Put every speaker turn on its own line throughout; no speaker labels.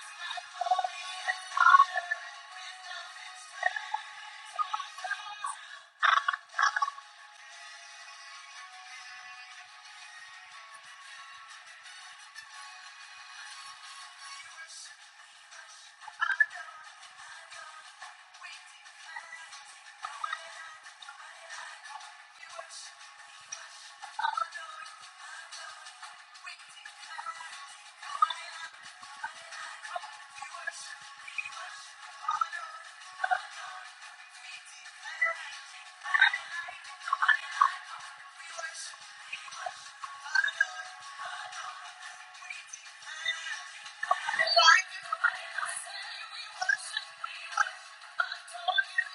We worship, we worship, adore you,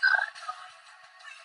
Lord. We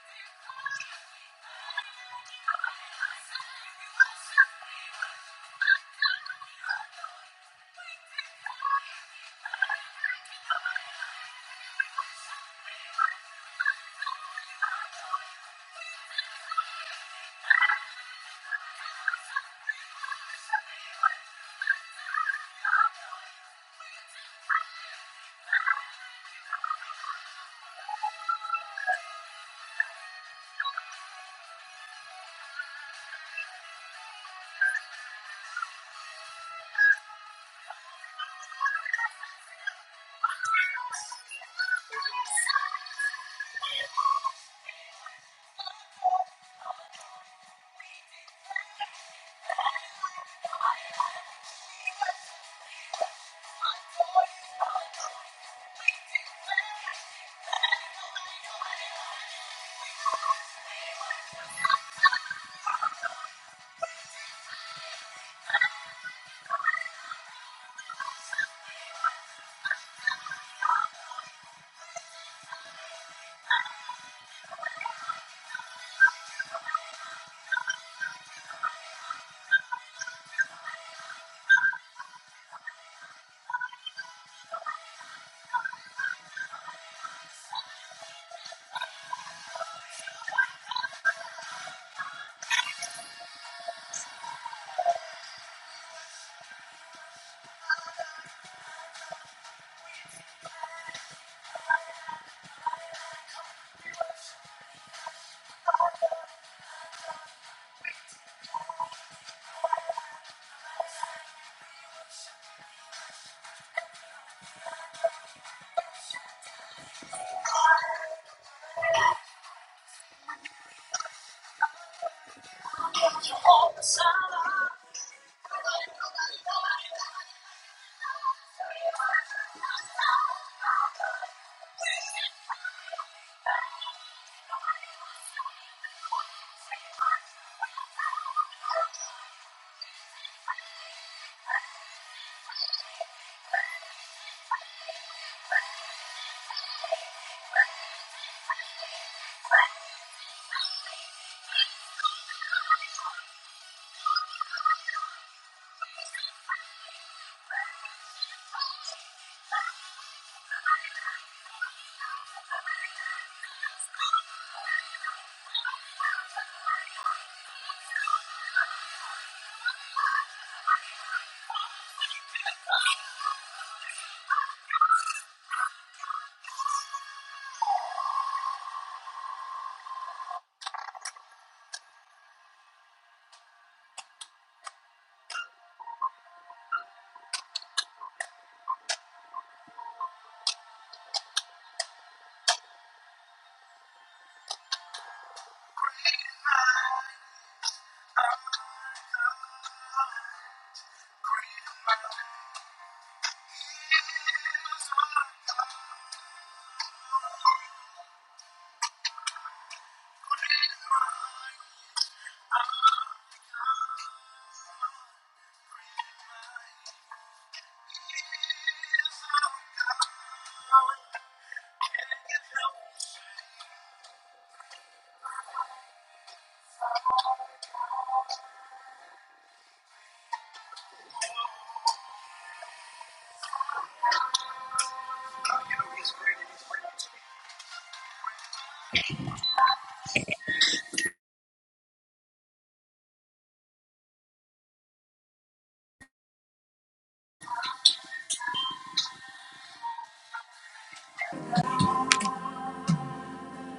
worship. Thank you.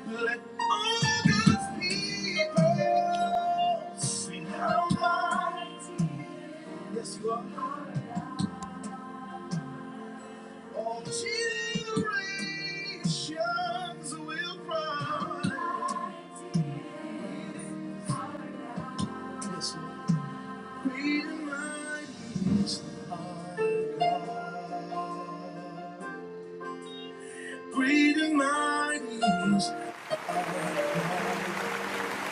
Let all God's people sing how mighty, yes, you are. All generations will cry, yes, Lord. Great and mighty is our God. Great and mighty is our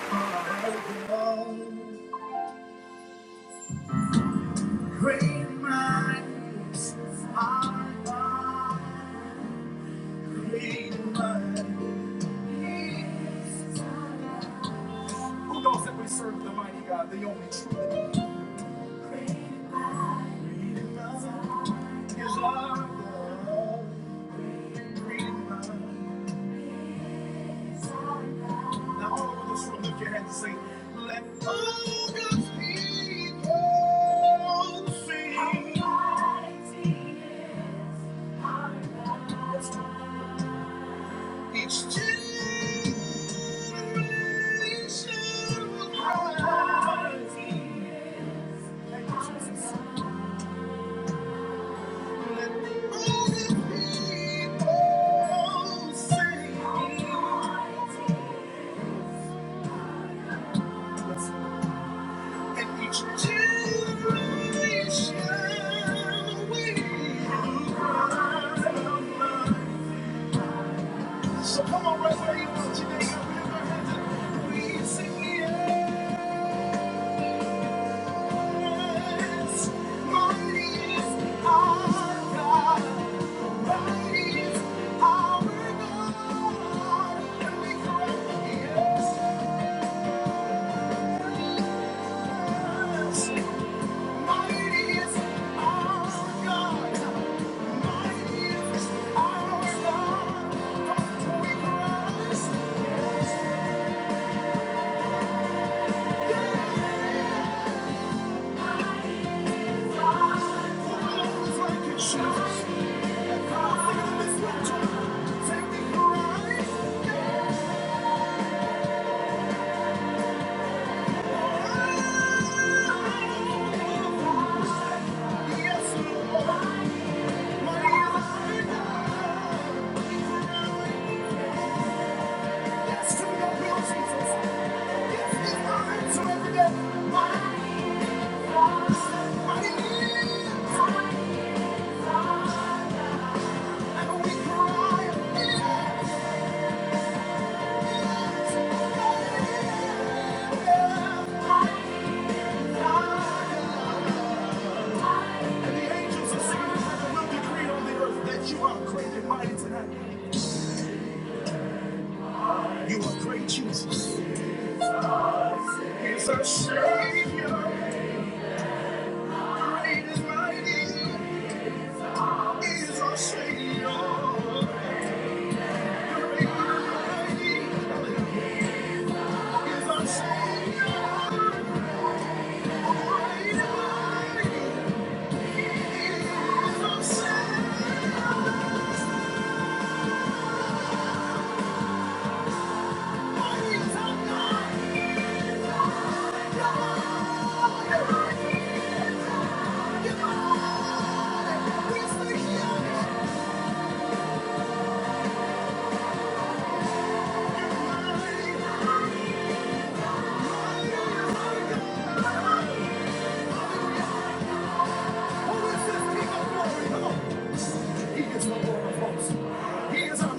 God. Great minds are God. Who knows that we serve the mighty God, the only true living God? His love, great and mighty. Now, all over this room, lift your hands and say, Let all God's people sing. How mighty is our God. Each generation. So come on, right where you are today, I remember we sing the air. Shout. Take me for a ride. You are great, Jesus. He's a savior. Thank you. He is our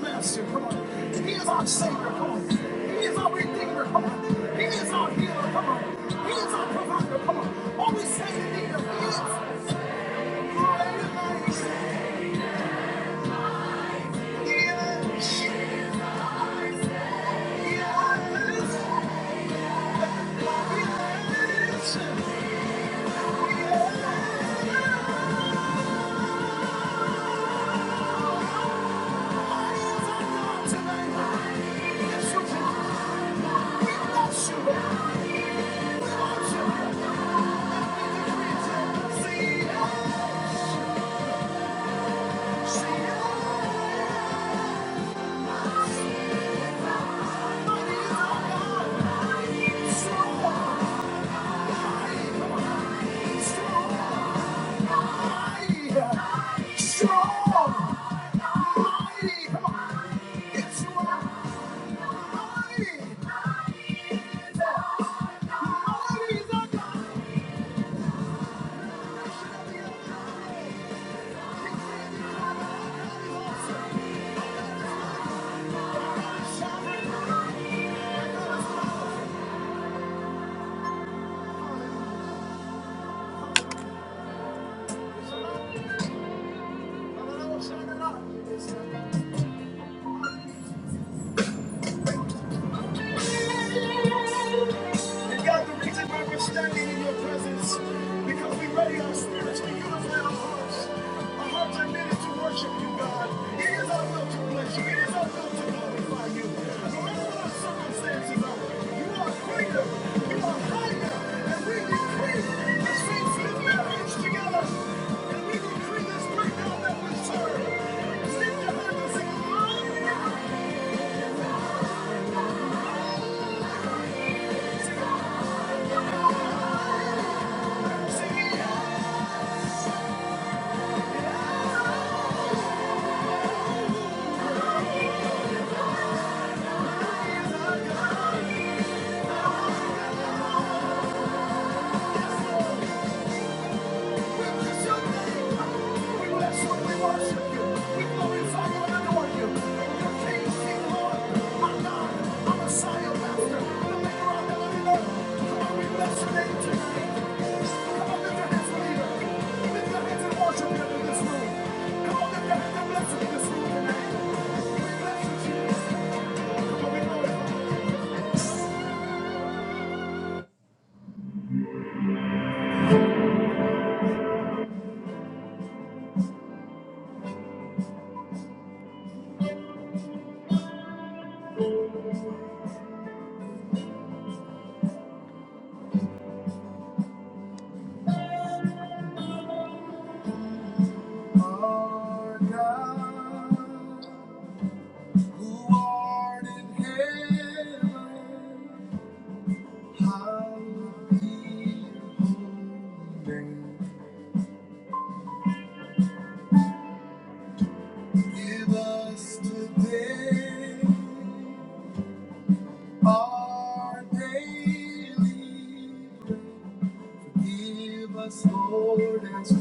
savior. Come on. He is our redeemer. Come on. He is our healer. Come on. He is our provider. Come on. All we say to need is He is. He is. He is. He is. He is. He is. He is our God today. He is your God. Awesome. It's And God, the reason why we're standing in your presence, because we ready our spirits we unify our hearts. Our hearts are knitted to worship you, God. It is our will to bless you. It is our will to glorify you. No matter what our circumstances are, you are greater. You are higher. And we decree the saints live marriage together. And we decree this breakdown that we serve. Lift your hands and sing, "Lord, I love you." Sing, it. Thank you. our Lord God. who art in heaven, hallowed be your holy name. Give us today our daily bread. Forgive us, Lord, as we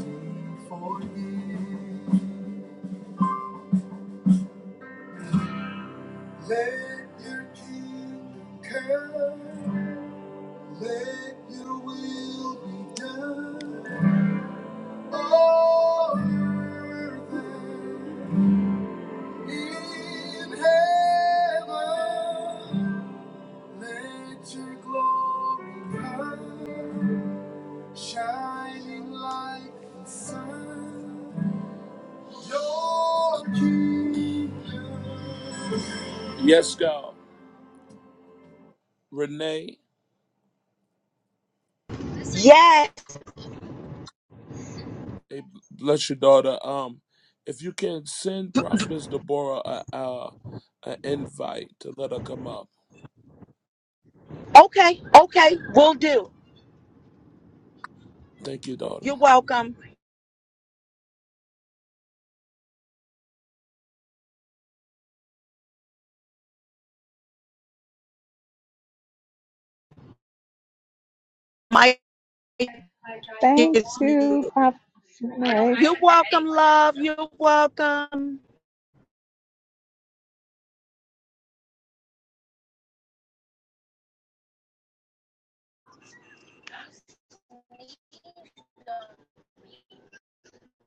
forgive. Let your kingdom come. Let your will be done shining like the sun. Your kingdom. Yes, God. Renee,
Yes.
eh, bless your daughter. Um, if you can send Prophetess Deborah a, a, an invite to let her come up.
Okay. Okay. We'll do.
Thank you, daughter.
You're welcome. My
Thank
is
you,
muted.
Prophet Mary.
You're welcome, love. You're welcome.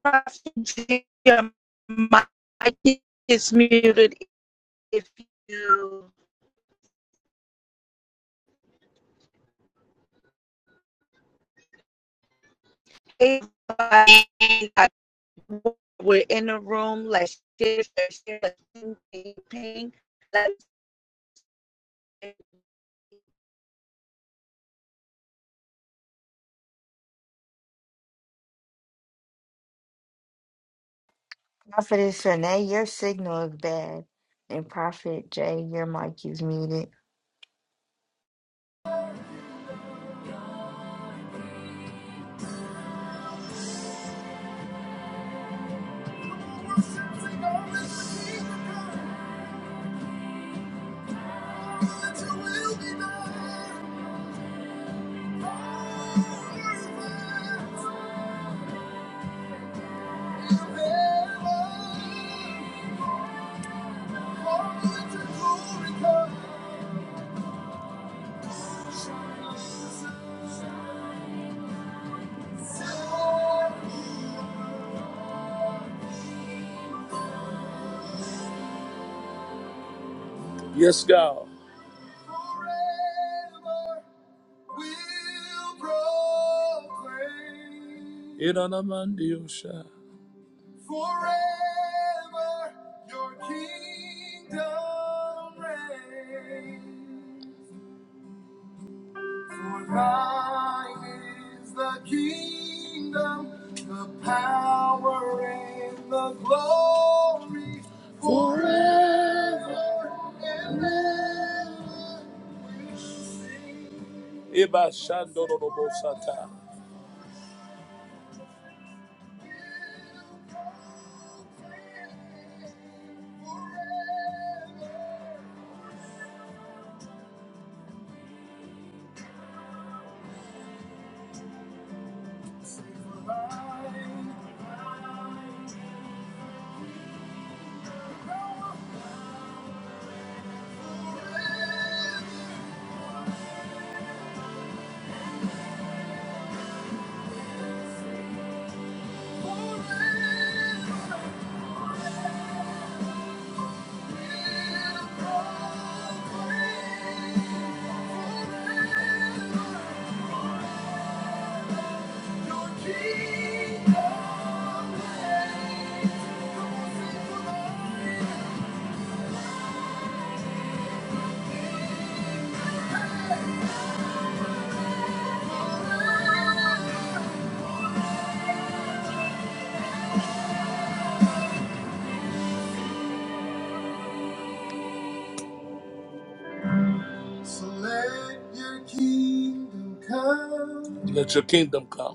My is muted. If you, everybody, we're in the room. Let's share, share, share. Let's ping, ping, ping. Let's.
Prophetess Renee, your signal is bad. And Prophet Jay, your mic is muted.
Yes, God. will proclaim Iramandiosha. forever your kingdom reigns. For thine is the kingdom, the power, and the glory forever. Eba Shandorobosata.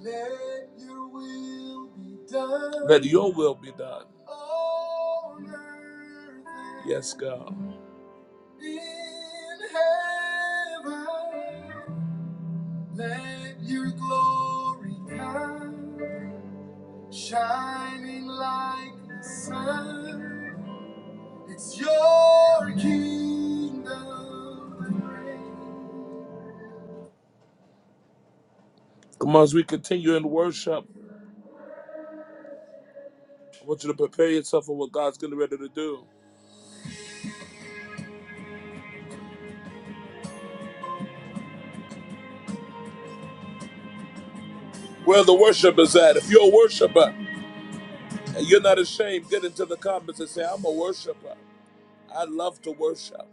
Let your kingdom come. Let your will be done. Let your will be done. Yes, God. in heaven. Let your glory come, shining like the sun. It's your kingdom. Come on, as we continue in worship, I want you to prepare yourself for what God's getting ready to do. Where the worship is at. If you're a worshiper and you're not ashamed, get into the comments and say, I'm a worshiper. I love to worship.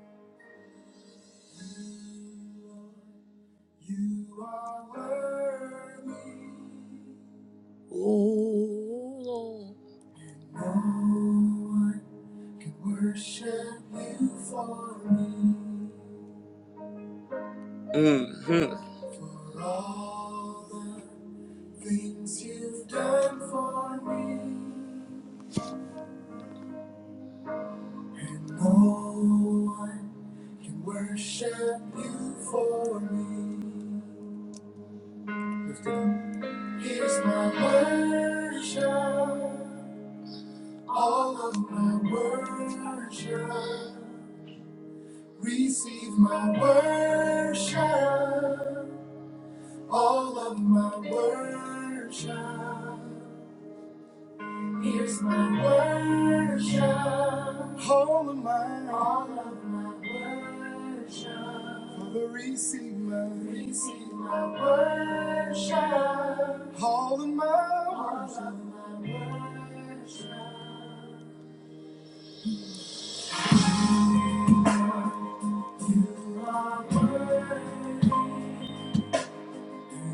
You are worthy. Oh Lord. No one can worship you for me. Mm-hmm. For all the things you've done for me. And no one can worship you for me. Lift it up. Here's my worship. All of my worship, receive my worship. All of my worship, here's my worship. All of my, all of my worship. Father, receive my, receive my worship. All of my, all of my worship.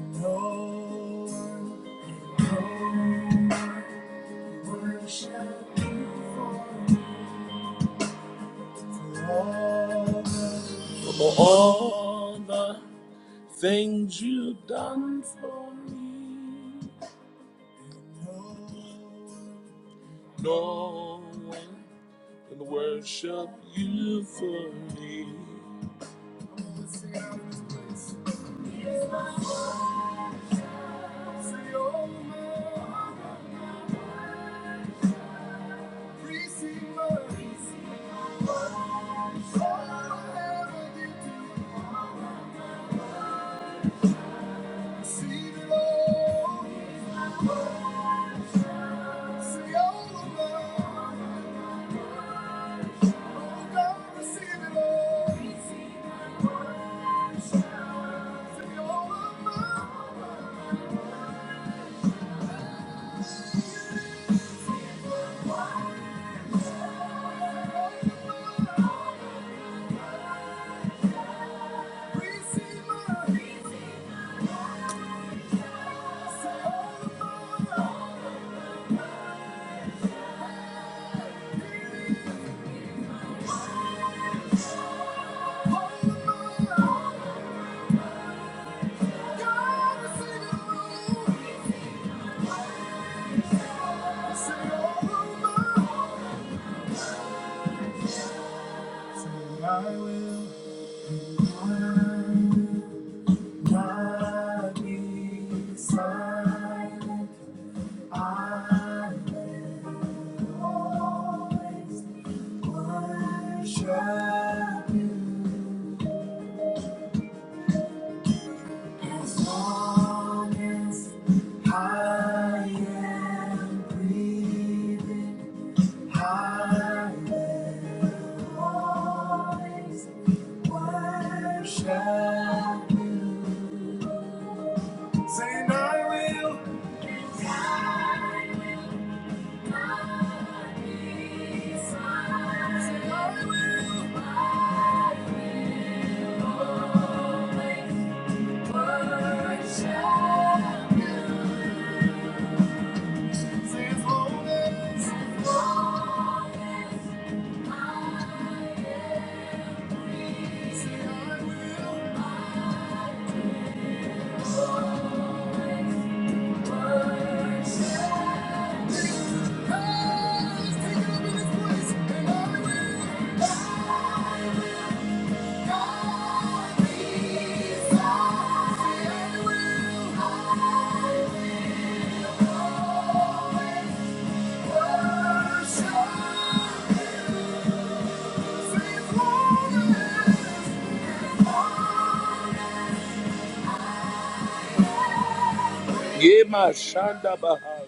No For all the things you've done for me, no one can worship you for me. See the Lord. I am breathing. I worship you. Say, I will. Thank you. Yema Shanda Bahaya.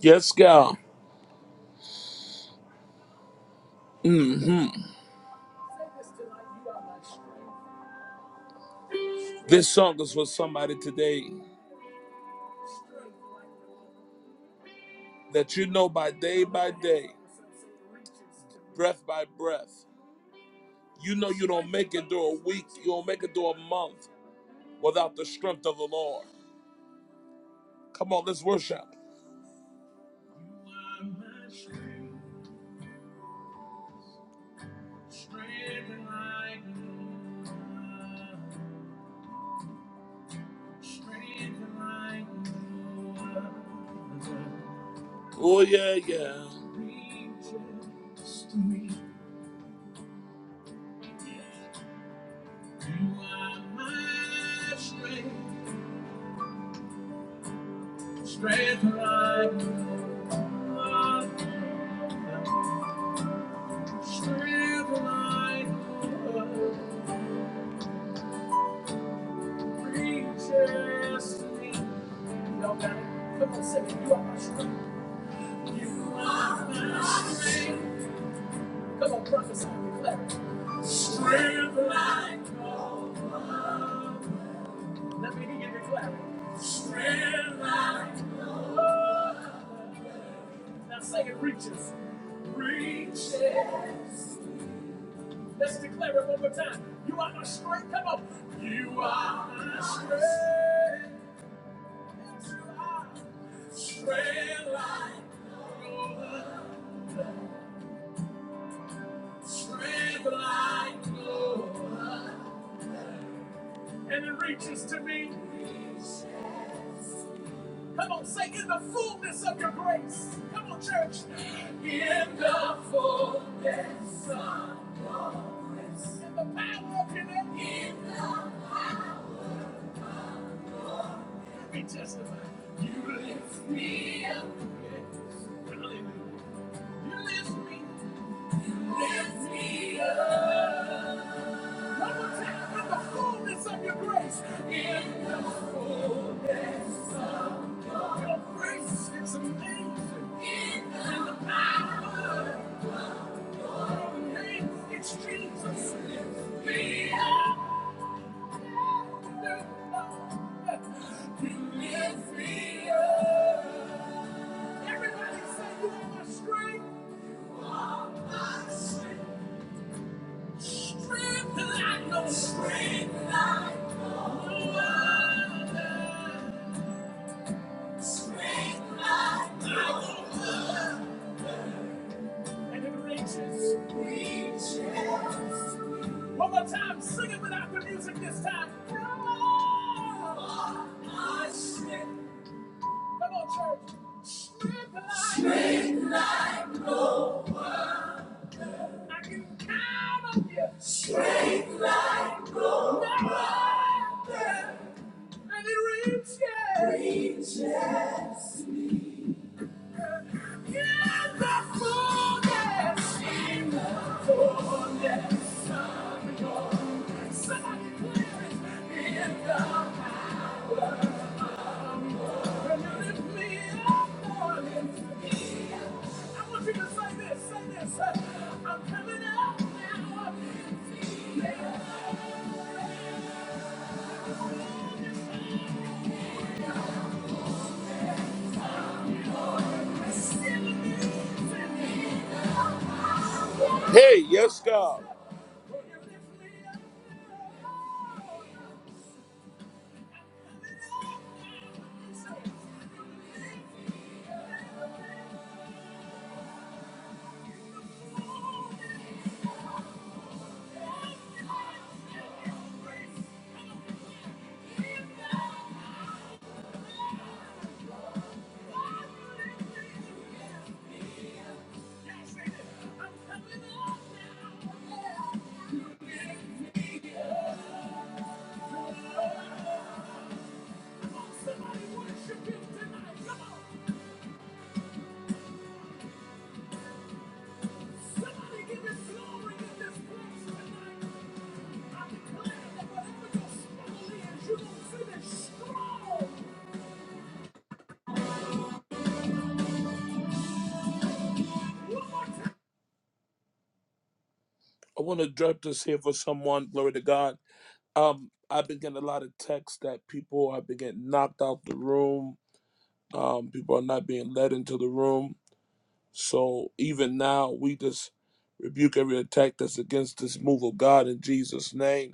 Yes, God. hmm This song is for somebody today that you know by day by day, breath by breath. You know you don't make it through a week, you don't make it through a month without the strength of the Lord. Come on, let's worship. Oh yeah, yeah. Strength like no other. strength like no other. reaches to me. Y'all got it. Come on, sing it. You are my strength. You are my strength. Come on, prophesy, declare. it. Strength like That's what you get your clap. Red light goes. Now sing it reaches. Reaches. Let's declare it one more time. You are my strength. Come on. You are my strength. Yes, you are. Strength like no other. Strength like no And it reaches to me. Reaches. Come on, say in the fullness of your grace. Come on, church. In the fullness of your grace. In the power of your name. In the Let me testify. You lift me up. Yes. Hallelujah. You lift me. Lift me up. One more time. In the fullness of your grace. In the fullness of your grace. It's amazing. Jesus. and it reaches. One more time, sing it without the music this time. Come on, come on, church. Spread the light. I can count on you. Spread. And it reaches. Reaches. In the fullness. In the fullness of your. Somebody clear it. In the Hey, yes, God. Somebody give him glory in this place tonight. I want to drop this here for someone. Glory to God. Um, I've been getting a lot of texts that people have been getting knocked out the room. Um, people are not being led into the room. So even now, we just rebuke every attack that's against this move of God in Jesus' name.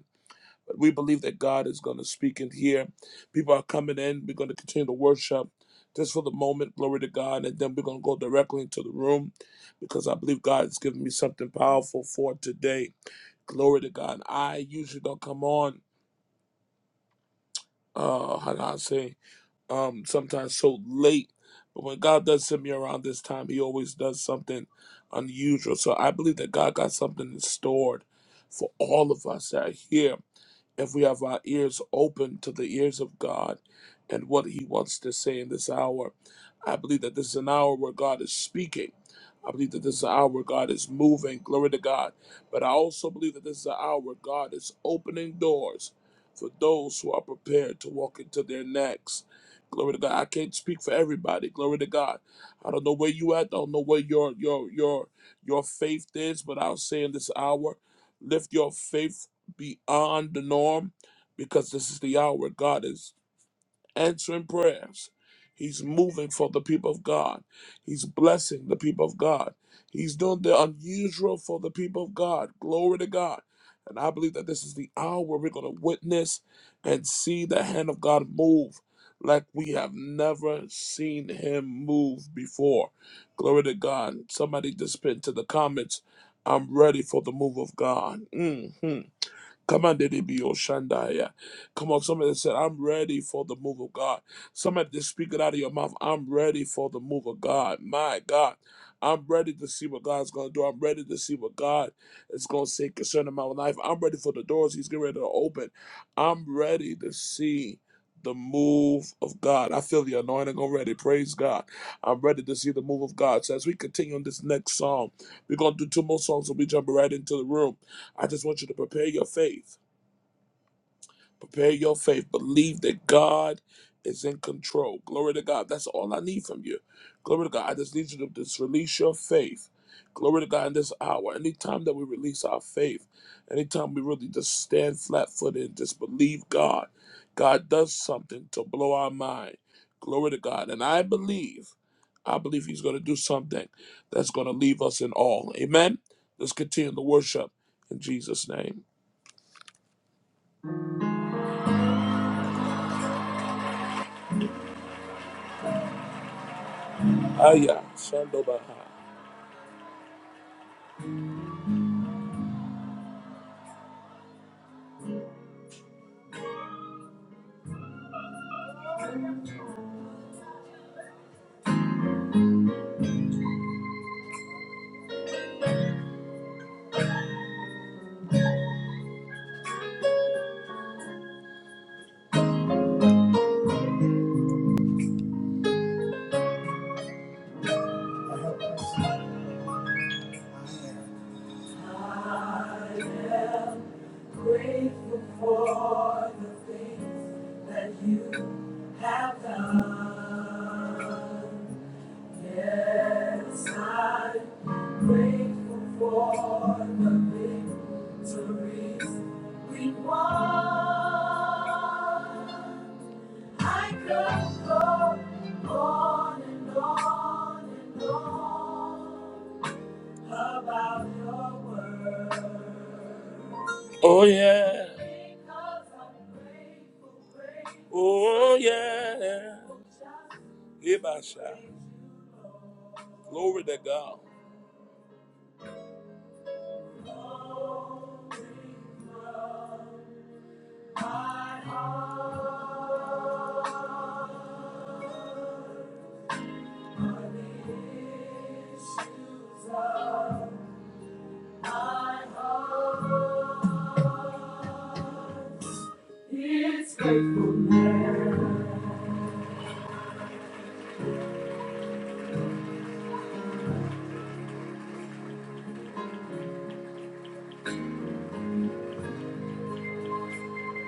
But we believe that God is going to speak in here. People are coming in. We're going to continue to worship just for the moment. Glory to God. And then we're going to go directly into the room because I believe God has given me something powerful for today. Glory to God. I usually don't come on, uh, how do I say, um, sometimes so late. But when God does send me around this time, He always does something unusual. So I believe that God got something stored for all of us that are here if we have our ears open to the ears of God and what He wants to say in this hour. I believe that this is an hour where God is speaking. I believe that this is an hour where God is moving. Glory to God. But I also believe that this is an hour where God is opening doors for those who are prepared to walk into their next. Glory to God. I can't speak for everybody. Glory to God. I don't know where you at. I don't know where your your your your faith is, but I'll say in this hour, lift your faith beyond the norm because this is the hour God is answering prayers. He's moving for the people of God. He's blessing the people of God. He's doing the unusual for the people of God. Glory to God. And I believe that this is the hour we're going to witness and see the hand of God move like we have never seen him move before. Glory to God. Somebody just put into the comments, I'm ready for the move of God. Mhm. Come on, did it be Oshandaya? Come on, somebody said, I'm ready for the move of God. Somebody just speak it out of your mouth. I'm ready for the move of God. My God. I'm ready to see what God's gonna do. I'm ready to see what God is gonna say concerning my life. I'm ready for the doors He's getting ready to open. I'm ready to see the move of God. I feel the anointing already. Praise God. I'm ready to see the move of God. So as we continue on this next song, we're gonna do two more songs and we jump right into the room. I just want you to prepare your faith. Prepare your faith. Believe that God is in control. Glory to God. That's all I need from you. Glory to God. I just need you to just release your faith. Glory to God in this hour. Anytime that we release our faith, anytime we really just stand flat footed and just believe God, God does something to blow our mind. Glory to God. And I believe, I believe He's going to do something that's going to leave us in awe. Amen. Let's continue to worship in Jesus' name. Aya, Shandobaha. Oh yeah, oh yeah, Ibasha. Glory to God.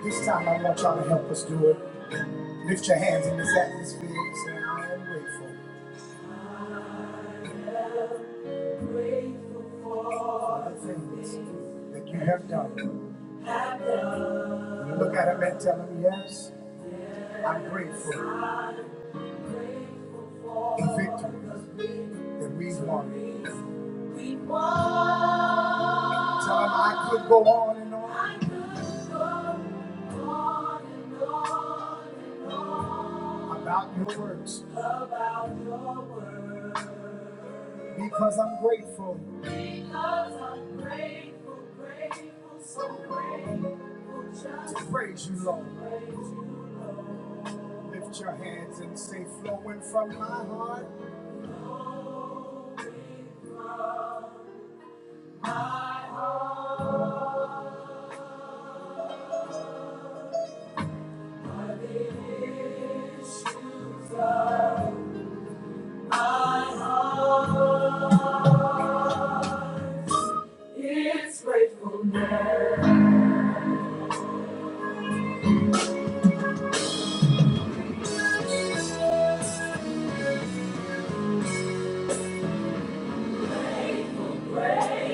This time I want y'all to help us do it. Lift your hands in this atmosphere and say, I am grateful for all the things that you have done. Look at him and tell him, yes, I'm grateful for the victory that we've won. Tell him I could go on and on about your works because I'm grateful to praise you, Lord. Lift your hands and say, flowing from my heart.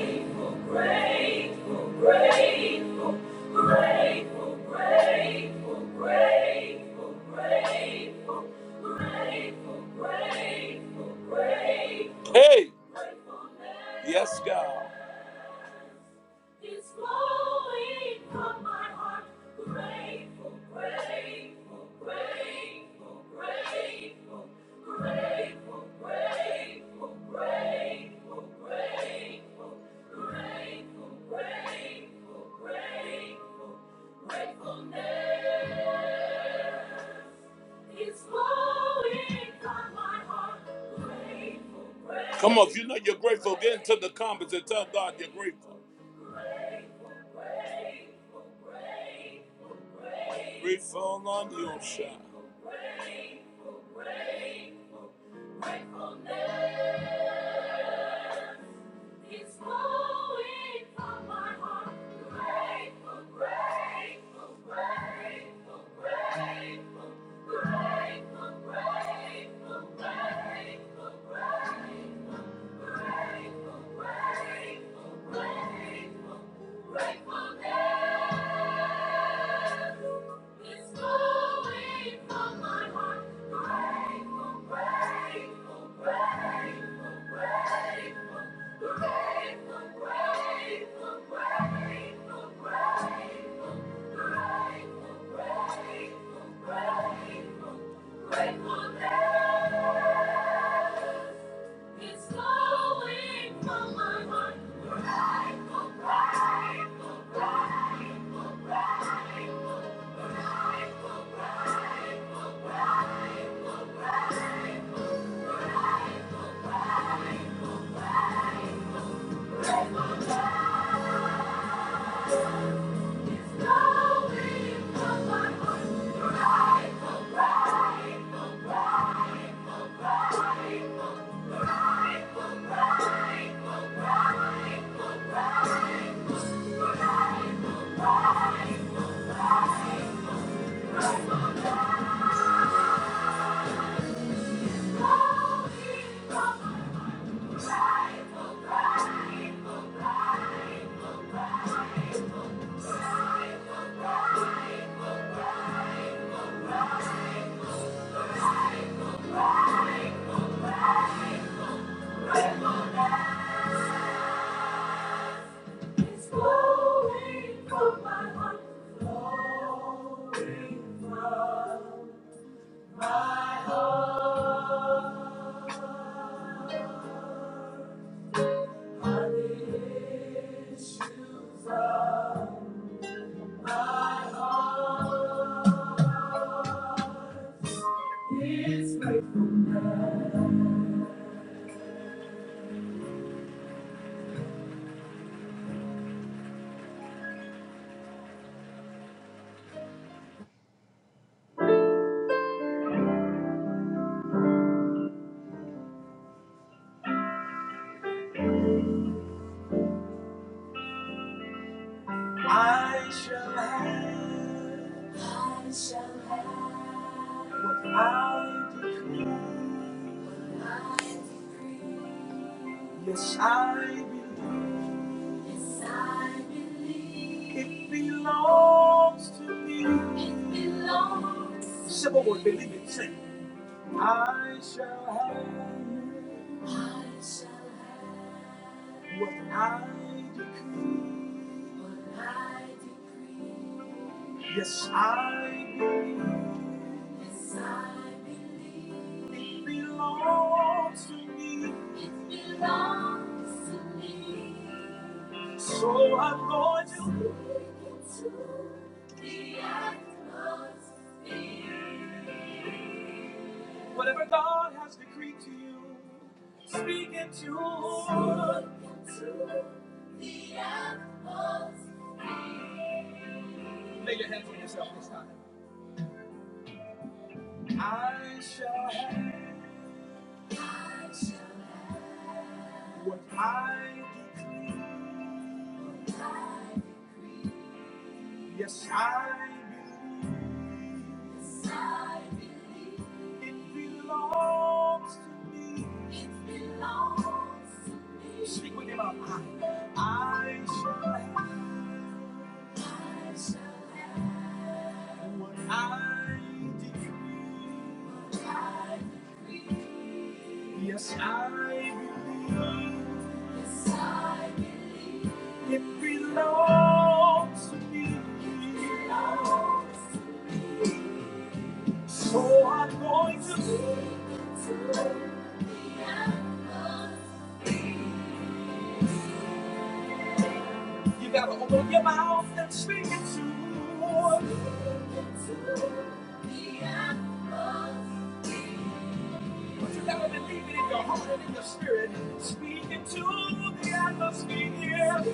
Grateful, grateful, grateful, grateful, grateful, grateful, grateful, grateful, grateful, grateful. Hey, yes, God. It's flowing from my heart. Grateful, grateful, grateful, grateful, grateful, grateful, grateful, grateful, grateful, grateful, grateful, gratefulness. Come on, if you know you're grateful, get into the comments and tell God you're grateful. Grateful on your shine. It's flowing from my heart. Grateful, grateful, grateful, grateful, grateful, grateful, grateful, grateful. Grateful, grateful, grateful, grateful, grateful, grateful. It's flowing from my heart. Grateful, grateful, grateful, grateful, grateful, grateful. It's flowing from my heart. Grateful, grateful, grateful, grateful, grateful, grateful, grateful. It's flowing from my heart. Flowing from my heart. I shall have. I shall have. What I decree. I decree. Yes, I believe. Yes, I believe. It belongs to me. It belongs. Simple word, believe it. Sing. I shall have. I shall have. What I decree. What I decree. Yes, I believe Yes, I believe. it belongs to me. It belongs to me. So I'm going to take it to the atmosphere. whatever God has decreed to you, speak it to. Speak it to the atmosphere. Lay your hands on yourself this time. I shall have what I declare. Yes, I believe. I believe. It belongs to me. It belongs to me. Speak with your mouth. I shall have I shall have what I decree. I believe. Yes, I believe. Yes, I believe. It belongs to me. So I'm going to. You gotta open your mouth and speak it to. But you gotta believe it in your heart and in your spirit. Speak it to the atmosphere.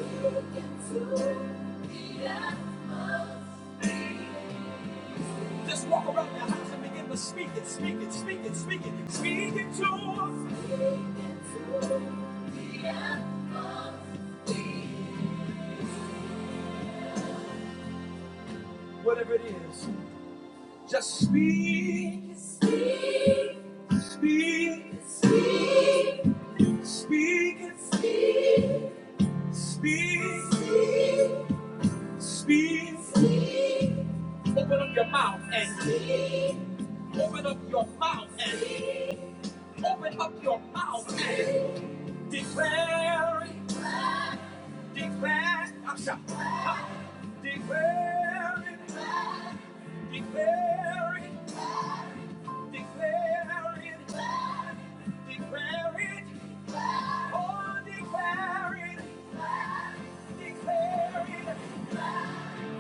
Just walk around your house and begin to speak it, speak it, speak it, speak it, speak it to. Speak it to the atmosphere. whatever it is. Just speak, speak, speak, speak, speak, speak. Open up your mouth and open up your mouth and open up your mouth and declare, declare, I'm sorry, declare, declare. Declare it, declare it, oh, declare it, declare it.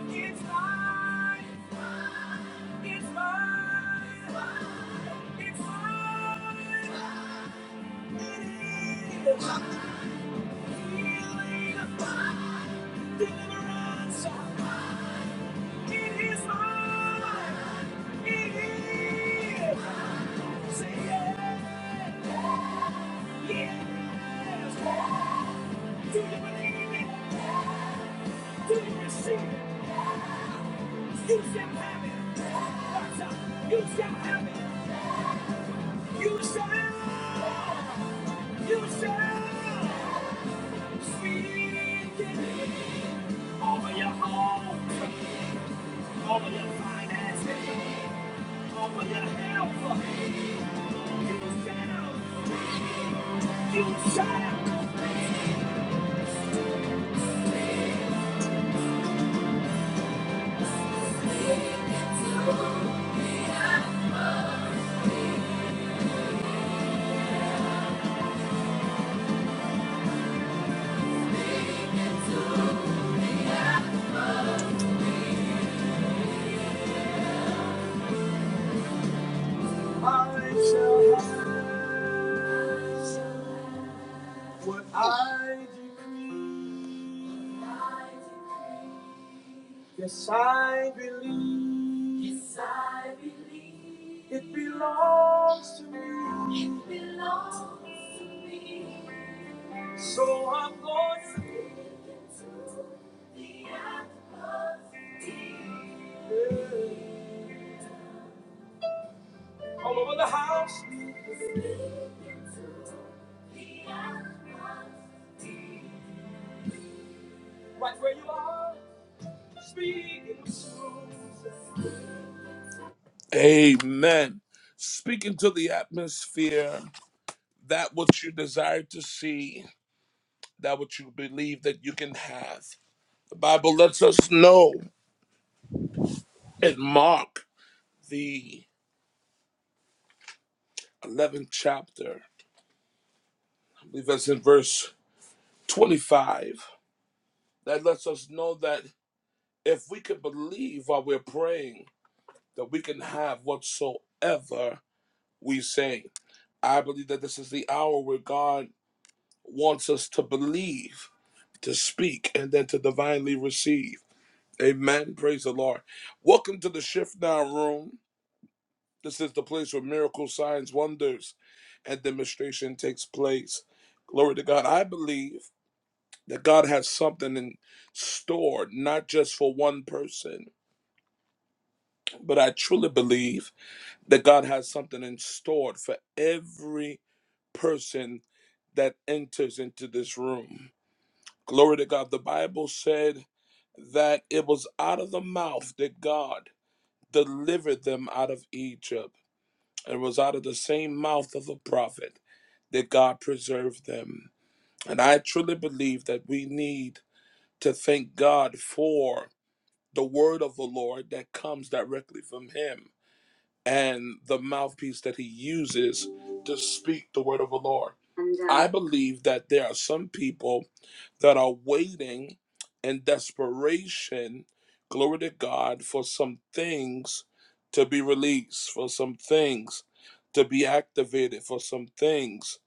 It's mine, it's mine, it's mine. It is healing, deliverance. It is mine, it is. Say yes, yes. Do you believe it? Do you receive it? You shall have it. You shall have it. You shall. You shall. Speak it over your home, over your finances, over your health. You shall. You shall. Ah. Yes, I believe belongs to me. So I'm going to give it to the atmosphere. all over the house. Right where you are, speaking to. Amen. Speaking to the atmosphere, that what you desire to see, that what you believe that you can have. The Bible lets us know in Mark, the 11th chapter, I believe that's in verse 25, that lets us know that if we could believe while we're praying, that we can have whatsoever we say. I believe that this is the hour where God wants us to believe, to speak, and then to divinely receive. Amen. Praise the Lord. Welcome to the Shift Now Room. This is the place where miracles, signs, wonders, and demonstration takes place. Glory to God. I believe that God has something in store, not just for one person, but I truly believe that God has something in store for every person that enters into this room. Glory to God. The Bible said that it was out of the mouth that God delivered them out of Egypt. It was out of the same mouth of the prophet that God preserved them. And I truly believe that we need to thank God for the word of the Lord that comes directly from Him and the mouthpiece that He uses to speak the word of the Lord. I believe that there are some people that are waiting in desperation, glory to God, for some things to be released, for some things to be activated, for some things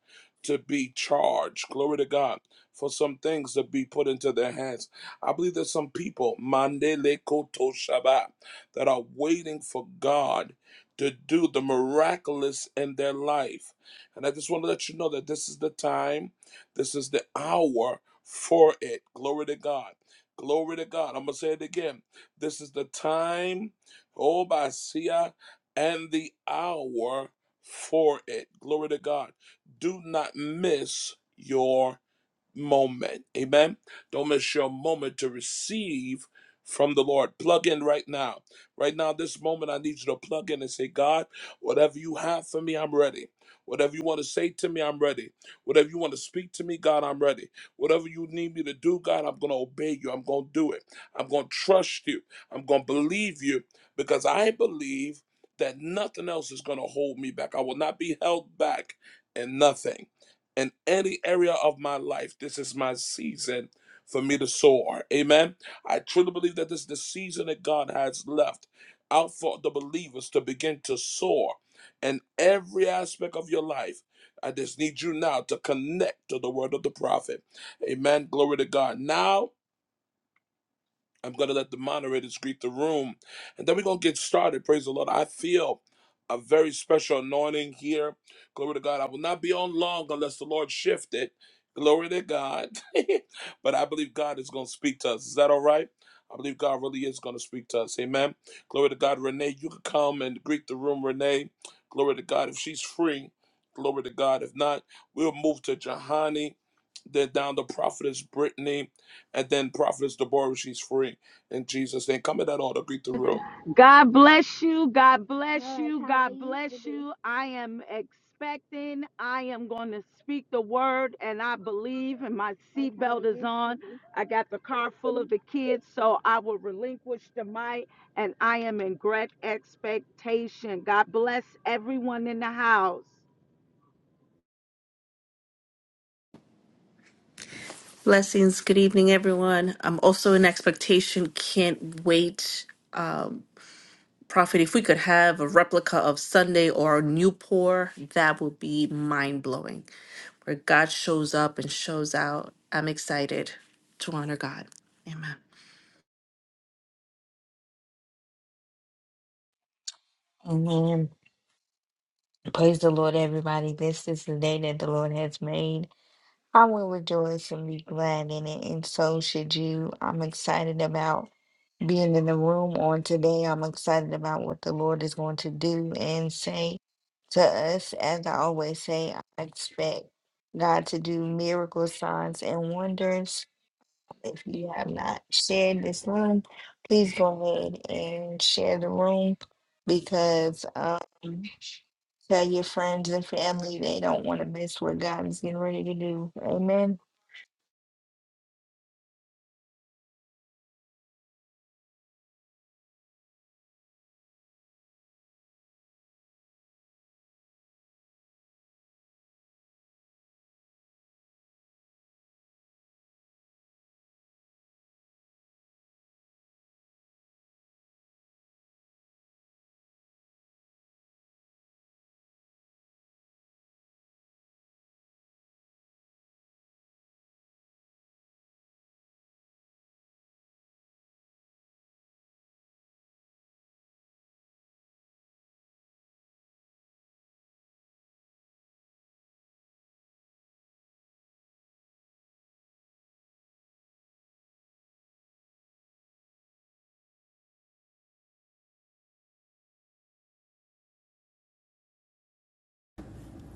to be charged, glory to God, for some things to be put into their hands. I believe there's some people, Mandele Koto Shabbat, that are waiting for God to do the miraculous in their life. And I just want to let you know that this is the time, this is the hour for it. Glory to God. Glory to God. I'm going to say it again. This is the time, oh, by Sia, and the hour for it. Glory to God. Do not miss your moment. Amen. Don't miss your moment to receive from the Lord. Plug in right now. Right now, this moment, I need you to plug in and say, God, whatever you have for me, I'm ready. Whatever you want to say to me, I'm ready. Whatever you want to speak to me, God, I'm ready. Whatever you need me to do, God, I'm going to obey you. I'm going to do it. I'm going to trust you. I'm going to believe you because I believe that nothing else is going to hold me back. I will not be held back in nothing in any area of my life, this is my season for me to soar. Amen. I truly believe that this is the season that God has left out for the believers to begin to soar in every aspect of your life. I just need you now to connect to the word of the prophet. Amen. Glory to God. Now I'm going to let the moderators greet the room. And then we're going to get started. Praise the Lord. I feel a very special anointing here. Glory to God. I will not be on long unless the Lord shift it. Glory to God. but I believe God is going to speak to us. Is that all right? I believe God really is going to speak to us. Amen. Glory to God. Renee, you can come and greet the room, Renee. Glory to God. If she's free, glory to God. If not, we'll move to Jahani. Then down the prophetess Brittany, and then prophetess Deborah. She's free in Jesus' name. Come in that altar, beat the room.
God bless you. God bless Yes, you. God bless you. I am expecting. I am going to speak the word, and I believe, and my Yes, seatbelt is on. I got the car full of the kids, so I will relinquish the mic, and I am in great expectation. God bless everyone in the house.
Blessings. Good evening, everyone. I'm also in expectation. Can't wait. Um, Prophet, if we could have a replica of Sunday or a New Pour, that would be mind blowing. Where God shows up and shows out. I'm excited to honor God. Amen.
Amen. Praise the Lord, everybody. This is the day that the Lord has made. I will rejoice and be glad in it, and so should you. I'm excited about being in the room on today. I'm excited about what the Lord is going to do and say to us. As I always say, I expect God to do miracles, signs, and wonders If you have not shared this room, please go ahead and share the room because um, tell your friends and family they don't want to miss what God is getting ready to do. Amen.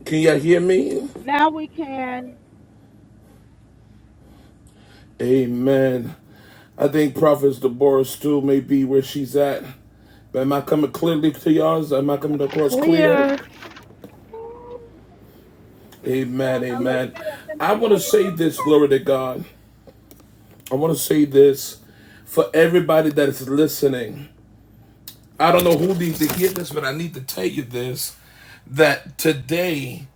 Can y'all hear me?
Now we can
Amen. I think Prophetess Deborah still may be where she's at. But am I coming clearly to y'all? Am I coming across clear?
clear.
Amen. Amen. I want to say this, glory to God. I want to say this for everybody that is listening. I don't know who needs to hear this, but I need to tell you this that today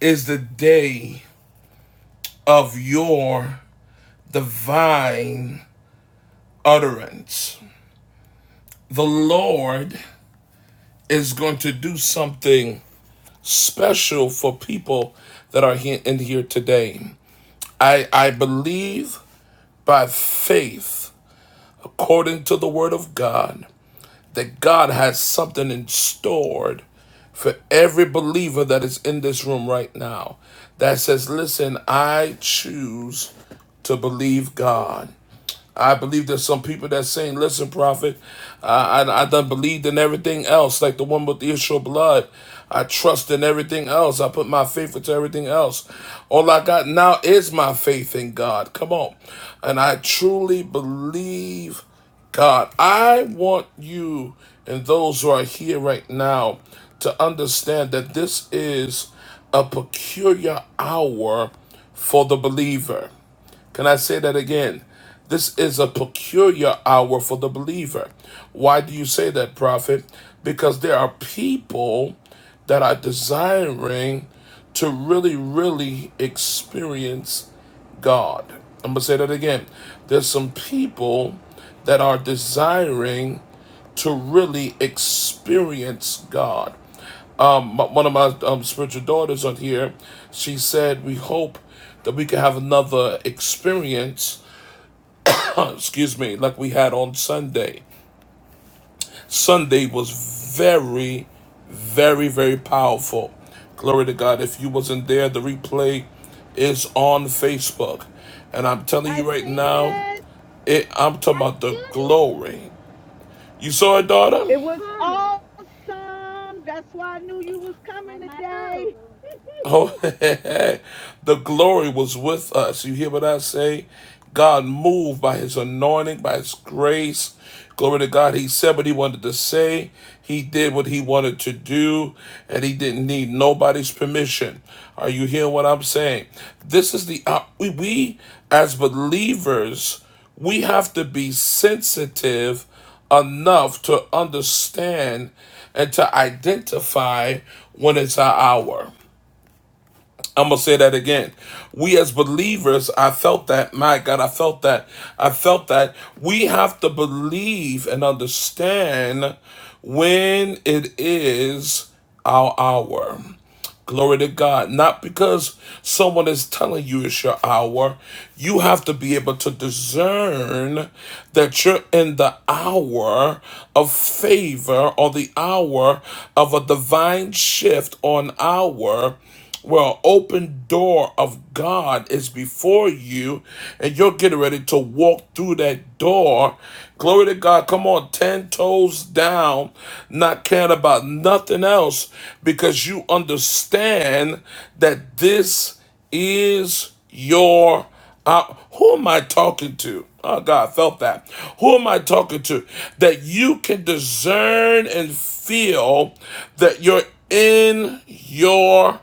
is the day. of your divine utterance. The Lord is going to do something special for people that are here in here today. I, I believe by faith, according to the word of God, that God has something in stored for every believer that is in this room right now that says, Listen, I choose to believe God. I believe there's some people that's saying, listen, prophet, I, I, I done believed in everything else, like the one with the issue of blood. I trust in everything else. I put my faith into everything else. All I got now is my faith in God. Come on. And I truly believe God. I want you and those who are here right now to understand that this is a peculiar hour for the believer. Can I say that again? This is a peculiar hour for the believer. Why do you say that, prophet? Because there are people that are desiring to really, really experience God. I'm going to say that again. There's some people that are desiring to really experience God. Um, one of my um, spiritual daughters on here, she said, We hope that we can have another experience uh, excuse me, like we had on Sunday. Sunday was very, very, very powerful. Glory to God. If you wasn't there, the replay is on Facebook. And I'm telling
I
you right
seen
now,
it.
it I'm talking about the glory. You saw it, daughter?
It was awesome. That's why I knew you was coming today.
Oh, the glory was with us. You hear what I say? God moved by his anointing, by his grace. Glory to God. He said what he wanted to say. He did what he wanted to do, and he didn't need nobody's permission. Are you hearing what I'm saying? This is the, op- we, we as believers, we have to be sensitive enough to understand and to identify when it's our hour. I'm gonna say that again. We as believers, I felt that. My God, I felt that. I felt that we have to believe and understand when it is our hour. Glory to God. Not because someone is telling you it's your hour. You have to be able to discern that you're in the hour of favor or the hour of a divine shift or an hour well, open door of God is before you, and you're getting ready to walk through that door. Glory to God. Come on, 10 toes down, not caring about nothing else, because you understand that this is your uh, who am I talking to? Oh God, I felt that. Who am I talking to? That you can discern and feel that you're in your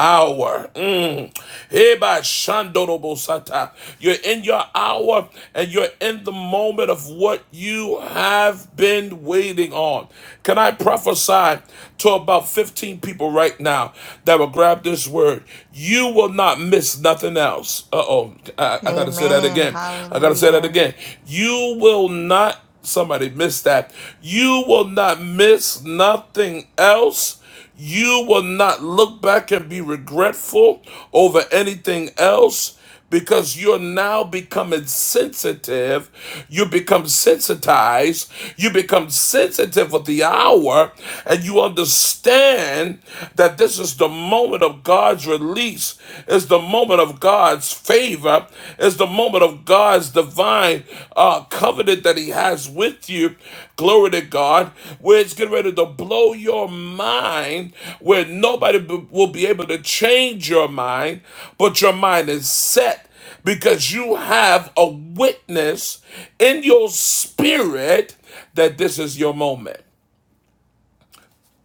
hour. Mm. Eba shandorobosata. You're in your hour and you're in the moment of what you have been waiting on. Can I prophesy to about 15 people right now that will grab this word? You will not miss nothing else. Uh-oh. I, I gotta say that
Amen.
again. I gotta say that
Hallelujah.
again. You will not somebody miss that. You will not miss nothing else you will not look back and be regretful over anything else because you're now becoming sensitive. You become sensitized. You become sensitive with the hour, and you understand that this is the moment of God's release, is the moment of God's favor, is the moment of God's divine uh, covenant that He has with you. Glory to God, where it's getting ready to blow your mind, where nobody b- will be able to change your mind, but your mind is set because you have a witness in your spirit that this is your moment.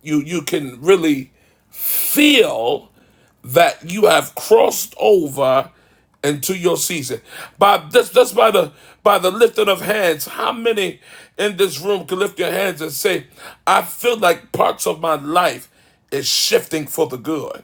You you can really feel that you have crossed over into your season. By just, just by the by the lifting of hands, how many in this room can lift your hands and say, I feel like parts of my life is shifting for the good?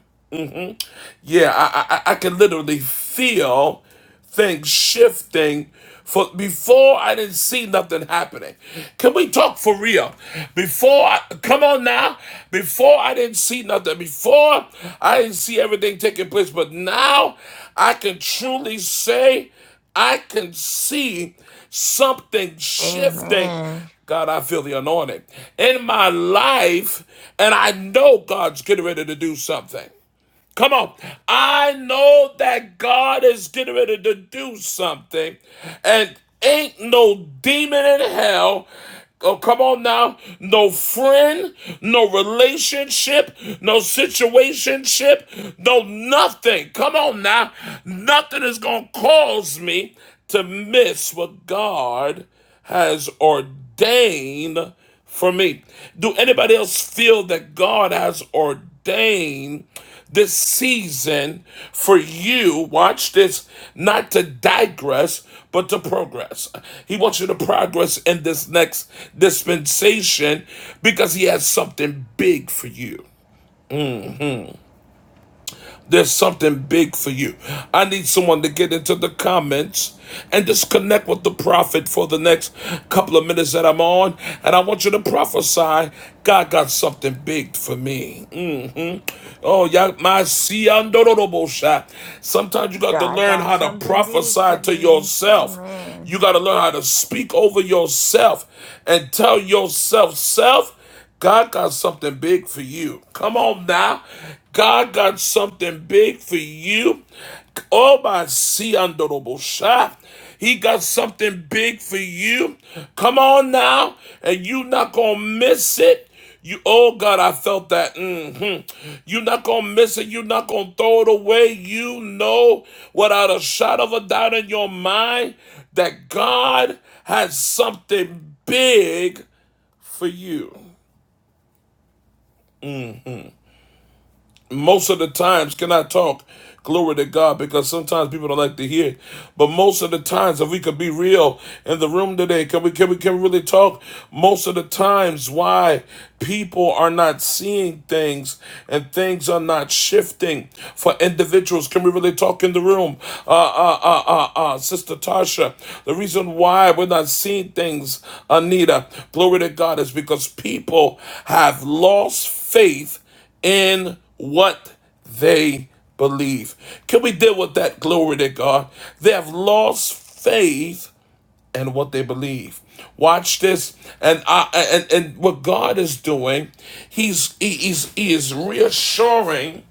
Yeah, I, I I can literally feel things shifting. For before I didn't see nothing happening. Can we talk for real? Before I come on now. Before I didn't see nothing. Before I didn't see everything taking place. But now I can truly say I can see something shifting.
Amen.
God, I feel the anointing in my life, and I know God's getting ready to do something. Come on. I know that God is getting ready to do something, and ain't no demon in hell. Oh, come on now. No friend, no relationship, no situationship, no nothing. Come on now. Nothing is going to cause me to miss what God has ordained for me. Do anybody else feel that God has ordained? this season for you, watch this, not to digress, but to progress. He wants you to progress in this next dispensation because he has something big for you. There's something big for you. I need someone to get into the comments and just connect with the prophet for the next couple of minutes that I'm on. And I want you to prophesy God got something big for me. Oh, ya- my siandorobosha. Sometimes you got to
God
learn
got
how to
something big
prophesy
for
to
me.
yourself. You
Amen.
got to learn how to speak over yourself and tell yourself, self, God got something big for you. Come on now. God got something big for you. Oh, my see siandorobosha. He got something big for you. Come on now, and you not gonna miss it. You, oh God, I felt that. hmm You're not gonna miss it. You're not gonna throw it away. You know, without a shot of a doubt in your mind, that God has something big for you. most of the times can I talk glory to God because sometimes people don't like to hear it. But most of the times if we could be real in the room today, can we can we can we really talk most of the times why people are not seeing things and things are not shifting for individuals. Can we really talk in the room? Uh uh uh uh, uh Sister Tasha, the reason why we're not seeing things, Anita, glory to God, is because people have lost faith in what they believe. Can we deal with that? Glory to God. They have lost faith in what they believe. Watch this, and I and, and what God is doing, He's he, he's he is reassuring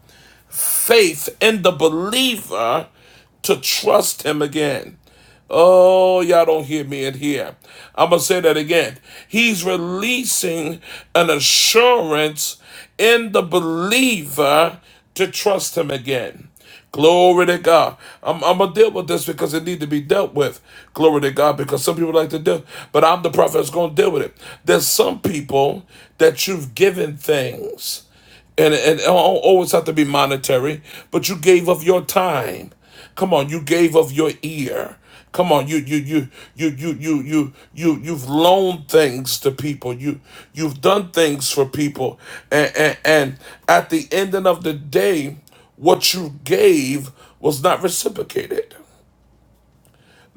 faith in the believer to trust Him again. Oh, y'all don't hear me in here. I'm going to say that again. He's releasing an assurance in the believer to trust him again. Glory to God. I'm, I'm gonna deal with this because it need to be dealt with. Glory to God, because some people like to deal, but I'm the prophet that's gonna deal with it. There's some people that you've given things and it, always have to be monetary, but you gave of your time. Come on, you gave of your ear. Come on, you you you you you you you you you've loaned things to people. You you've done things for people, and and, and at the end of the day, what you gave was not reciprocated.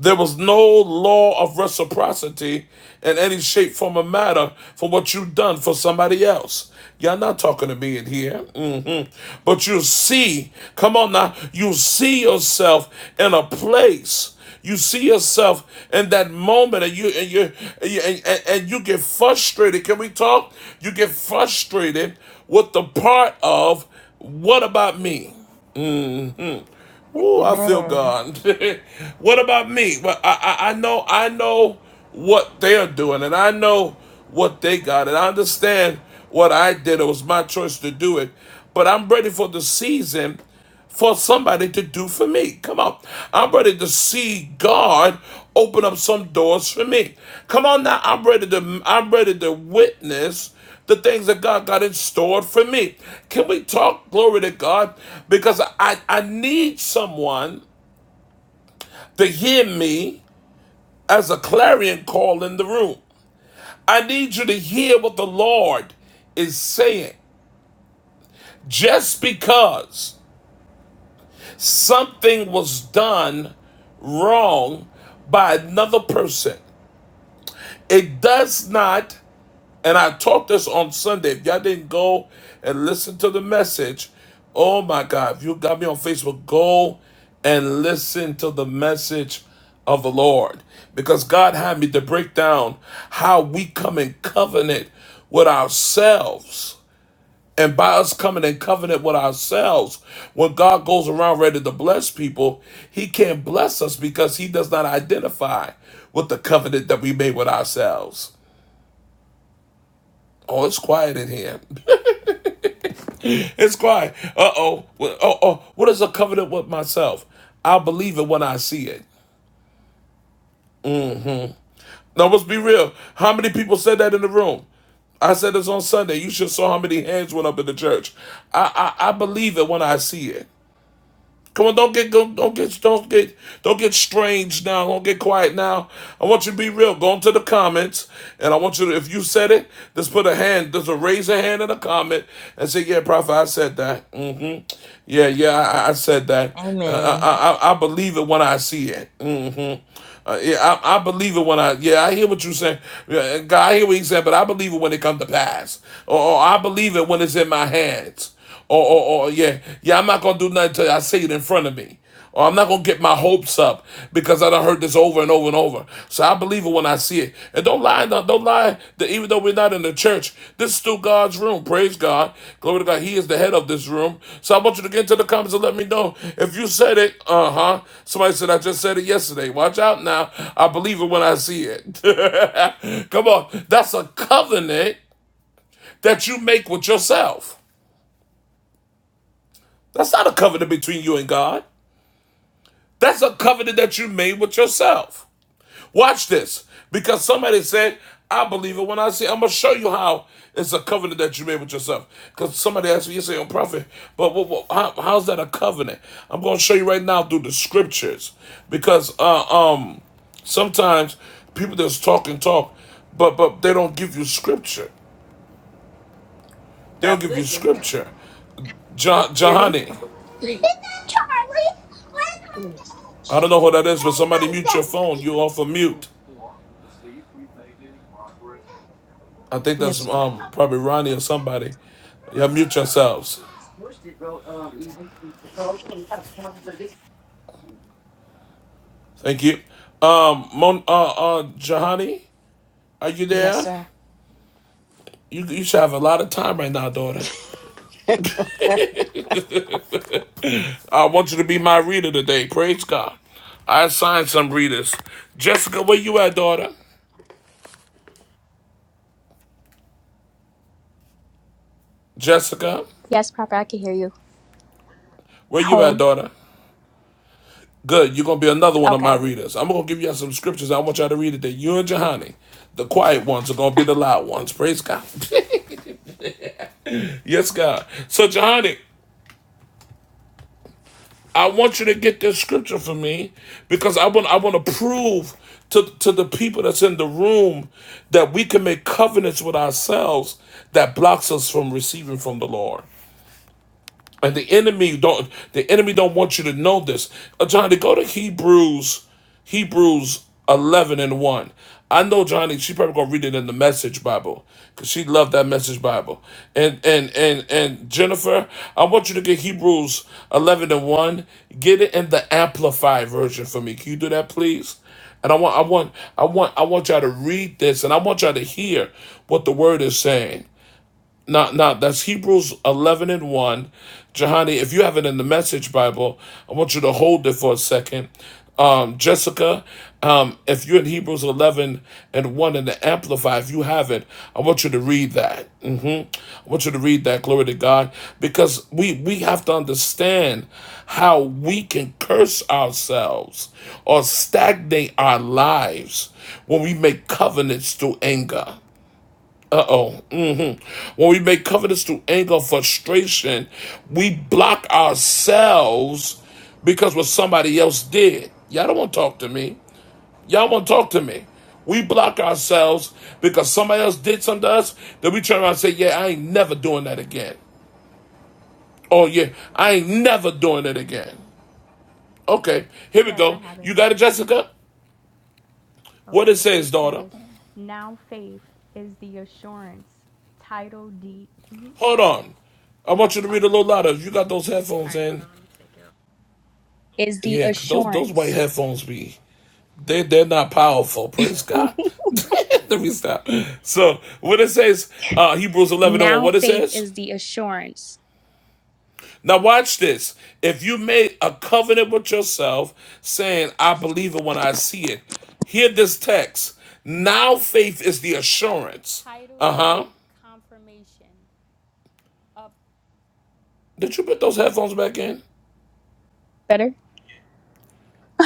There was no law of reciprocity in any shape, form, or matter for what you've done for somebody else. Y'all not talking to me in here. Mhm. But you see, come on now, you see yourself in a place. You see yourself in that moment, and you and, you- and, and you get frustrated. Can we talk? You get frustrated with the part of what about me? Oh, I feel
Amen.
God. what about me? Well, I, I I know I know what they are doing, and I know what they got, and I understand what I did. It was my choice to do it, but I'm ready for the season for somebody to do for me. Come on, I'm ready to see God open up some doors for me. Come on now, I'm ready to I'm ready to witness the things that God got in store for me. Can we talk glory to God? Because I, I need someone to hear me as a clarion call in the room. I need you to hear what the Lord is saying. Just because something was done wrong by another person, it does not And I taught this on Sunday. If y'all didn't go and listen to the message, oh my God, if you got me on Facebook, go and listen to the message of the Lord. Because God had me to break down how we come in covenant with ourselves. And by us coming in covenant with ourselves, when God goes around ready to bless people, He can't bless us because He does not identify with the covenant that we made with ourselves. Oh, it's quiet in here. It's quiet. Uh oh. Uh oh. What is a covenant with myself? I'll believe it when I see it. Now let's be real. How many people said that in the room? I said this on Sunday. You should have saw how many hands went up in the church. I I, I believe it when I see it. Come on, don't get don't, don't get don't get don't get strange now. Don't get quiet now. I want you to be real. Go into the comments, and I want you to if you said it, just put a hand, just a raise a hand in a comment and say, "Yeah, Prophet, I said that." hmm Yeah, yeah, I, I said that. Uh, I,
Amen.
I I believe it when I see it. hmm uh, yeah, I, I believe it when I yeah I hear what you saying. Yeah, God, I hear what he said, but I believe it when it come to pass, or, or I believe it when it's in my hands, or, or or yeah yeah I'm not gonna do nothing till I see it in front of me, or I'm not gonna get my hopes up because I done heard this over and over and over. So I believe it when I see it. It don't lie, don't, don't lie. That even though we're not in the church, this is still God's room. Praise God, glory to God. He is the head of this room. So I want you to get into the comments and let me know if you said it. Uh huh. Somebody said I just said it yesterday. Watch out now. I believe it when I see it. Come on, that's a covenant that you make with yourself. That's not a covenant between you and God. That's a covenant that you made with yourself. Watch this, because somebody said, "I believe it when I see." it." I'm gonna show you how it's a covenant that you made with yourself. Because somebody asked me, "You say, oh, prophet, but what, what, how, how's that a covenant?" I'm gonna show you right now through the scriptures, because uh, um, sometimes people just talk and talk, but but they don't give you scripture. They don't give you
Listen,
scripture. Jah
hear me?
Jahani, I don't know who that is, but somebody mute your phone. You're off a mute. I think that's
Yes,
um probably Ronnie or somebody. Yeah, mute yourselves. Thank you. Um, Mon, uh, uh, Jahani, are you
yes,
there?
sir.
You, you should have a lot of time right now, daughter. I want you to be my reader today. Praise God. I assigned some readers. Jessica, where you at, daughter? Jessica,
Yes, Prophet, I can hear you.
where you at,
Home.
daughter? Good. You're going to be another one of my
Okay.
readers. I'm going to give you some scriptures I want y'all to read today. You and Jahani, the quiet ones, are going to be the loud ones. Praise God. yes, God. So, Jahani, I want you to get this scripture for me because I want I want to prove to, to the people that's in the room that we can make covenants with ourselves that blocks us from receiving from the Lord. And the enemy don't the enemy don't want you to know this. Uh, Johnny, go to Hebrews, Hebrews eleven and one. I know Johnny, she probably gonna read it in the message Bible. Cause she loved that message Bible. And and and and Jennifer, I want you to get Hebrews eleven and one. Get it in the amplified version for me. Can you do that please? And I want I want I want I want y'all to read this and I want y'all to hear what the word is saying. No, no, that's Hebrews 11 and 1. Jahani, if you have it in the Message Bible, I want you to hold it for a second. Um, Jessica, um, if you're in Hebrews 11 and 1 in the Amplify, if you have it, I want you to read that. hmm I want you to read that, glory to God, because we, we have to understand how we can curse ourselves or stagnate our lives when we make covenants through anger. Uh oh. hmm When we make covenants through anger, or frustration, we block ourselves because what somebody else did. Y'all don't want to talk to me. Y'all want to talk to me. We block ourselves because somebody else did something to us. Then we turn around and say, "Yeah, I ain't never doing that again." Oh yeah, I ain't never doing it again. Okay, here we
Yes, I
go.
have
You
it.
got it, Jessica? What it
Okay. It
says, daughter?
says, now faith is the assurance. Title deed. hmm
Hold on. I want you to
Okay.
read a little louder. You got those
Oh, all
headphones
right. Hold
in.
on. Let me take it. Is the
Yeah, because those those white
assurance.
headphones be they they're not powerful. Praise God. Let me stop. So what it says, uh, Hebrews eleven and one.
now
What it
faith
says.
is the assurance.
Now watch this. If you made a covenant with yourself, saying, "I believe it when I see it," hear this text. Now faith is the assurance.
Title
Uh huh.
deed confirmation of.
Did you put those headphones back in?
Better?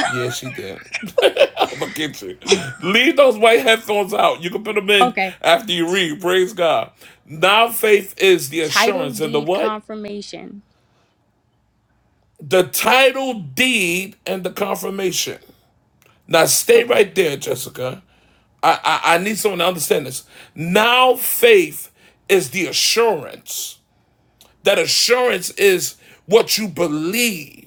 Yeah, she did. I'ma get you. Leave those white headphones out. You can put them in
Okay.
after you read. Praise God. Now faith is the
Title
assurance and the
deed
what?
confirmation.
The title deed and the confirmation. Now stay
Okay.
right there, Jessica. I, I, I need someone to understand this. Now faith is the assurance. That assurance is what you believe.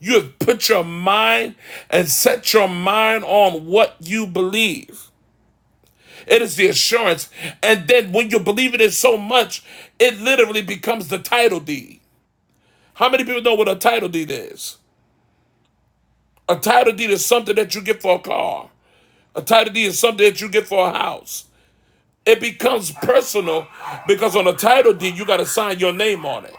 You have put your mind and set your mind on what you believe. It is the assurance. And then when you believe in it so much, it literally becomes the title deed. How many people know what a title deed is? A title deed is something that you get for a car. A title deed is something that you get for a house. It becomes personal because on a title deed, you got to sign your name on it.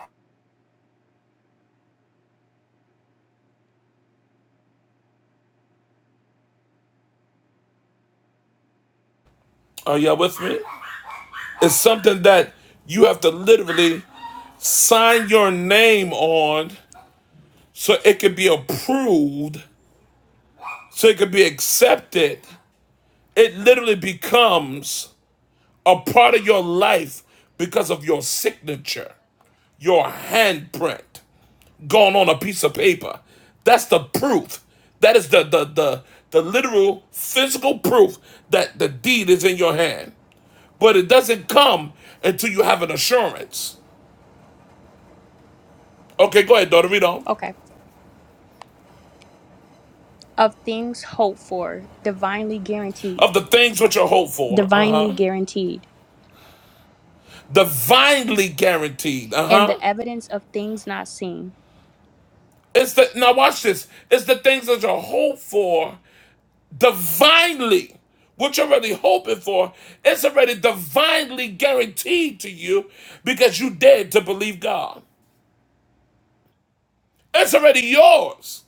Are y'all with me? It's something that you have to literally sign your name on so it can be approved, so it can be accepted. It literally becomes a part of your life because of your signature, your handprint gone on a piece of paper. That's the proof. That is the the the, the literal physical proof that the deed is in your hand. But it doesn't come until you have an assurance. Okay, go ahead, daughter. Read on.
Okay. Of things hoped for, divinely guaranteed.
Of the things which are hoped for.
Divinely
Uh-huh.
guaranteed.
Divinely guaranteed.
and
Uh-huh.
the evidence of things not seen,
It's the now watch this. It's the things that are hoped for divinely what you're already hoping for it's already divinely guaranteed to you because you dared to believe god it's already yours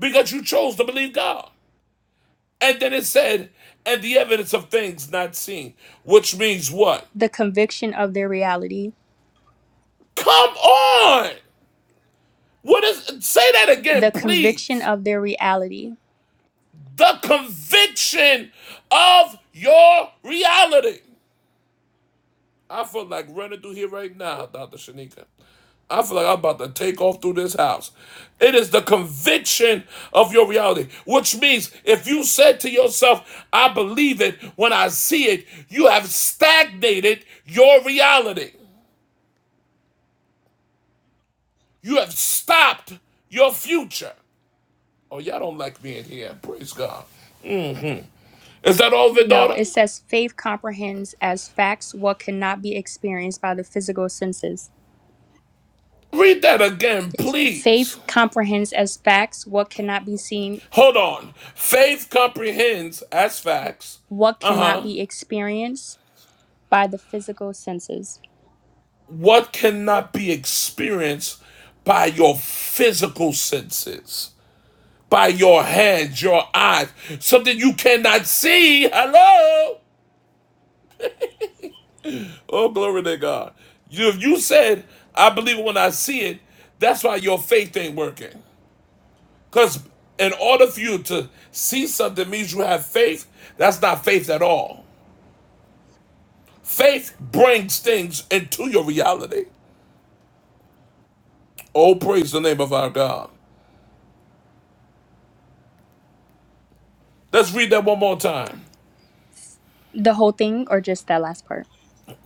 because you chose to believe god and then it said and the evidence of things not seen which means what
the conviction of their reality,
come on what is say that again
the conviction
please
of their reality.
the conviction of your reality I feel like running through here right now, Dr. Shanika. I feel like I'm about to take off through this house. It is the conviction of your reality, which means if you said to yourself, I believe it when I see it, you have stagnated your reality. You have stopped your future. Oh, y'all don't like being here. Praise God. Is that over,
No,
daughter?
it says faith comprehends as facts what cannot be experienced by the physical senses.
Read that again,
Yes. Faith
please.
comprehends as facts what cannot be seen,
Hold on. Faith comprehends as facts.
what
Uh
cannot
huh.
be experienced by the physical senses.
What cannot be experienced by your physical senses, by your hands, your eyes, something you cannot see? Hello? Oh, glory to God. You, if you said, I believe it when I see it, that's why your faith ain't working. Because in order for you to see something means you have faith. That's not faith at all. Faith brings things into your reality. Oh, praise the name of our God. Let's read that one more time.
The whole thing or just that last part?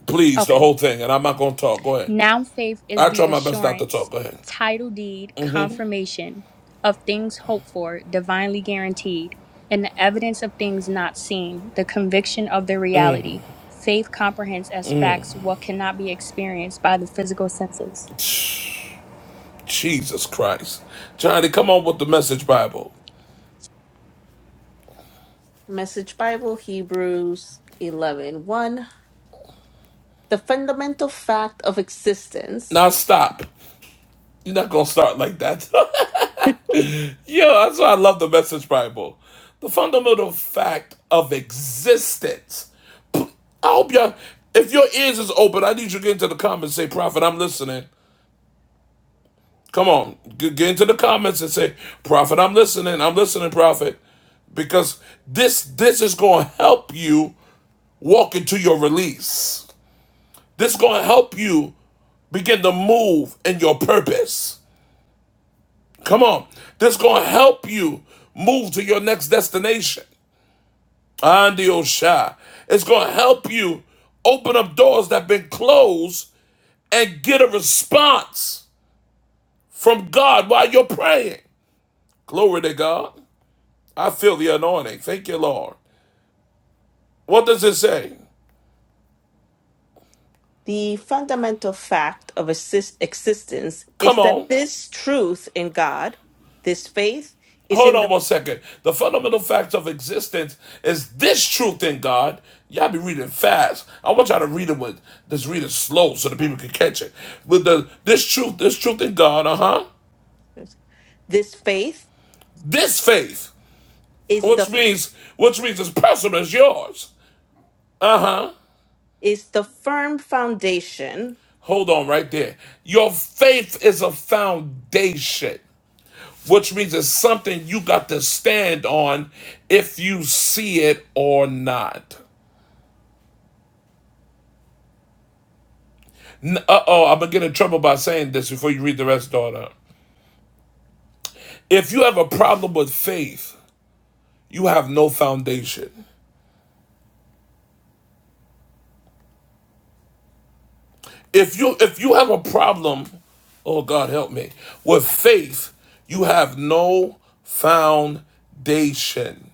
Please, the
Okay.
whole thing, and I'm not gonna talk. Go ahead.
Noun faith is
I try
the
my best not to
assurance,
talk. Go ahead.
title deed, confirmation of things hoped for, divinely guaranteed, and the evidence of things not seen, the conviction of their reality. Faith comprehends as facts what cannot be experienced by the physical senses.
Jesus Christ. Johnny, come on with the message Bible.
Message Bible, Hebrews eleven one. The fundamental fact of existence.
Now stop. You're not gonna start like that. Yo, that's why I love the message Bible. The fundamental fact of existence. I hope y'all if your ears is open, I need you to get into the comments and say, Prophet, I'm listening. Come on, get get into the comments and say, Prophet, I'm listening, I'm listening, Prophet because this this is going to help you walk into your release. This is going to help you begin to move in your purpose. Come on. This is going to help you move to your next destination. Andio Shah. It's going to help you open up doors that have been closed and get a response from God while you're praying. Glory to God. I feel the anointing. Thank you, Lord. What does it say?
The fundamental fact of exist- existence is
Come
that
on.
this truth in God, this faith, is
Hold
in
on
the
one second. The fundamental fact of existence is this truth in God. Y'all be reading fast. I want y'all to read it with just read it slow so the people can catch it. With the this truth, this truth in God, uh-huh.
this faith
This faith,
is the
which means which means it's personal as yours. Uh-huh.
is the firm foundation
Hold on right there. Your faith is a foundation, which means it's something you got to stand on if you see it or not. Uh oh, I'm gonna get in trouble by saying this before you read the rest, daughter. If you have a problem with faith, you have no foundation. If you if you have a problem, oh God help me, with faith, you have no foundation.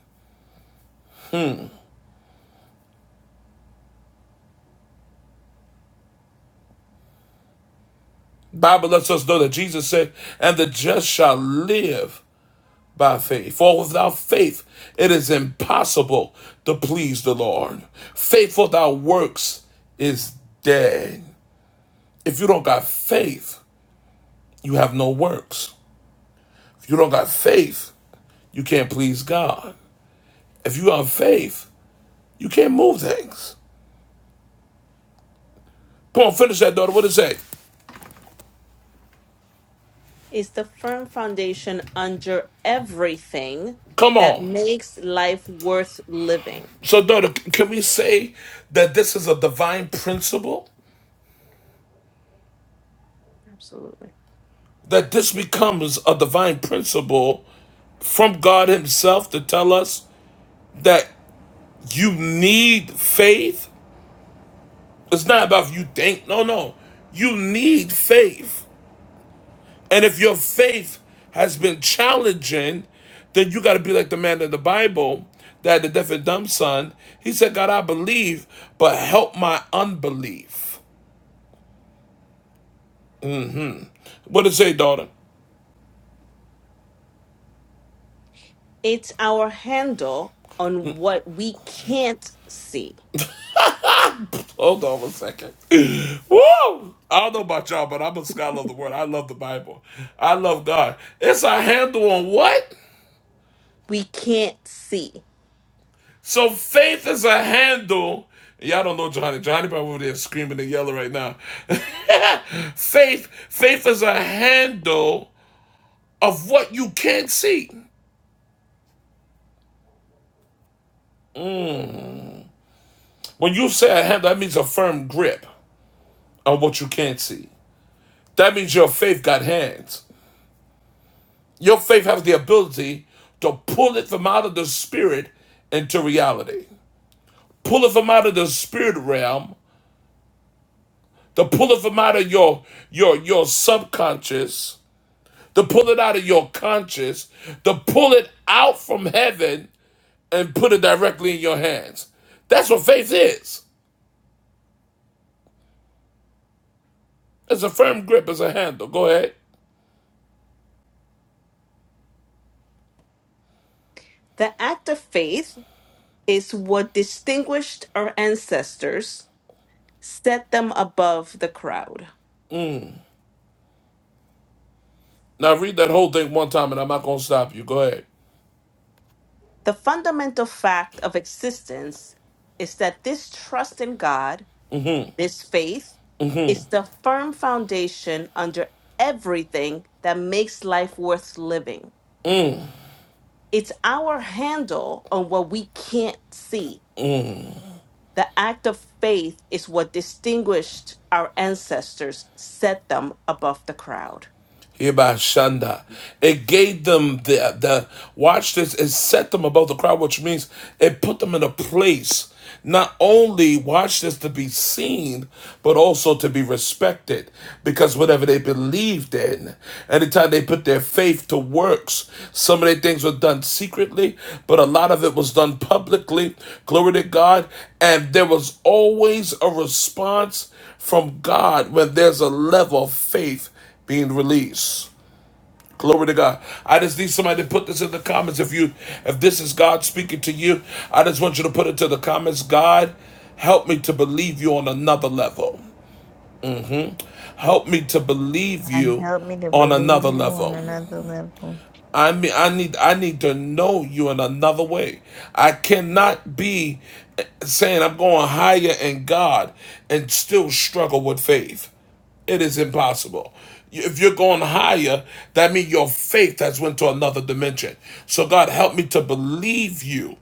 Bible lets us know that Jesus said, and the just shall live by faith. For without faith, it is impossible to please the Lord. Faith without works is dead. If you don't got faith, you have no works. If you don't got faith, you can't please God. If you have faith, you can't move things. Come on, finish that, daughter. What is that?
is the firm foundation under everything
Come
that
on.
makes life worth living.
So, daughter, can we say that this is a divine principle?
Absolutely.
That this becomes a divine principle from God Himself to tell us that you need faith? It's not about if you think, no, no. You need faith And if your faith has been challenging, then you got to be like the man in the Bible that had the deaf and dumb son. He said, God, I believe, but help my unbelief. What did it say, daughter?
It's our handle on what we can't see.
Hold on one second. Woo! I don't know about y'all, but I'm a scholar of the word. I love the Bible. I love God. It's a handle on what?
We can't see.
So faith is a handle. Y'all don't know Johnny. Johnny probably over there screaming and yelling right now. faith, faith is a handle of what you can't see. When you say a handle, that means a firm grip on what you can't see. That means your faith got hands. Your faith has the ability to pull it from out of the spirit into reality. Pull it from out of the spirit realm, to pull it from out of your your your subconscious to pull it out of your conscience, to pull it out from heaven and put it directly in your hands. That's what faith is. It's a firm grip, it's a handle. Go ahead.
The act of faith is what distinguished our ancestors, set them above the crowd.
Now read that whole thing one time and I'm not going to stop you. Go ahead.
The fundamental fact of existence is that this trust in God, this faith, is the firm foundation under everything that makes life worth living. It's our handle on what we can't see The act of faith is what distinguished our ancestors, set them above the crowd.
Shanda. It gave them the the watch this, it set them above the crowd, which means it put them in a place not only watch this to be seen, but also to be respected. Because whatever they believed in, anytime they put their faith to works, some of their things were done secretly, but a lot of it was done publicly. Glory to God. And there was always a response from God when there's a level of faith being released. Glory to God. I just need somebody to put this in the comments. If you, if this is God speaking to you, I just want you to put it to the comments. God, help me to believe you on another level. Help me to believe
God
you
help me to
on
believe
another
you on
level.
another level.
I mean, I need I need to know you in another way. I cannot be saying I'm going higher in God and still struggle with faith. It is impossible. If you're going higher, that means your faith has went to another dimension. So God, help me to believe you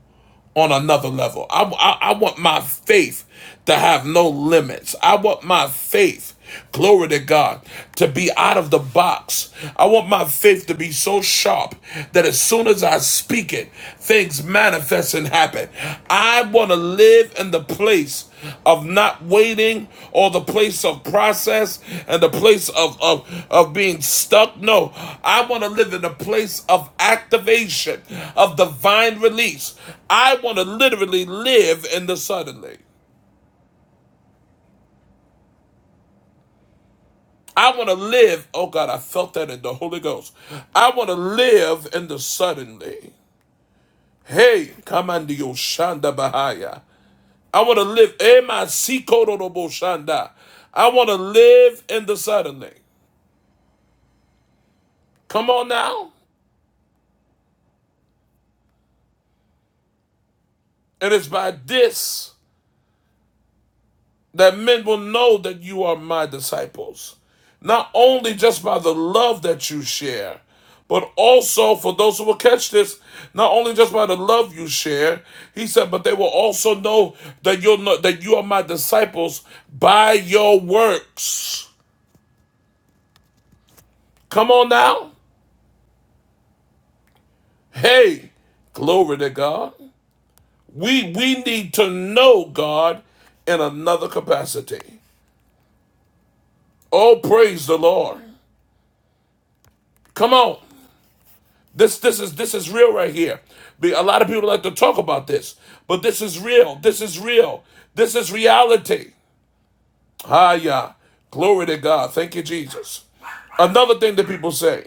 on another level. I, I, I want my faith to have no limits. I want my faith, glory to God, to be out of the box. I want my faith to be so sharp that as soon as I speak it, things manifest and happen. I want to to live in the place of not waiting or the place of process and the place of, of, of being stuck. No, I want to live in a place of activation, of divine release. I want to literally live in the suddenly. I want to live, oh God, I felt that in the Holy Ghost. I want to live in the suddenly. Hey, come on, Shanda Bahaya. I want to live. Ema sikorobo shanda. I want to live in the suddenly. Come on now. And it's by this that men will know that you are my disciples. Not only just by the love that you share, but also for those who will catch this, not only just by the love you share, he said, but they will also know that you'll know that you are my disciples by your works. Come on now. Hey, glory to God. We we need to know God in another capacity. Oh, praise the Lord. Come on. This this is this is real right here. Be- A lot of people like to talk about this, but this is real. This is real. This is reality. Hiya. Glory to God. Thank you, Jesus. Another thing that people say.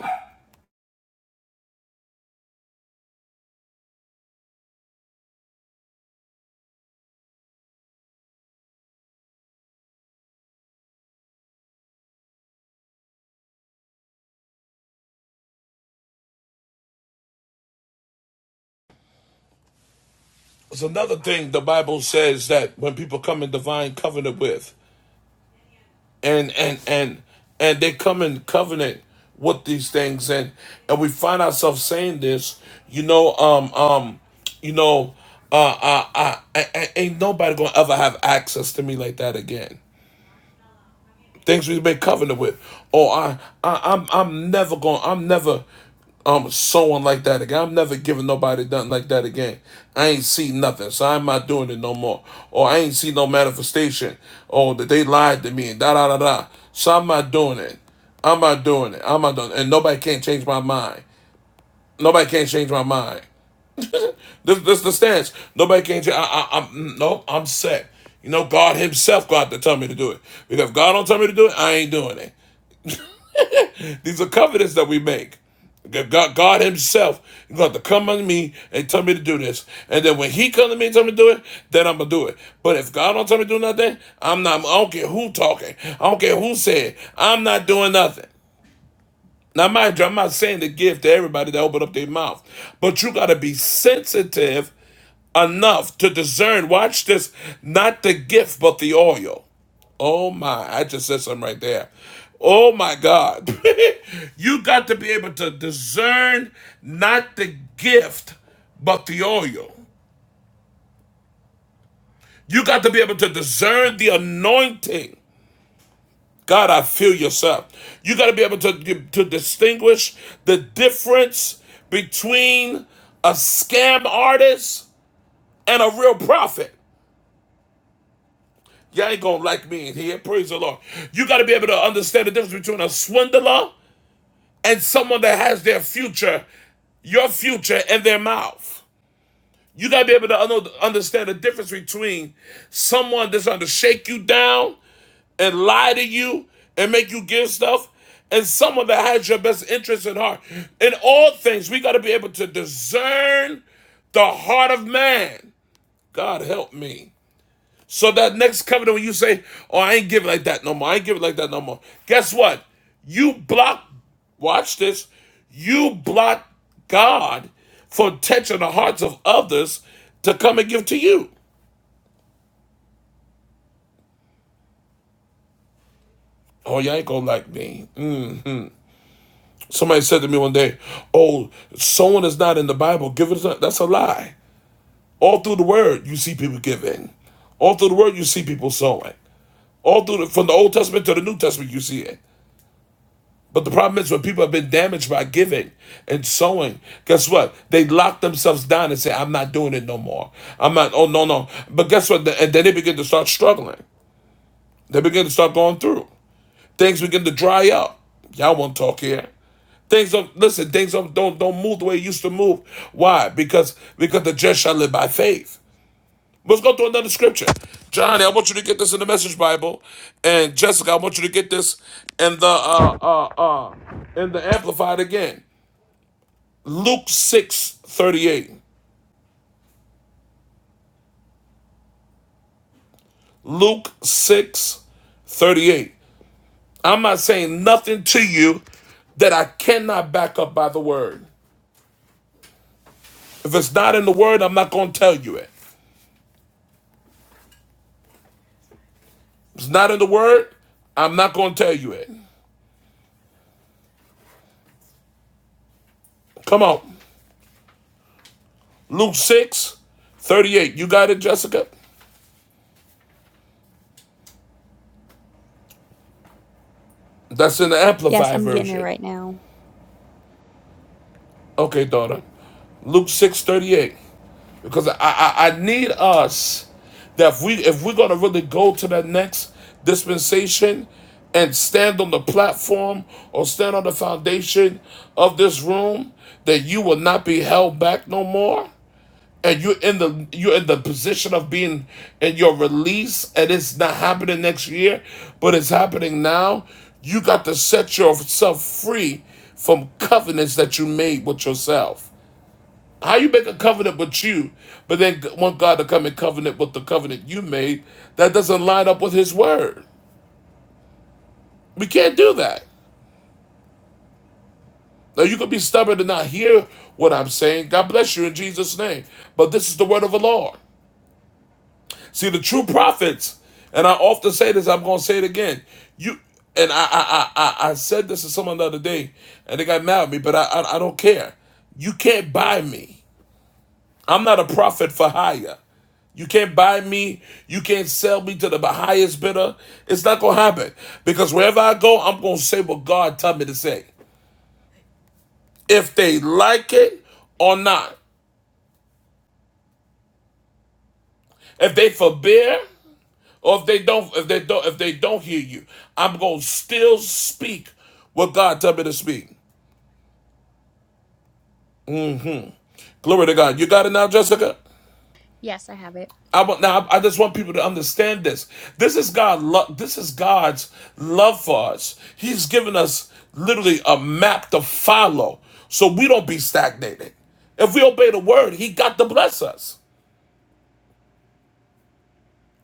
It's another thing the Bible says that when people come in divine covenant with. and and and and they come in covenant with these things and and we find ourselves saying this you know um um you know uh, uh, uh, I, I, ain't nobody gonna ever have access to me like that again things we've made covenant with. Oh, I, I, I'm, I'm never going. I'm never, um, sewing like that again. I'm never giving nobody nothing like that again. I ain't see nothing, so I'm not doing it no more. Or I ain't see no manifestation. Oh, that they lied to me and da da da da. So I'm not doing it. I'm not doing it. I'm not doing it. And nobody can't change my mind. Nobody can't change my mind. this, this the stance. Nobody can't change. I, I, I'm no, I'm set. You know, God Himself got to tell me to do it. Because if God don't tell me to do it, I ain't doing it. These are covenants that we make. God, God Himself is going to come on me and tell me to do this. And then when He comes to me and tell me to do it, then I'm going to do it. But if God don't tell me to do nothing, I'm not, I don't care who talking. I don't care who said. I'm not doing nothing. Now, mind you, I'm not saying to give to everybody that open up their mouth. But you got to be sensitive enough to discern, watch this, not the gift, but the oil. Oh my, I just said something right there. Oh my God. you got to be able to discern not the gift, but the oil. You got to be able to discern the anointing. God, I feel yourself. You got to be able to, to distinguish the difference between a scam artist and a real prophet. Y'all ain't gonna like me in here. Praise the Lord. You gotta be able to understand the difference between a swindler and someone that has their future, your future, in their mouth. You gotta be able to understand the difference between someone that's trying to shake you down and lie to you and make you give stuff and someone that has your best interest in heart. In all things, we gotta be able to discern the heart of man. God help me. So that next covenant, when you say, "Oh, I ain't giving like that no more. I ain't giving like that no more." Guess what? You block. Watch this. You block God for touching the hearts of others to come and give to you. Oh, you ain't gonna like me. Mm. Somebody said to me one day, "Oh, someone is not in the Bible. Give it." A, that's a lie. All through the Word, you see people giving. All through the Word, you see people sowing. All through the, from the Old Testament to the New Testament, you see it. But the problem is when people have been damaged by giving and sowing, guess what? They lock themselves down and say, I'm not doing it no more. I'm not, oh, no, no. But guess what? And then they begin to start struggling. They begin to start going through. Things begin to dry up. Y'all won't talk here. Things don't, listen, things don't, don't, don't move the way it used to move. Why? Because, because the just shall live by faith. Let's go to another scripture. Johnny, I want you to get this in the Message Bible, and Jessica, I want you to get this in the uh, uh, uh, in the Amplified again. Luke 6 38. Luke six thirty-eight. I'm not saying nothing to you that I cannot back up by the word. If it's not in the word, I'm not going to tell you it. If it's not in the word, I'm not going to tell you it. Come on. Luke 6 38. You got it, Jessica? That's in the
Yes,
Amplified
I'm getting it
version.
right now.
Okay, daughter. Luke 6 38. because I, I I need us that if we if we're gonna really go to that next dispensation and stand on the platform or stand on the foundation of this room, that you will not be held back no more. And you're in the you're in the position of being in your release, and it's not happening next year, but it's happening now. You got to set yourself free from covenants that you made with yourself. How you make a covenant with you, but then want God to come in covenant with the covenant you made that doesn't line up with His word? We can't do that. Now you could be stubborn and not hear what I'm saying. God bless you in Jesus' name. But this is the word of the Lord. See, the true prophets, and I often say this. I'm going to say it again. You and I, I, I, I said this to someone the other day, and they got mad at me. But I, I, I don't care. You can't buy me. I'm not a prophet for hire. You can't buy me. You can't sell me to the highest bidder. It's not going to happen because wherever I go, I'm going to say what God told me to say. If they like it or not, if they forbear or if they don't, if they don't, if they don't hear you, I'm going to still speak what God told me to speak. Glory to God. You got it now, Jessica?
Yes, I have it.
I want now. I just want people to understand this. This is God. Lo- this is God's love for us. He's given us literally a map to follow, so we don't be stagnated. If we obey the word, He got to bless us.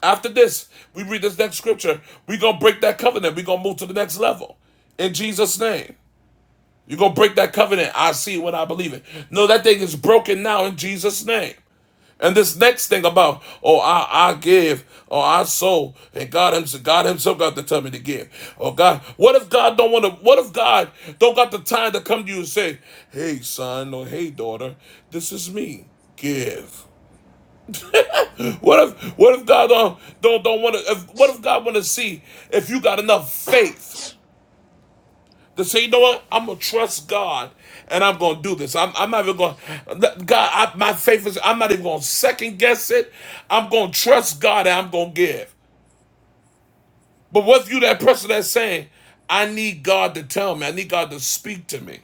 After this, we read this next scripture. We gonna break that covenant. We gonna move to the next level. In Jesus' name. You're going to break that covenant. I see it when I believe it. No, that thing is broken now in Jesus' name. And this next thing about, oh, I, I give, or oh, I sow, and God himself, God himself got to tell me to give. Oh God, what if God don't want to, what if God don't got the time to come to you and say, hey son, or hey daughter, this is me, give. What if, what if God don't, don't, don't want to, if, what if God want to see if you got enough faith to say, you know what? I'm gonna trust God, and I'm gonna do this. I'm, I'm not even gonna God. I, my faith is. I'm not even gonna second guess it. I'm gonna trust God, and I'm gonna give. But what's you that person that's saying, I need God to tell me. I need God to speak to me.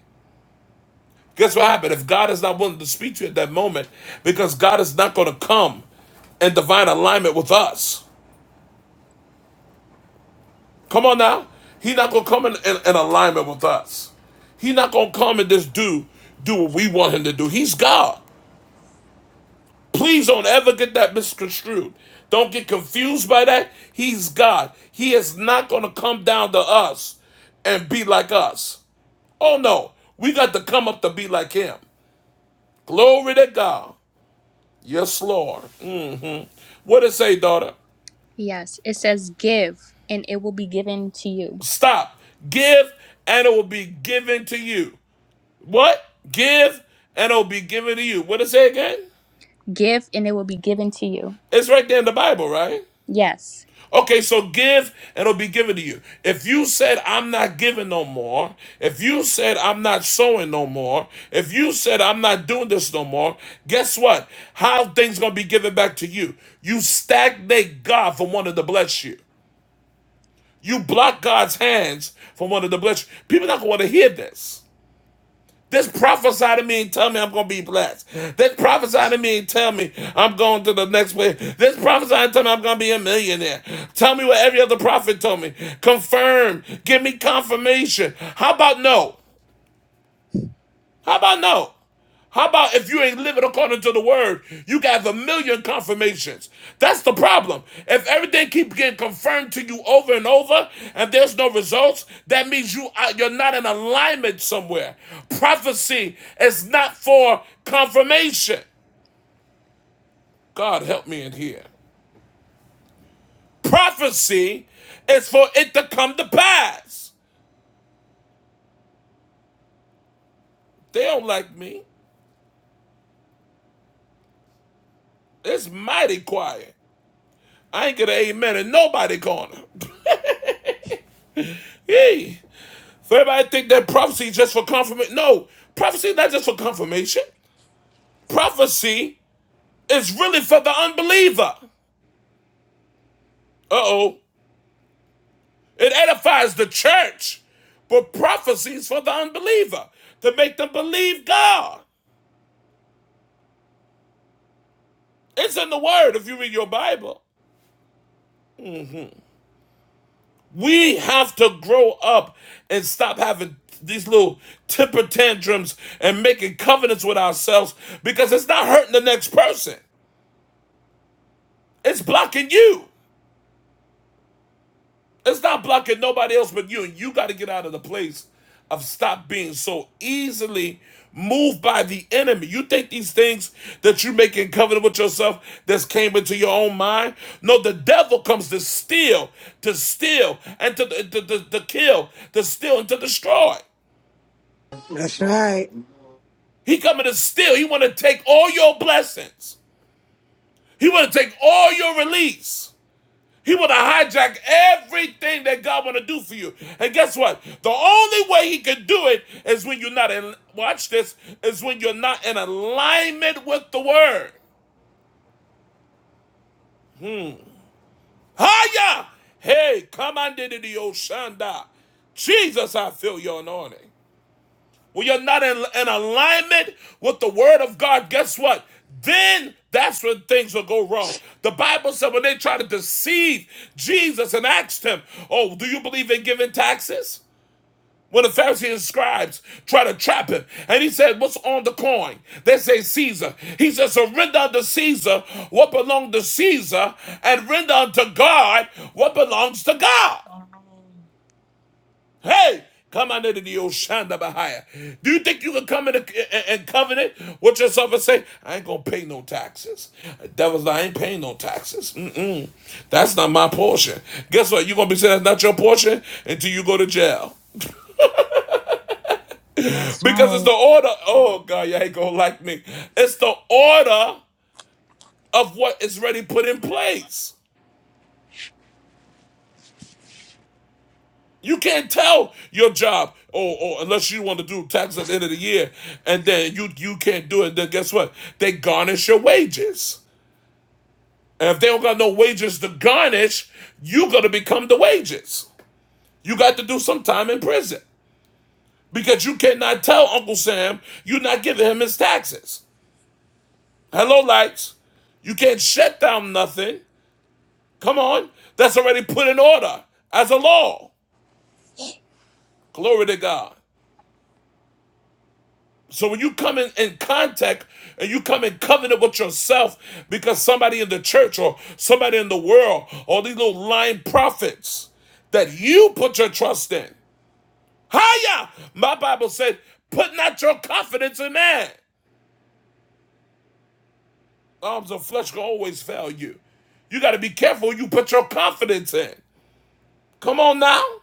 Guess what happened? If God is not willing to speak to you at that moment, because God is not gonna come in divine alignment with us. Come on now. He's not gonna come in, in, in alignment with us. He's not gonna come and just do do what we want him to do. He's God. Please don't ever get that misconstrued. Don't get confused by that. He's God. He is not going to come down to us and be like us. Oh no, we got to come up to be like Him. Glory to God. Yes, Lord. Mm. What it say, daughter?
Yes, it says give and it will be given to you.
Stop. Give and it will be given to you. What? Give and it will be given to you. What it say again?
Give and it will be given to you.
It's right there in the Bible, right?
Yes.
Okay, so give and it'll be given to you. If you said, I'm not giving no more, if you said, I'm not sowing no more, if you said, I'm not doing this no more, guess what? How things gonna be given back to you? You stagnate God from wanting to bless you. You block God's hands from wanting to bless you. People not gonna wanna hear this. This prophesy to me and tell me I'm gonna be blessed. This prophesy to me and tell me I'm going to the next way. This prophesy and tell me I'm gonna be a millionaire. Tell me what every other prophet told me. Confirm. Give me confirmation. How about no? How about no? How about if you ain't living according to the word, you got a million confirmations. That's the problem. If everything keeps getting confirmed to you over and over, and there's no results, that means you are, you're not in alignment somewhere. Prophecy is not for confirmation. God help me in here. Prophecy is for it to come to pass. They don't like me. It's mighty quiet. I ain't get an amen in nobody corner. Hey. So everybody think that prophecy is just for confirmation. No, prophecy is not just for confirmation. Prophecy is really for the unbeliever. Uh oh. It edifies the church, but prophecy is for the unbeliever to make them believe God. It's in the Word if you read your Bible. We have to grow up and stop having these little temper tantrums and making covenants with ourselves because it's not hurting the next person, it's blocking you. It's not blocking nobody else but you. And you got to get out of the place of stop being so easily moved by the enemy. You think these things that you make in covenant with yourself that's came into your own mind? No, the devil comes to steal, to steal, and to, to, to, to kill, to steal, and to destroy.
That's right.
He coming to steal. He want to take all your blessings. He want to take all your release. He would have hijacked everything that God want to do for you. And guess what? The only way he can do it is when you're not in watch this, is when you're not in alignment with the word. Hiya! Hey, come on into the Oshanda. Jesus, I feel your anointing. When you're not in, in alignment with the word of God, guess what? Then that's when things will go wrong. The Bible said when they try to deceive Jesus and asked him, Oh, do you believe in giving taxes? When the Pharisees and scribes try to trap him, and he said, What's on the coin? They say Caesar. He said, Surrender unto Caesar what belongs to Caesar, and render unto God what belongs to God.
Amen.
Hey, come on into the Oshanda Bahia. Do you think you can come in a- and covenant with yourself and say, I ain't gonna pay no taxes? The Devil's like, I ain't paying no taxes. Mm-mm. That's not my portion. Guess what? You're gonna be saying that's not your portion until you go to jail.
That's
Because it's
right.
the order. Oh God, you ain't gonna like me. It's the order of what is ready put in place. You can't tell your job, or, or unless you want to do taxes at the end of the year, and then you you can't do it. Then guess what? They garnish your wages, and if they don't got no wages to garnish, you gonna become the wages. You got to do some time in prison because you cannot tell Uncle Sam you're not giving him his taxes. Hello, lights. You can't shut down nothing Come on. That's already put in order as a law. Glory to God. So when you come in, in contact and you come in covenant with yourself because somebody in the church or somebody in the world or these little lying prophets that you put your trust in. Hiya! My Bible said, put not your confidence in man. Arms of flesh can always fail you. You got to be careful who you put your confidence in. Come on now.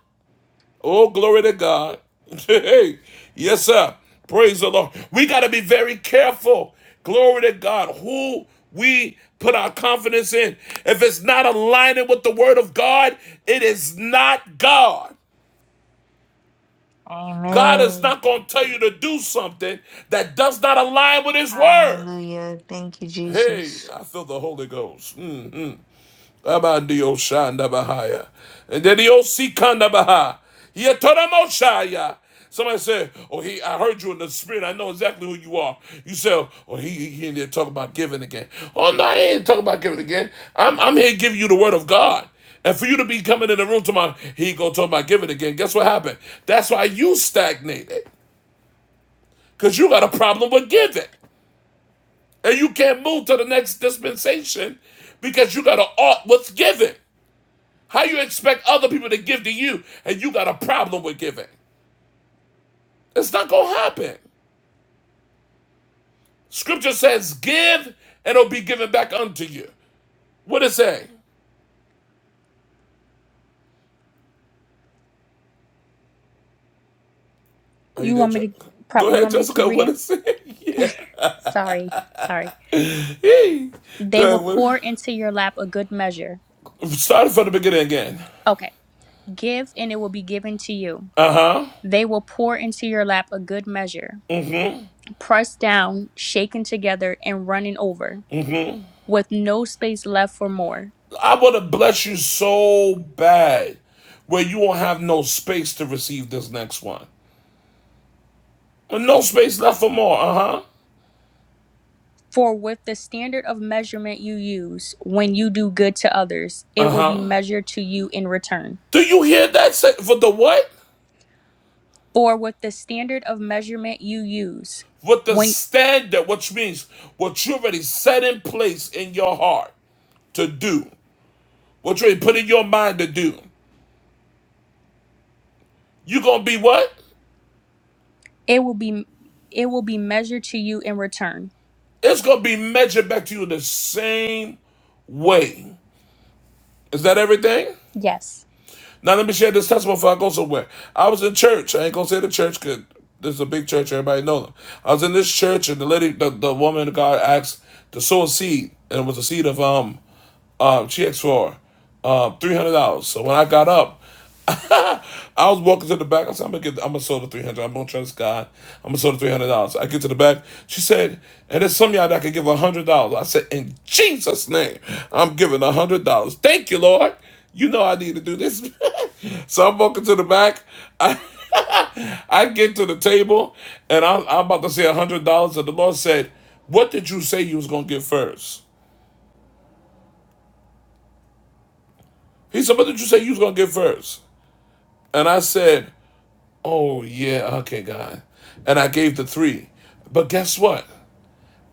Oh, glory to God. Hey, yes, sir. Praise the Lord. We got to be very careful. Glory to God. Who we put our confidence in. If it's not aligning with the word of God, it is not God. God is
Amen.
not going to tell you to do something that does not align with his word.
Hallelujah. Thank you,
Hey,
Jesus.
I feel the Holy Ghost. Mm. Abandio Shanda Bahaya. And then the OC Kanda Baha. Yetoramoshaya. Somebody said, Oh, he I heard you in the spirit. I know exactly who you are. You said, Oh, he, he in there talking about giving again. Oh no, he ain't talking about giving again. I'm I'm here giving you the word of God. And for you to be coming in the room tomorrow, he gonna talk about giving again. Guess what happened? That's why you stagnated. Cause you got a problem with giving. And you can't move to the next dispensation because you got to art what's given. How you expect other people to give to you and you got a problem with giving? It's not gonna happen. Scripture says, give and it'll be given back unto you. What it say? Are you
You
there,
want me to
Jessica?
prop
Go
you
ahead,
want me to keep
Jessica. What
reading?
it say? yeah.
Sorry. Sorry.
Hey. Go
They will
ahead.
pour into your lap a good measure.
what- Start from the beginning again.
Okay. Give and it will be given to you.
Uh-huh.
They will pour into your lap a good measure, pressed down, shaken together, and running over, with no space left for more.
I wanna bless you so bad where you won't have no space to receive this next one. No space left for more. Uh-huh.
For with the standard of measurement you use, when you do good to others, it will be
Uh-huh.
measured to you in return.
Do you hear that? Say- For the what?
For with the standard of measurement you use,
with the
when
standard, which means what you already set in place in your heart to do, what you already put in your mind to do, you're gonna be what?
it will be it will be measured to you in return.
It's gonna be measured back to you the same way. Is that everything?
Yes.
Now let me share this testimony before I go somewhere. I was in church. I ain't gonna say the church because this is a big church. Everybody know them. I was in this church and the lady, the, the woman, God asked to sow a seed, and it was a seed of um Um, she asked for um, three hundred dollars. So when I got up, I was walking to the back. I said, "I'm gonna get. I'm gonna sell the three hundred. dollars. I'm gonna trust God. I'm gonna sell the three hundred dollars." I get to the back. She said, "And there's some of y'all that can give one hundred dollars." I said, "In Jesus' name, I'm giving one hundred dollars. Thank you, Lord. You know I need to do this." so I'm walking to the back. I I get to the table, and I'm, I'm about to say one hundred dollars. And the Lord said, "What did you say you was gonna give first? He said, "What did you say you was gonna give first? And I said, Oh, yeah, okay, God. And I gave the three. But guess what?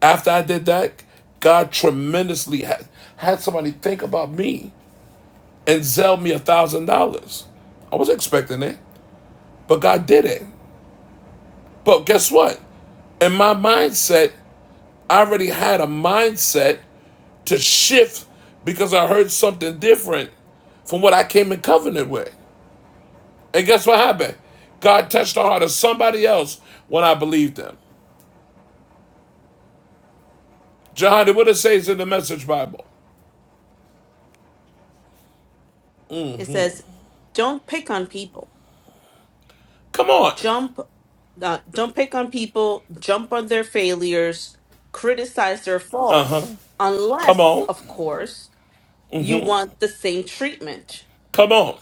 After I did that, God tremendously had, had somebody think about me and sell me a thousand dollars. I was not expecting it, but God did it. But guess what? In my mindset, I already had a mindset to shift because I heard something different from what I came in covenant with. And guess what happened? God touched the heart of somebody else when I believed them. John, what it says in the Message Bible?
It says, don't pick on people.
Come on,
Jump, uh, don't pick on people, jump on their failures, criticize their faults,
come
unless,
on,
of course, you want the same treatment.
come on,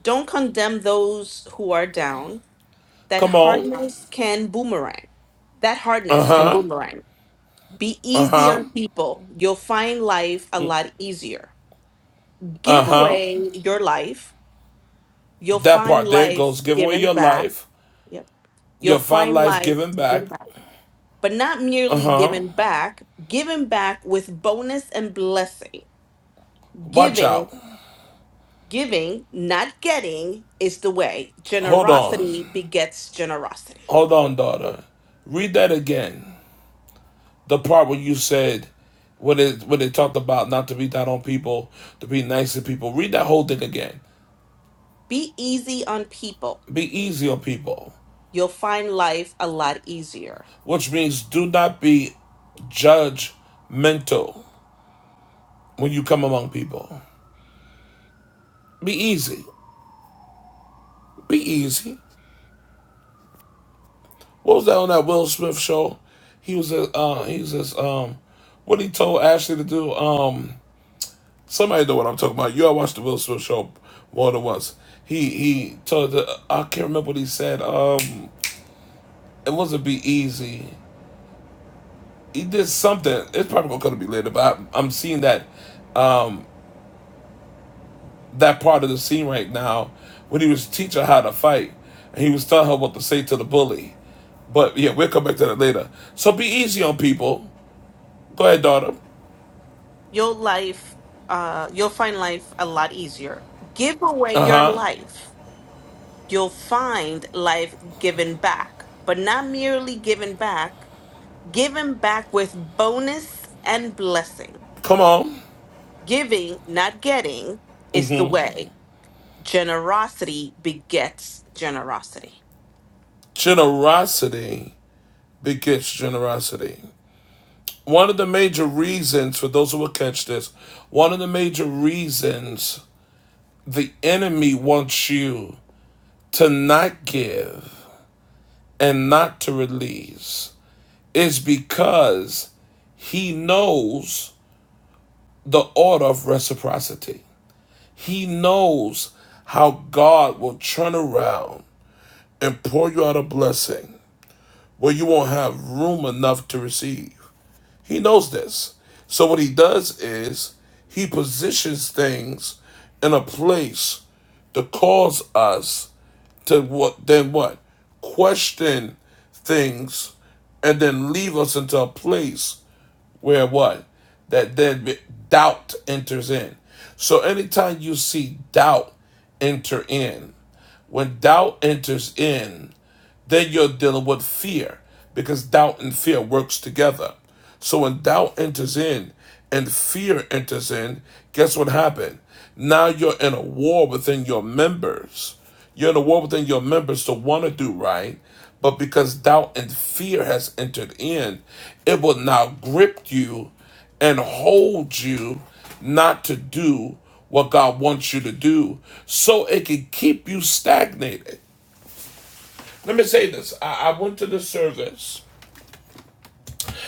Don't condemn those who are down. That
come on.
hardness can boomerang. That
Uh
hardness can
huh,
boomerang. Be
uh
easy
huh,
on people. You'll find life a lot easier.
uh
Give
huh.
away your life. You'll
That
find
part there it
life
goes. Give away
given
your
back.
life.
Yep. You'll
You'll find
find
life
life
given back.
given back. But not
Uh
merely
huh.
given back, given back with bonus and blessing.
Watch
Giving,
out.
giving, not getting is the way.
Hold on.
Generosity begets generosity.
Hold on, daughter. Read that again. The part where you said, when it when they talked about not to be down on people, to be nice to people. Read that whole thing again.
Be easy on people.
Be easy on people.
You'll find life a lot easier.
which means do not be judgmental when you come among people. Be easy. Be easy. What was that on that Will Smith show? He was a uh, he was this um what he told Ashley to do. Um somebody know what I'm talking about. You all watched the Will Smith show more than once. He he told the I can't remember what he said. Um it wasn't be easy. He did something. It's probably gonna be later, but i I'm seeing that Um, that part of the scene right now when he was teaching her how to fight and he was telling her what to say to the bully. But yeah, we'll come back to that later. So be easy on people. Go ahead, daughter.
your life uh you'll find life a lot easier give away
Uh
your
huh.
life you'll find life given back but not merely given back given back with bonus and blessing
Come on.
giving not getting is the way generosity begets generosity
Generosity begets generosity. One of the major reasons, for those who will catch this, one of the major reasons the enemy wants you to not give and not to release is because he knows the order of reciprocity. He knows how God will turn around and pour you out a blessing where you won't have room enough to receive. He knows this. So, what he does is he positions things in a place to cause us to what then what question things and then leave us into a place where what that then doubt enters in so anytime you see doubt enter in when doubt enters in then you're dealing with fear because doubt and fear works together. So when doubt enters in and fear enters in, guess what happened? Now you're in a war within your members. You're in a war within your members to want to do right, but because doubt and fear has entered in, it will now grip you and hold you not to do what God wants you to do so it can keep you stagnated. Let me say this. I, I went to the service,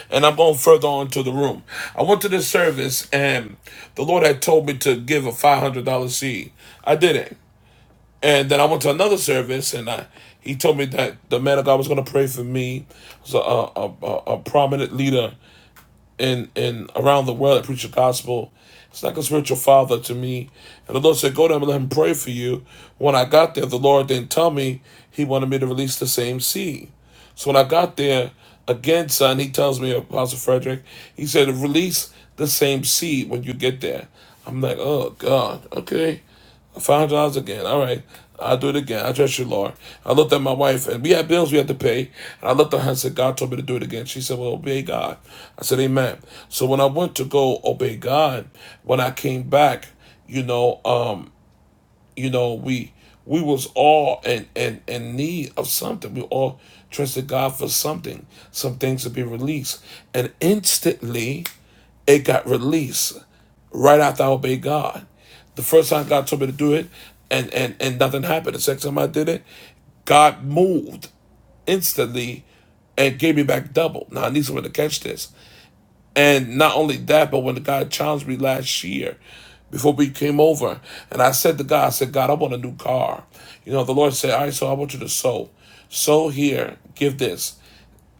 and I'm going further on to the room. I went to the service, and the Lord had told me to give a $500 seed. I didn't. And then I went to another service, and I he told me that the man of God was going to pray for me. It was a, a, a, a prominent leader in in around the world that preach the gospel. It's like a spiritual father to me. And the Lord said, Go to him and let him pray for you. When I got there, the Lord didn't tell me he wanted me to release the same seed. So when I got there, again, son, he tells me, Apostle Frederick, he said, release the same seed when you get there. I'm like, oh God, okay. Five dollars again. All right, I'll do it again. I trust you, Lord. I looked at my wife, and we had bills we had to pay. And I looked at her and said, God told me to do it again. She said, Well, obey God. I said, Amen. So when I went to go obey God, when I came back, you know, um, you know, we we was all in, in, in need of something. We all trusted God for something, some things to be released. And instantly it got released right after I obeyed God. The first time God told me to do it and, and, and nothing happened. The second time I did it, God moved instantly and gave me back double. Now I need someone to catch this. And not only that, but when the guy challenged me last year, before we came over, and I said to God, I said, God, I want a new car. You know, the Lord said, All right, so I want you to sow. Sow here, give this.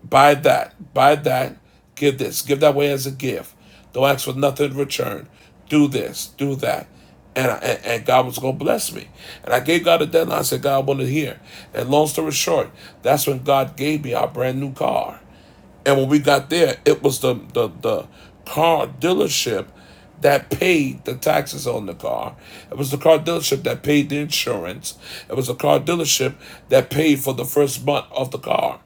Buy that. Buy that. Give this. Give that away as a gift. Don't ask for nothing in return. Do this. Do that. And, I, and, and God was going to bless me. And I gave God a deadline. I said, God, I want to hear. And long story short, that's when God gave me our brand new car. And when we got there, it was the, the, the car dealership that paid the taxes on the car. It was the car dealership that paid the insurance. It was the car dealership that paid for the first month of the car.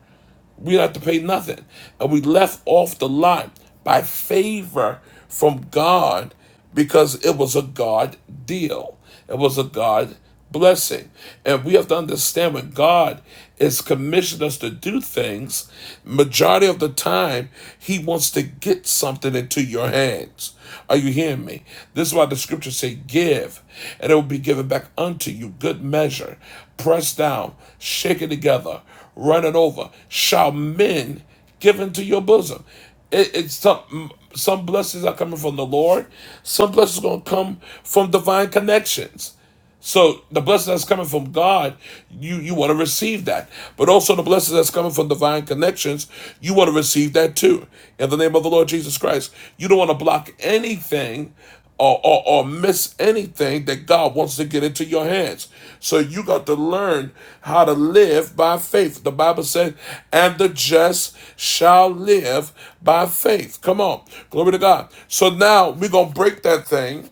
We don't have to pay nothing. And we left off the lot by favor from God because it was a God deal. It was a God blessing. And we have to understand when God is commissioned us to do things, majority of the time, He wants to get something into your hands. Are you hearing me? This is why the scriptures say, Give, and it will be given back unto you. Good measure, pressed down, shaken together, running over, shall men give into your bosom. It, it's some some blessings are coming from the Lord. Some blessings are gonna come from divine connections. So the blessing that's coming from God, you, you want to receive that. But also the blessing that's coming from divine connections, you want to receive that too. In the name of the Lord Jesus Christ. You don't want to block anything or, or, or miss anything that God wants to get into your hands. So you got to learn how to live by faith. The Bible says, and the just shall live by faith. Come on. Glory to God. So now we're going to break that thing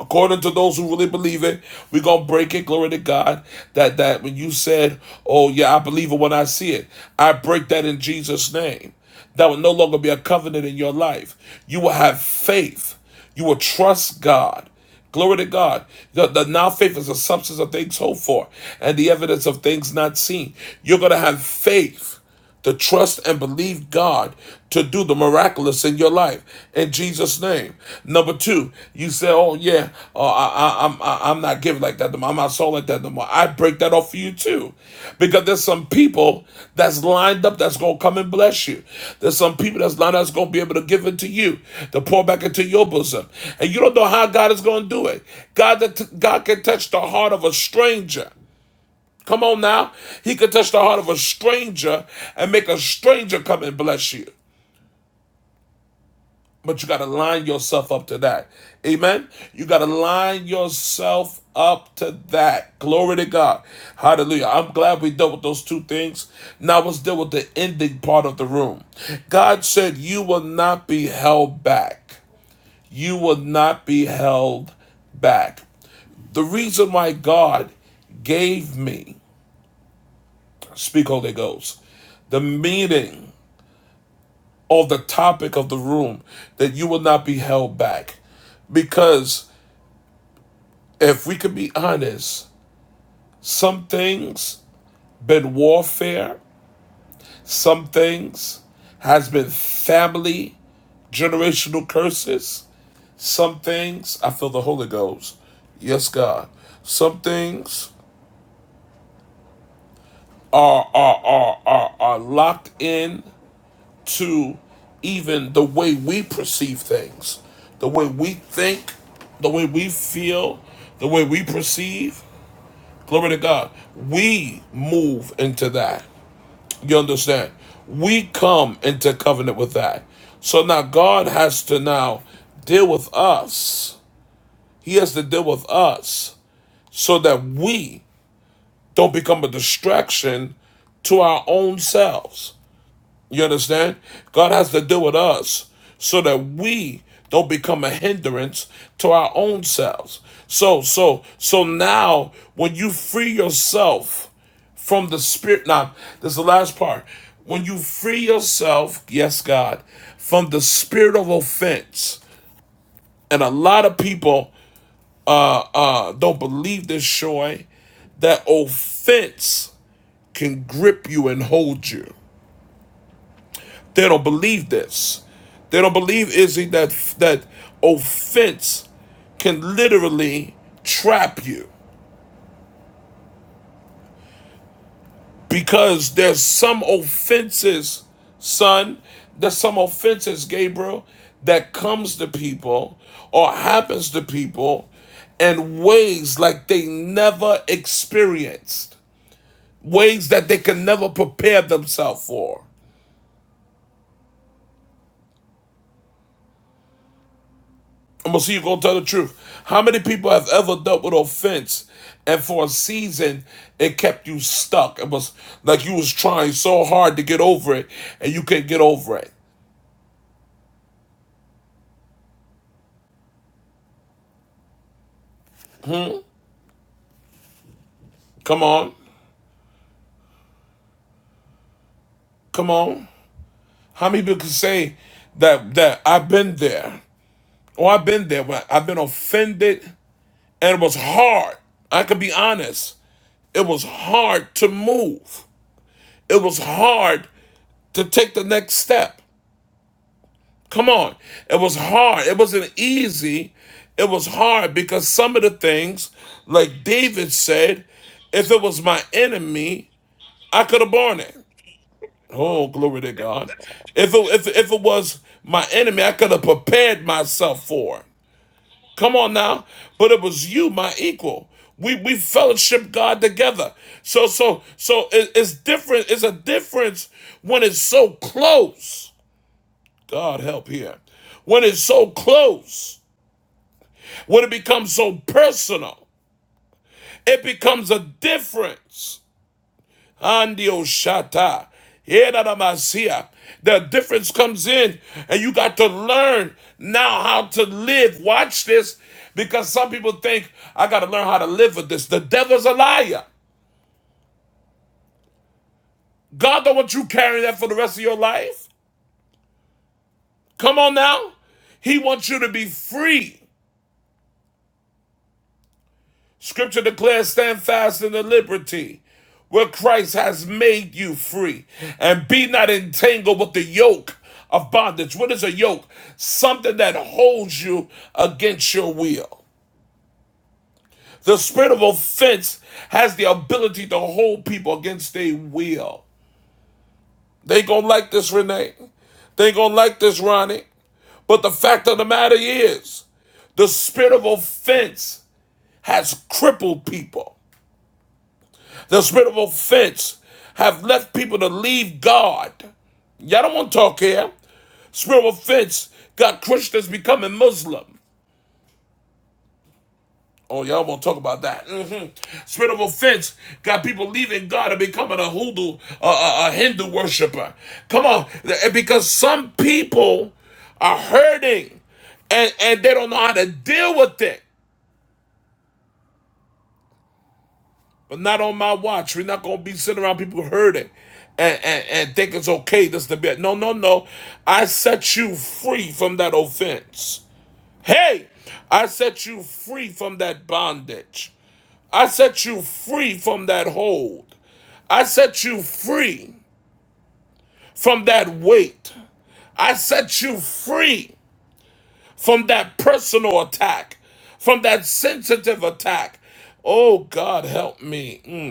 According to those who really believe it, we're gonna break it. Glory to God. That that when you said, Oh yeah, I believe it when I see it, I break that in Jesus' name. That will no longer be a covenant in your life. You will have faith. You will trust God. Glory to God. The, the now faith is the substance of things hoped for and the evidence of things not seen. You're gonna have faith to trust and believe God to do the miraculous in your life in Jesus' name. Number two, you say, "Oh yeah, uh, I, I, I'm I, I'm not giving like that no more. I'm not sold like that no more." I break that off for you too, because there's some people that's lined up that's gonna come and bless you. There's some people that's lined up that's gonna be able to give it to you, to pour back into your bosom, and you don't know how God is gonna do it. God, that God can touch the heart of a stranger. Come on now. He could touch the heart of a stranger and make a stranger come and bless you. But you got to line yourself up to that. Amen. You got to line yourself up to that. Glory to God. Hallelujah. I'm glad we dealt with those two things. Now let's deal with the ending part of the room. God said, You will not be held back. You will not be held back. The reason why God gave me, speak Holy Ghost, the meaning on the topic of the room that you will not be held back. Because if we can be honest, some things been warfare, some things has been family, generational curses, some things I feel the Holy Ghost. Yes, God. Some things are are are are, are locked in to even the way we perceive things, the way we think, the way we feel, the way we perceive. Glory to God. We move into that. You understand? We come into covenant with that. So now God has to now deal with us. He has to deal with us so that we don't become a distraction to our own selves. You understand? God has to deal with us so that we don't become a hindrance to our own selves. So, so, so now when you free yourself from the spirit, now this is the last part. When you free yourself, yes, God, from the spirit of offense, and a lot of people uh uh don't believe this, Shoy, that offense can grip you and hold you. They don't believe this. They don't believe Izzy that that offense can literally trap you because there's some offenses, son. There's some offenses, Gabriel, that comes to people or happens to people in ways like they never experienced, ways that they can never prepare themselves for. I'm gonna see you gonna tell the truth. How many people have ever dealt with offense and for a season it kept you stuck? It was like you was trying so hard to get over it and you can not get over it. Come on. Come on. How many people can say that that I've been there? Or I've been there, but I've been offended and it was hard. I could be honest. It was hard to move. It was hard to take the next step. Come on. It was hard. It wasn't easy. It was hard because some of the things, like David said, if it was my enemy, I could have borne it. Oh, glory to God. If it, if, if it was my enemy, I could have prepared myself for it. Come on now. But it was you, my equal. We we fellowship God together. So so so it- it's different. It's a difference when it's so close. God help here. When it's so close, when it becomes so personal, it becomes a difference. Andio shata. Edadamasia. The difference comes in, and you got to learn now how to live. Watch this, because some people think I got to learn how to live with this. The devil's a liar. God don't want you carrying that for the rest of your life. Come on now. He wants you to be free. Scripture declares, stand fast in the liberty where Christ has made you free, and be not entangled with the yoke of bondage. What is a yoke? Something that holds you against your will. The spirit of offense has the ability to hold people against their will. They ain't gonna like this, Renee. They ain't gonna like this, Ronnie. But the fact of the matter is, the spirit of offense has crippled people. The spirit of offense have left people to leave God. Y'all don't want to talk here. Spirit of offense got Christians becoming Muslim. Oh, y'all won't talk about that. Mhm. Spirit of offense got people leaving God and becoming a Hindu, a, a, a Hindu worshiper. Come on, because some people are hurting, and and they don't know how to deal with it. But not on my watch. We're not gonna be sitting around people hurting and, and, and think it's okay this to be no no no. I set you free from that offense. Hey, I set you free from that bondage. I set you free from that hold. I set you free from that weight. I set you free from that personal attack, from that sensitive attack. Oh God help me. Mm.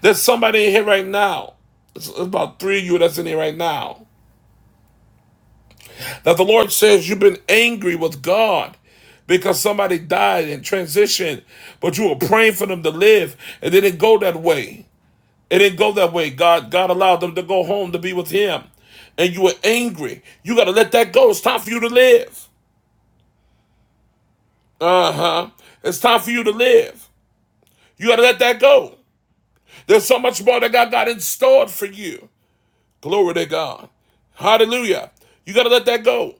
There's somebody in here right now. It's about three of you that's in here right now. That the Lord says you've been angry with God because somebody died and transitioned, but you were praying for them to live. It didn't go that way. It didn't go that way. God, God allowed them to go home to be with Him. And you were angry. You gotta let that go. It's time for you to live. Uh-huh. It's time for you to live. You gotta let that go. There's so much more that God got in store for you. Glory to God. Hallelujah. You got to let that go.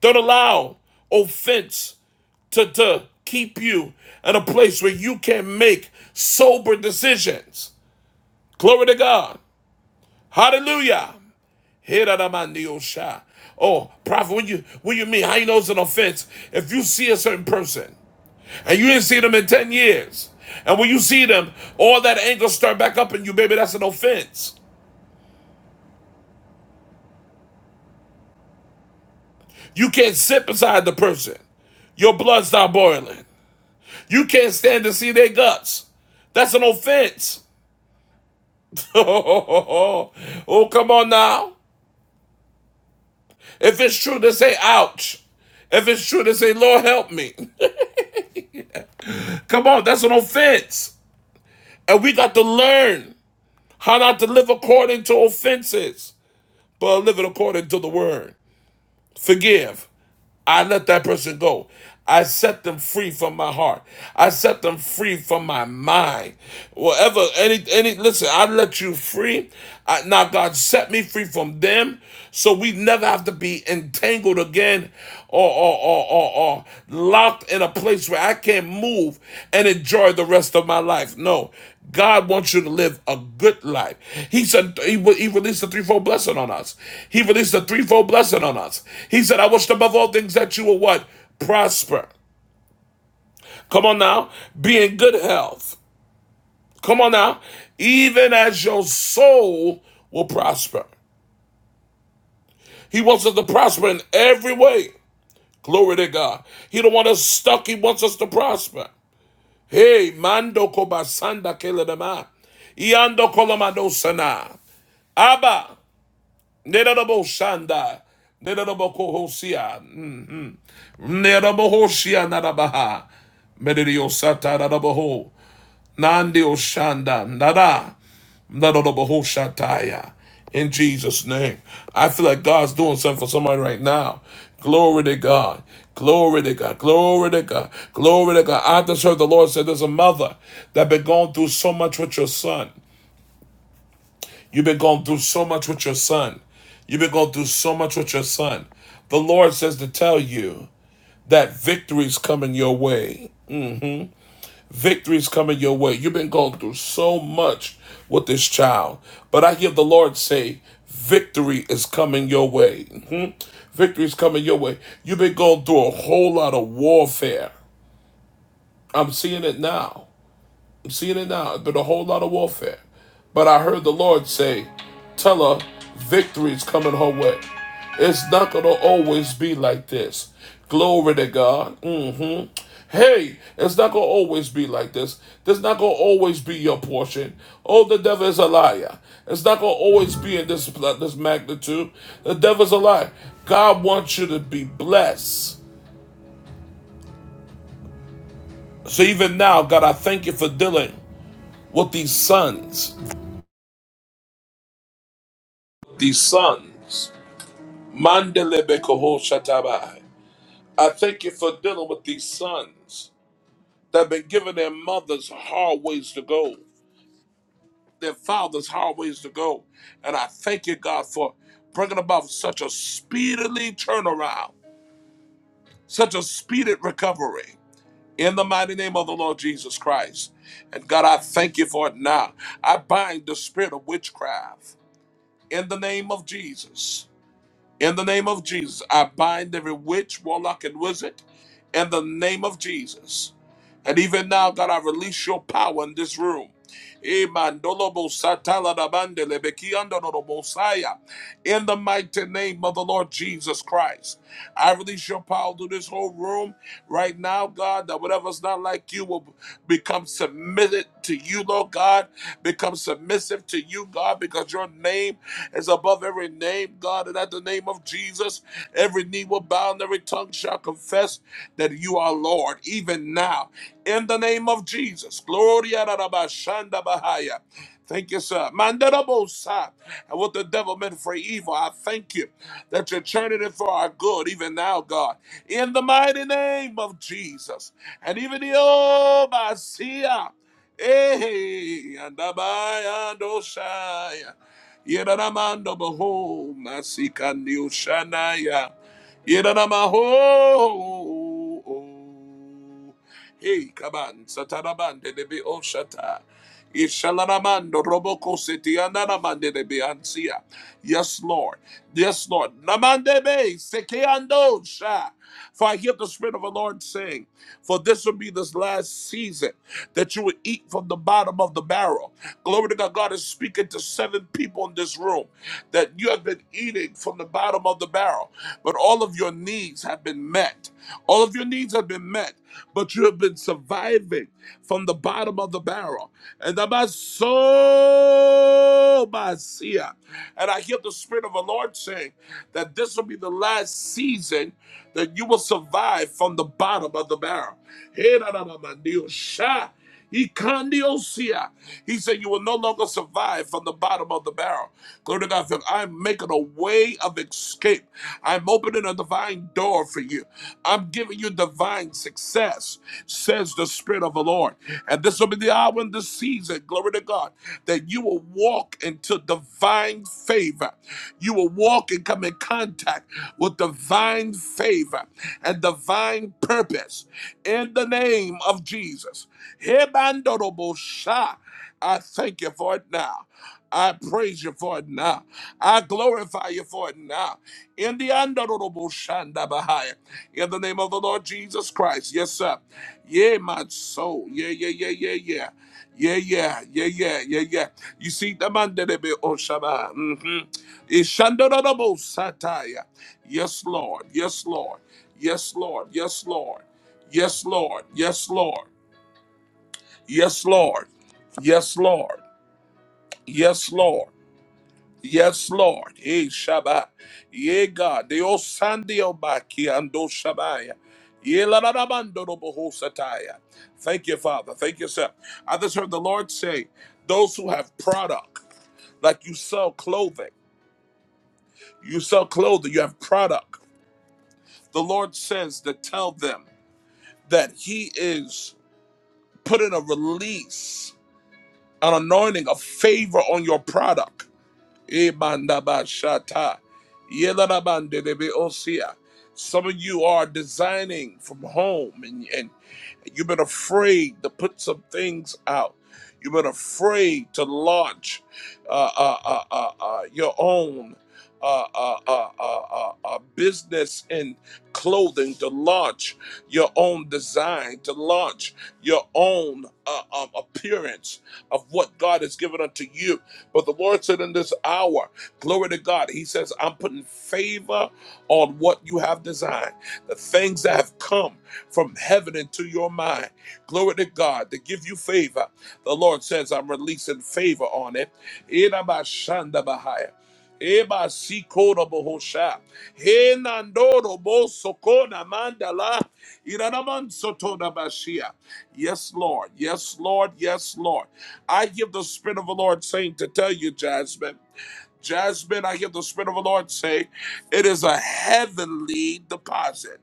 Don't allow offense to, to keep you in a place where you can make sober decisions. Glory to God. Hallelujah. Hiradamandiosha. Oh, prophet, when you when you mean how you know it's an offense? If you see a certain person and you didn't see them in 10 years, and when you see them, all that anger start back up in you, baby, that's an offense. You can't sit beside the person your blood stop boiling. You can't stand to see their guts. That's an offense. oh, come on now. If it's true, to say, ouch. If it's true, to say, Lord, help me. come on, that's an offense. And we got to learn how not to live according to offenses, but live it according to the word. Forgive. I let that person go. I set them free from my heart. I set them free from my mind. Whatever, any, any, listen, I let you free. I, now, God set me free from them so we never have to be entangled again or, or, or, or, or locked in a place where I can't move and enjoy the rest of my life. No, God wants you to live a good life. He said he, he released a threefold blessing on us. He released a threefold blessing on us. He said, "I wish above all things that you will what prosper." Come on now, be in good health. Come on now, even as your soul will prosper. He wants us to prosper in every way. Glory to God. He don't want us stuck. He wants us to prosper. Hey, mando kobasanda keledama. Iando kolamadosana. Abba. Nerabo Shanda, nerabo shanda, Nedaboshanda. Nedabokohosia. Nedabohosia nadabaha. Medidiosata nadaboho. Nandi oshanda. Nada. Nadadabahoshataya. In Jesus' name. I feel like God's doing something for somebody right now. Glory to God. Glory to God. Glory to God. Glory to God. I just heard the Lord said there's a mother that been going through so much with your son. You've been going through so much with your son. You've been going through so much with your son. The Lord says to tell you that victory's coming your way. Victory's coming your way. You've been going through so much with this child. But I hear the Lord say, victory is coming your way. Mhm. is coming your way. You've been going through a whole lot of warfare. I'm seeing it now. I'm seeing it now. It's been a whole lot of warfare. But I heard the Lord say, Tell her victory is coming her way. It's not going to always be like this. Glory to God. hmm Hey, it's not going to always be like this. This is not going to always be your portion. Oh, the devil is a liar. It's not going to always be in this, this magnitude. The devil is a liar. God wants you to be blessed. So even now, God, I thank you for dealing with these sons these sons. Mandelebe Koho Shatabai, I thank you for dealing with these sons that have been given their mothers hard ways to go, their fathers hard ways to go. And I thank you, God, for bringing about such a speedily turnaround, such a speeded recovery. In the mighty name of the Lord Jesus Christ. And God, I thank you for it now. I bind the spirit of witchcraft in the name of Jesus. In the name of Jesus, I bind every witch, warlock, and wizard. In the name of Jesus. And even now, God, I release your power in this room. Amen. Dolobo satala da bande lebe kiando bosaya in the mighty name of the Lord Jesus Christ. I release your power to this whole room right now, God, that whatever's not like you will become submitted to you, Lord God, become submissive to you, God, because your name is above every name, God, and at the name of Jesus, every knee will bow and every tongue shall confess that you are Lord, even now. In the name of Jesus, Gloria Rabashanda Bahaya. Thank you, sir. Mandarabosa. And what the devil meant for evil, I thank you that you're turning it for our good, even now, God. In the mighty name of Jesus. And even the old Basia. Hey, and Abaya Doshaya. Yeranamando Baho, Masikandio Shanaya. Yeranamaho. Hey, Kaban, Sataraban, Debi Oshata. Ishalaramando roboko setiandaramande de beansia. Yes, Lord. Yes, Lord. Namande be sekeando sha. For I hear the Spirit of the Lord saying, For this will be this last season that you will eat from the bottom of the barrel. Glory to God. God is speaking to seven people in this room that you have been eating from the bottom of the barrel, but all of your needs have been met. All of your needs have been met, but you have been surviving from the bottom bottom of the barrel. And the bas- so basia. And I hear the Spirit of the Lord saying that this will be the last season that you will survive from the bottom of the barrel. Hey, da, da, da, ma, neo, sha. Ikandiosia. He said, You will no longer survive from the bottom of the barrel. Glory to God. for I'm making a way of escape. I'm opening a divine door for you. I'm giving you divine success, says the Spirit. Spirit of the Lord. And this will be the hour and the season, glory to God, that you will walk into divine favor. You will walk and come in contact with divine favor and divine purpose in the name of Jesus. Hebandorobosha. I thank you for it now. I praise you for it now. I glorify you for it now. In the andoroboshandabahaya. in the name of the Lord Jesus Christ. Yes, sir. Yeah, my soul. Yeah, yeah, yeah, yeah, yeah. Yeah, yeah, yeah, yeah, yeah, yeah. You see, the man that be Oshaba. Mm-hmm. Ishandorobo Sataya. Yes, Lord. Yes, Lord. Yes, Lord. Yes, Lord. Yes, Lord. Yes, Lord. Yes, Lord. Yes, Lord. Yes, Lord. Yes, Lord. Hey, Shabbat. Ye God. The old Sandio Baki and O Shabaya. Ye la la la mando no boho sataya. Thank you, Father. Thank you, sir. I just heard the Lord say, those who have product, like you sell clothing, you sell clothing, you have product. The Lord says to tell them that He is putting a release, an anointing, a favor on your product. Ebandabashata. Yelarabandelebe-osia. Some of you are designing from home and, and you've been afraid to put some things out. You've been afraid to launch uh, uh, uh, uh, uh, your own uh, uh, uh, uh, uh, uh, business in clothing, to launch your own design, to launch your own uh, um, appearance of what God has given unto you. But the Lord said in this hour, glory to God, He says, I'm putting favor on what you have designed, the things that have come from heaven into your mind. Glory to God to give you favor. The Lord says, I'm releasing favor on it. Eba sikora bohosha. He nandoro bo mandala. Iranaman sotona bashia. Yes, Lord. Yes, Lord. Yes, Lord. I give the Spirit of the Lord saying to tell you, Jasmine. Jasmine, I hear the Spirit of the Lord say, it is a heavenly deposit.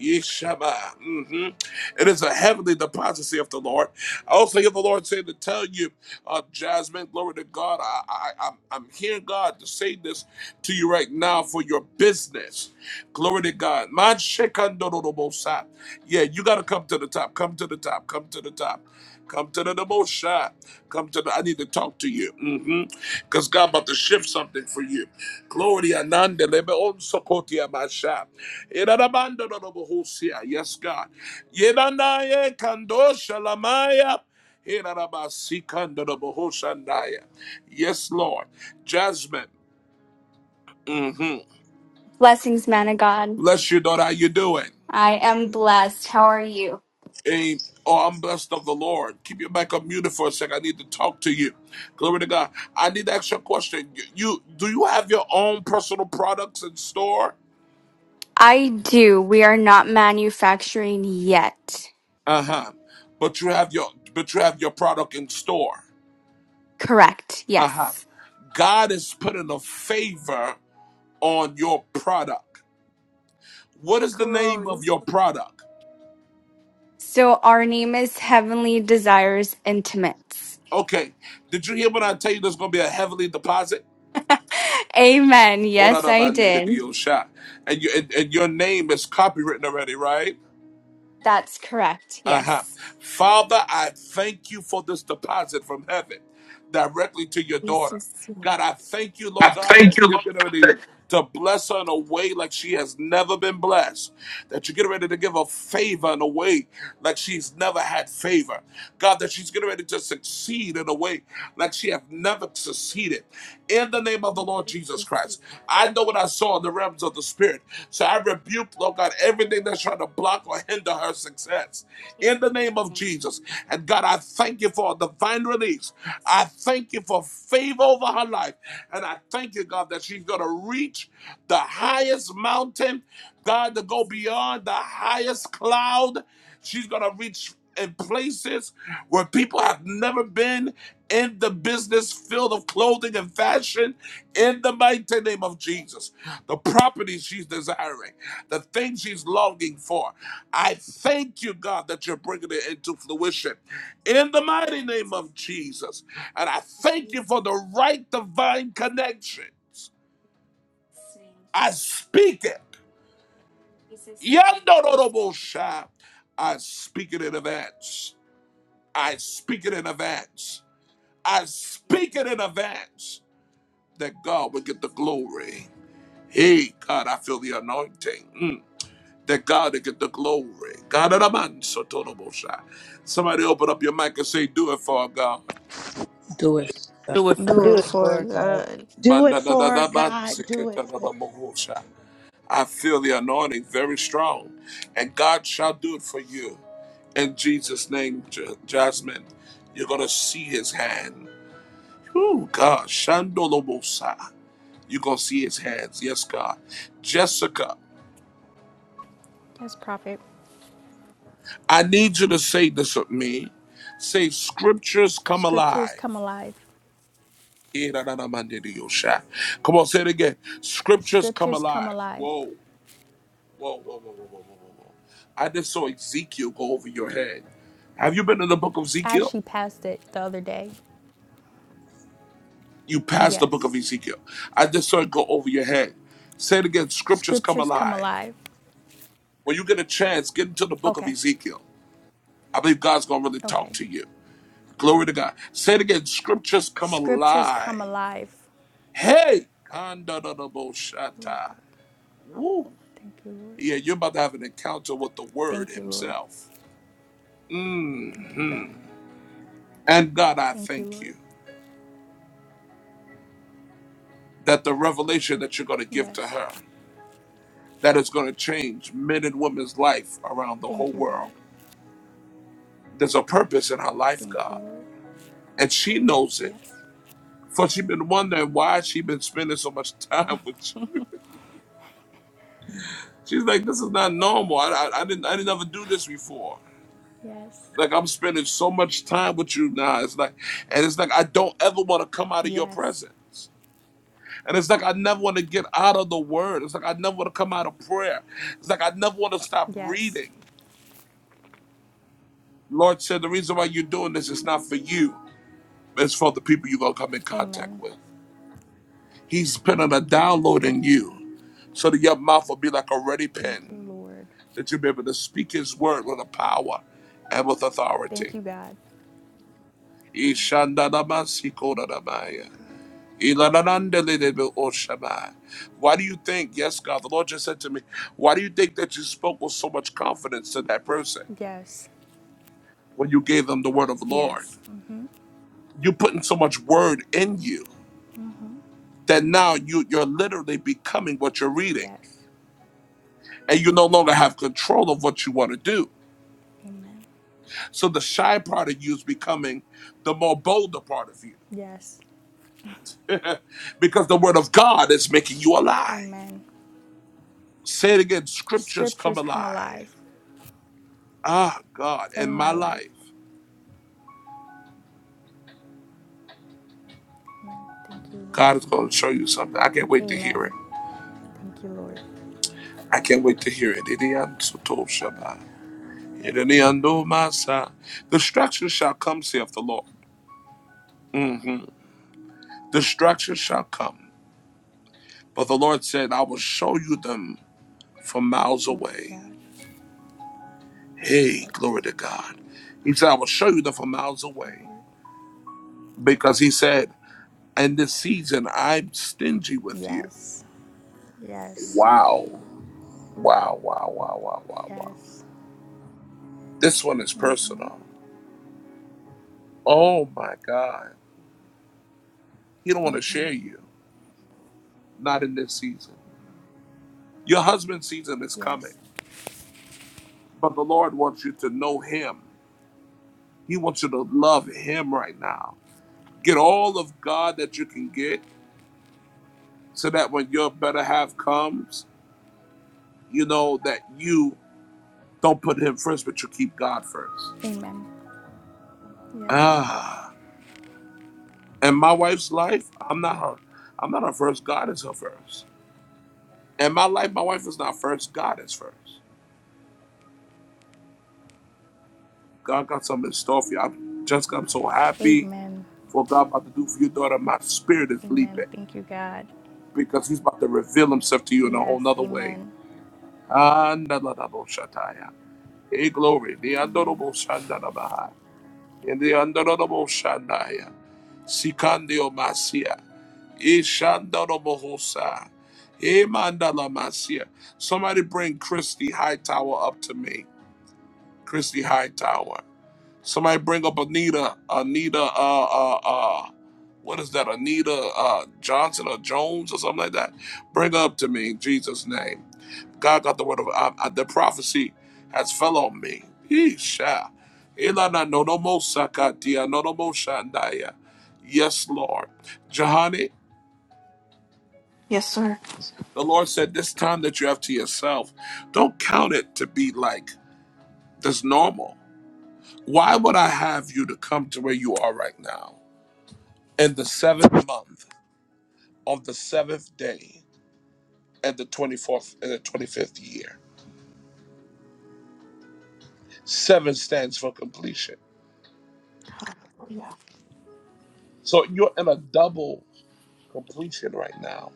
Yeshua. Mhm. It is a heavenly deposit of the Lord. I also hear the Lord saying to tell you, uh, Jasmine, glory to God. I, I, I'm, I'm hearing God to say this to you right now for your business. Glory to God. Man, shekandorobosha. Yeah, you gotta come to the top. Come to the top. Come to the top. Come to the Demosha. Come to the. I need to talk to you. Mm hmm Because God about to shift something for you. Glory Ananda Lebe on Sokotia Masha. Irarabandorobosha. Yes, God. Yenanaye Kandosha Lamaya. Irarabasikandoroboshandaya. Yes, Lord. Jasmine. Mm hmm
Blessings, man of God.
Bless you, daughter. How you doing?
I am blessed. How are you?
A, oh, I'm blessed of the Lord. Keep your back up muted for a second. I need to talk to you. Glory to God. I need to ask you a question. You, you do you have your own personal products in store?
I do. We are not manufacturing yet.
Uh huh. But you have your but you have your product in store.
Correct.
Uh huh.
Yes.
God is putting a favor on your product. What is the name
Glory.
of your product?
So our name is Heavenly Desires Intimates.
Okay. Did you hear when I tell you there's going to be a heavenly deposit?
Amen.
Ora
Yes, I
raba nere
did.
dio sha. And, you, and, and your name is copywritten already, right?
That's correct.
Uh-huh.
Yes.
Father, I thank you for this deposit from heaven directly to your daughter.
Jesus. name.
God, I thank you,
I
Lord God,
thank
that
you,
you're
Lord.
getting ready to bless her in a way like she has never been blessed. That you're getting ready to give her favor in a way like she's never had favor. God, that she's getting ready to succeed in a way like she have never succeeded. In the name of the
In
Lord Jesus
Jesus' name.
Christ. I know what I saw soar in the realms of the spirit. So I rebuke, Lord God, everything that's trying to block or hinder her success
Jesus'
in the name of
name.
Jesus. And God, I thank you for a divine release. I thank you for favor over her life. And I thank you, God, that she's going to reach the highest mountain, God, to go
Jesus' name.
beyond the highest cloud. She's going to reach in places where people have never been in the business field of clothing and fashion in the mighty name of Jesus. The properties she's desiring, the things she's longing for. I thank you, God, that you're bringing it into fruition in the
God, for
mighty name
it.
of Jesus. And I
In
thank you
Jesus'
for the right divine connections.
name.
I speak it.
Jesus' name we
Yandorobosha. I speak it in advance. I speak it in advance. I speak
you.
it in advance that God will get the
Jesus.
glory. Hey, God, I feel the anointing. Mm. That God will get the glory. God, and a man, so total bullshit. somebody open up your mic and say, Do it for God.
Do it.
do it for her
Do
Do
it
it
God.
for
for
her, God.
God.
Do
Man,
it
da, da, da,
for her,
da, man,
God.
so get
Do it
to the
for
number one shot. I feel the anointing very strong, and God shall do it for you. In Jesus' name, Ja- Jasmine, you're going to see his hand. Oh, God. Shandolobosa. You're going to see his hands. Yes, God. Jessica,
Yes, Prophet.
I need you to say this with me. Say, Scriptures come
Scriptures
alive.
come alive.
Here, man, Hiranamandiriyosha. Come on, say it again. Scriptures come
Scriptures come
alive.
alive.
Whoa, whoa, whoa, whoa, whoa, whoa, whoa, whoa. whoa. I just saw Ezekiel go over your head. Have you been in the book of
I
Ezekiel?
actually passed it the other day.
You passed the book
Yes.
of Ezekiel. I just saw it go over your head. Say it again. Scriptures come
Scriptures come
alive.
alive.
When you get a chance, get into the book of
Okay.
Ezekiel. I believe God's going to really talk
Okay.
to you. Glory to God. Say it again. Scriptures come
Scriptures come
alive.
alive.
Hey,
Lord
Kandadadaboshata.
God.
Woo.
Thank you, Lord.
Yeah, you're about to have an encounter with the Word
Thank you, Lord.
Himself. Mm.
Thank you, God.
And God, I
Thank you,
thank
Lord.
you that the revelation that you're going to give to
Yes.
her that is going to change men and women's life around the whole
Thank you,
world.
God.
There's a purpose in her life,
Thank you,
God,
Lord.
and she knows it.
Yes.
For she's been wondering why she been spending so much time with you. She's like, this is not normal. I, I, I didn't I didn't ever do this before.
Yes.
Like I'm spending so much time with you now. It's like, and it's like I don't ever want to come out of your
Yes.
presence. And it's like I never want to get out of the word. It's like I never want to come out of prayer. It's like I never want to stop
Yes.
reading. Lord said the reason why you're doing this is not for you. It's for the people you're gonna come in contact
Amen.
with. He's putting a download
Thank
in
you, God.
you so that your mouth will be like a ready
Thank you,
pen,
Lord.
that you'll be able to speak his word with a power and with
Thank
authority.
you, God. Thank you, Lord
Ishandadamasikoradamaya.
God.
Why do you think, yes, God, the Lord just said to me, why do you think that you spoke with so much confidence to that person
Yes.
when you gave them the word of the Lord?
Yes. Mm-hmm.
You're putting so much word in you
Mm-hmm.
that now you, you're literally becoming what you're reading
Yes.
and you no longer have control of what you want to do.
Amen.
So the shy part of you is becoming the more bolder part of you
Yes.
because the word of God is making you alive.
Amen.
Say it again scriptures come
Scriptures come
alive.
alive
Ah, God, in
in
my
my life.
life.
Amen. Thank you, Lord.
God is going to show you something. I can't wait to hear it.
Amen. Thank you, Lord.
I can't wait to hear it. Idiom soto shabbat. Idiom do masa. Destruction shall come, saith the Lord. hmm Destruction shall come. But the Lord said, I will show you them from miles
Thank you,
away.
God.
Hey, glory
Yes.
to God. He said, I will show you them from miles
Thank you,
away.
Lord.
Because he said, in this season, I'm stingy with you.
Yes. Yes.
Wow. Wow, wow, wow, wow, wow, wow.
Yes.
This one is personal. Oh my God. He don't want to share you. Not in this season. Your husband's season is coming,
Yes.
but the Lord wants you to know Him. He wants you to love Him right now. Get all of God that you can get, so that when your better half comes, you know that you don't put Him first, but you keep God first.
Amen. Yes.
Ah, and my wife's life, I'm not her. I'm not her first. God is her first. And my life, my wife is not first. God is first. God got something in store for you. I'm, Jessica, I'm so happy
Amen.
For what God about to do for your daughter, my spirit is
Amen.
leaping
Thank you, God.
because He's about to reveal Himself to you in a whole
Yes.
nother way.
Amen.
Andalaboshataya. Hey, glory. The
Amen.
Andorobo Shandanabaha. In the Andorobo Shandaya. Sikandio Masia. Ishandorobohosa. Emandala Masia. Somebody bring Christy Hightower up to me. Christy Hightower. Somebody bring up Anita, Anita, uh, uh, uh, what is that? Anita uh, Johnson or Jones or something like that. Bring up to me in Jesus' name. God got the word of I, I, the prophecy has fell on me. Yeesh. Elana no no mo sakatia no no mo shandaya. Yes, Lord. Jahani,
yes sir
the Lord said, this time that you have to yourself, don't count it to be like this normal. Why would I have you to come to where you are right now? in the seventh month on the seventh day and the 24th and the 25th year. Seven stands for completion.
hallelujah
So you're in a double completion right now.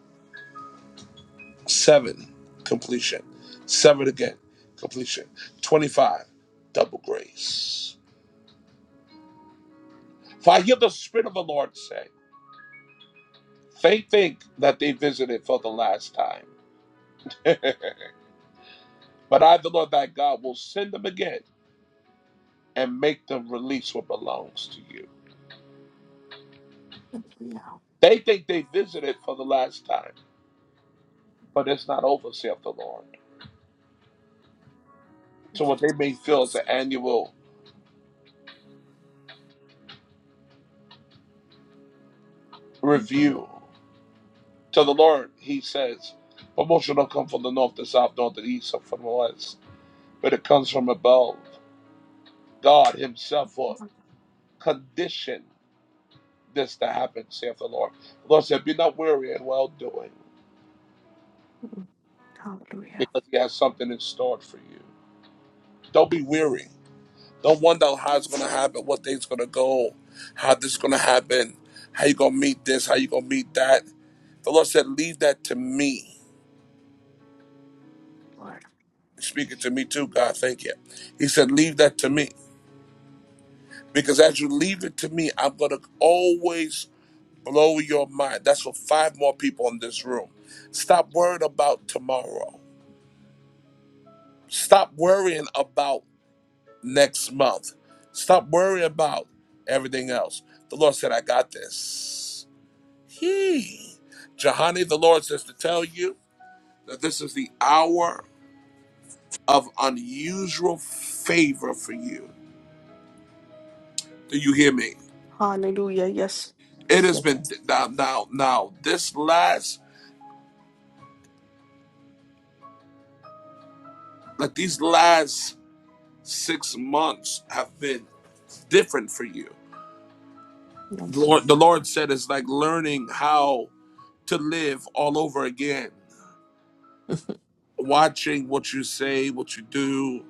Seven, completion. Seven again, completion. 25, double grace. For I hear the Spirit of the Lord say, they think that they visited for the last time. but I, the Lord thy God, will send them again and make them release what belongs to you. They think they visited for the last time, but it's not over, saith the Lord. So what they may feel is an annual review. To the Lord, he says, promotion don't come from the north, the south, north, and east, or from the west, but it comes from above. God himself will condition this to happen, saith the Lord. The Lord said, be not weary in well-doing,
hallelujah
because he has something in store for you. Don't be weary. Don't wonder how it's gonna happen, what things gonna go, how this gonna happen, how you gonna meet this, how you gonna meet that. The Lord said, Leave that to me. Speaking to me too, God, thank you. He said, Leave that to me. Because as you leave it to me, I'm gonna always blow your mind. That's for five more people in this room. Stop worrying about tomorrow. Stop worrying about next month. Stop worrying about everything else. The Lord said, I got this. He, Jahani, the Lord says to tell you that this is the hour of unusual favor for you. Do you hear me?
Hallelujah. Yes.
It has
Yes.
been now, now, now. This last, like these last six months have been different for you.
Yes.
Lord, the Lord said it's like learning how to live all over again, watching what you say, what you do,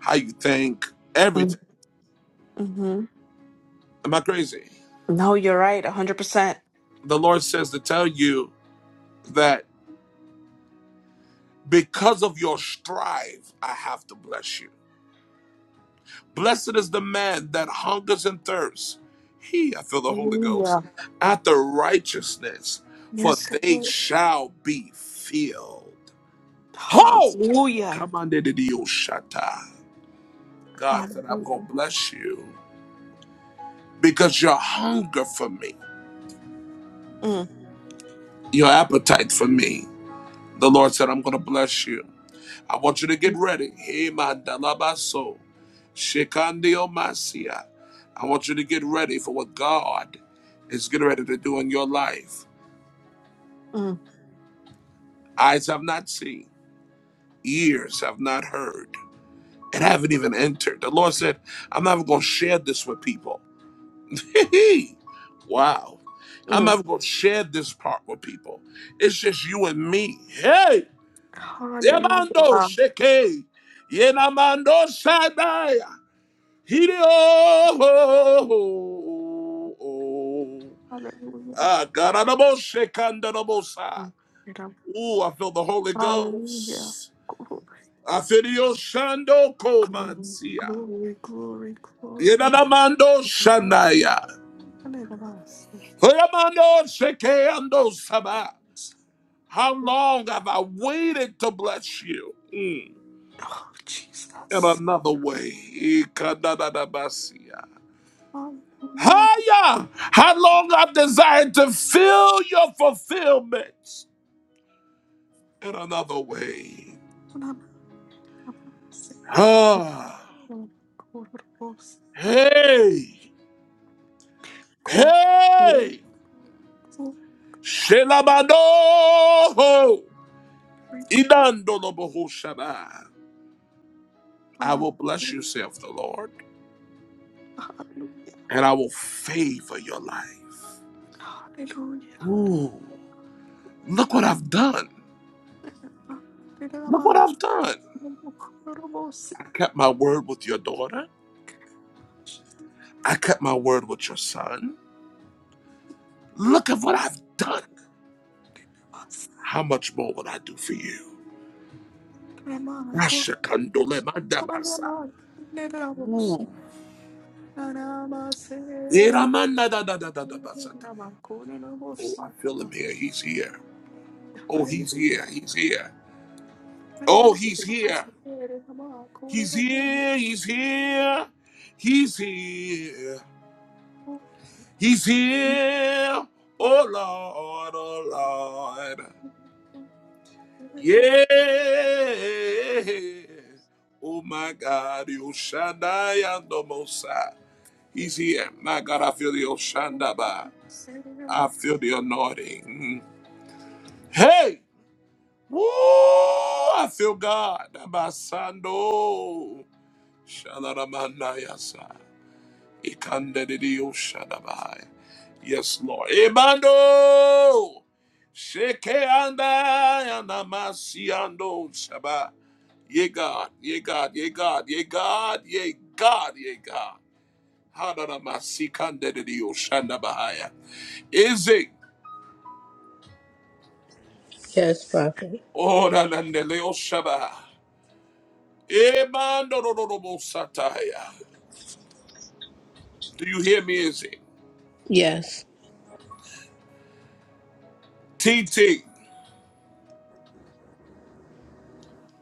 how you think, everything.
Mm-hmm.
Am I crazy?
No, you're right. 100%.
The Lord says to tell you that Because of your strive, I have to bless you. Blessed is the man that hungers and thirsts. He, I feel the Holy Ghost,
Hallelujah.
after righteousness, for
Yes.
they
Lord.
shall be filled. Ho!
Hallelujah.
Come on, Dede Dio God said, I'm going
Hallelujah.
to bless you because your hunger for me,
Mm,
your appetite for me. The Lord said, I'm going to bless you. I want you to get ready. Hey, man, dalabaso. Shekandio Masia. I want you to get ready for what God is getting ready to do in your life.
mm,
Eyes have not seen, ears have not heard, and haven't even entered. The Lord said, I'm not going to share this with people. wow. I'm
mm.
never going to share this part with people. It's just you and me. Hey, Yamando
Hallelujah.
Sheke, Yenamando Sadaya, Hideo.
Hallelujah.
Ah, Garanaboshekandarabosa. Ooh, I feel the Holy
Hallelujah.
Ghost.
Glory,
I feel your shando komansia.
glory, glory, glory.
Yenanamando shanaya. Hoyamando shekeando saba. How long have I waited to bless you? Mm.
Oh,
In
Jesus.
another way. Ikadadadabasia.
Hallelujah.
Haya! How long I've desired to feel your fulfillment in another way. Ah.
Glory, glory,
Hey,
glory,
hey, Shelabado, Idandolobohu Shaba. I
ah,
will bless you, saith the Lord,
hallelujah,
and I will favor your life.
hallelujah,
Ooh, look what I've done.
ah,
Look what
Rabbanj,
I've done.
Korobos,
I kept my word with your daughter. I kept my word with your son. Look at what I've done. How much more will I do for you?
Astrama,
Rashakandolemandabasa.
Sananok, Nerabos,
Ooh.
Naramase,
Iramanda da da da da da basata. Oh,
Namakorobos,
I feel him here. He's here. Oh, he's
hallelujah,
here. He's here. Oh,
hallelujah,
he's here. He's
Namakorobos,
here. He's here. He's here. He's here. Oh, Lord. Oh, Lord. Yeah. Oh, my God. Yoshanda Yandomosa. He's here. My God, I feel the Oshandaba. I feel the anointing. Hey! Woo! I feel God. Abasando. Shalaramanayasa. Ikandedio shadabai. Yes, Lord. Ebando. Sheke anda namasiando shaba. Ye God, ye God, ye God, ye God, ye God, ye God. Hadaramasikandedidio shandabahaya. Is it?
Yes, Prophet.
Oh, nanandeleo shaba. Ebando rorobosataya. Do you hear me, Izzy?
Yes.
T. T,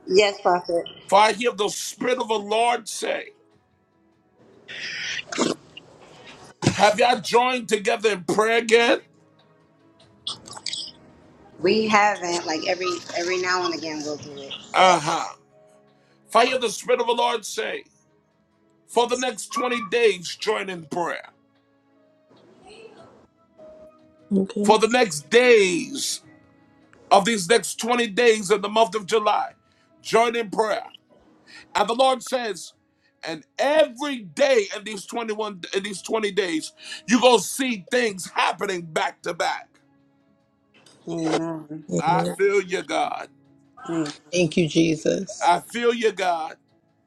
Yes, Prophet.
for I hear the Spirit of the Lord say, Have y'all joined together in prayer again?
We haven't. Like every every now and again, we'll do it.
Uh
Yes.
huh. For I hear the Spirit of the Lord say, For the next 20 days, join in prayer.
Okay.
For the next days of these next 20 days of the month of July, join in prayer. And the Lord says, and every day in these 21 in these 20 days, you're gonna see things happening back to back.
Amen.
I
Amen.
feel you, God.
Amen.
Thank you, Jesus.
I feel you, God.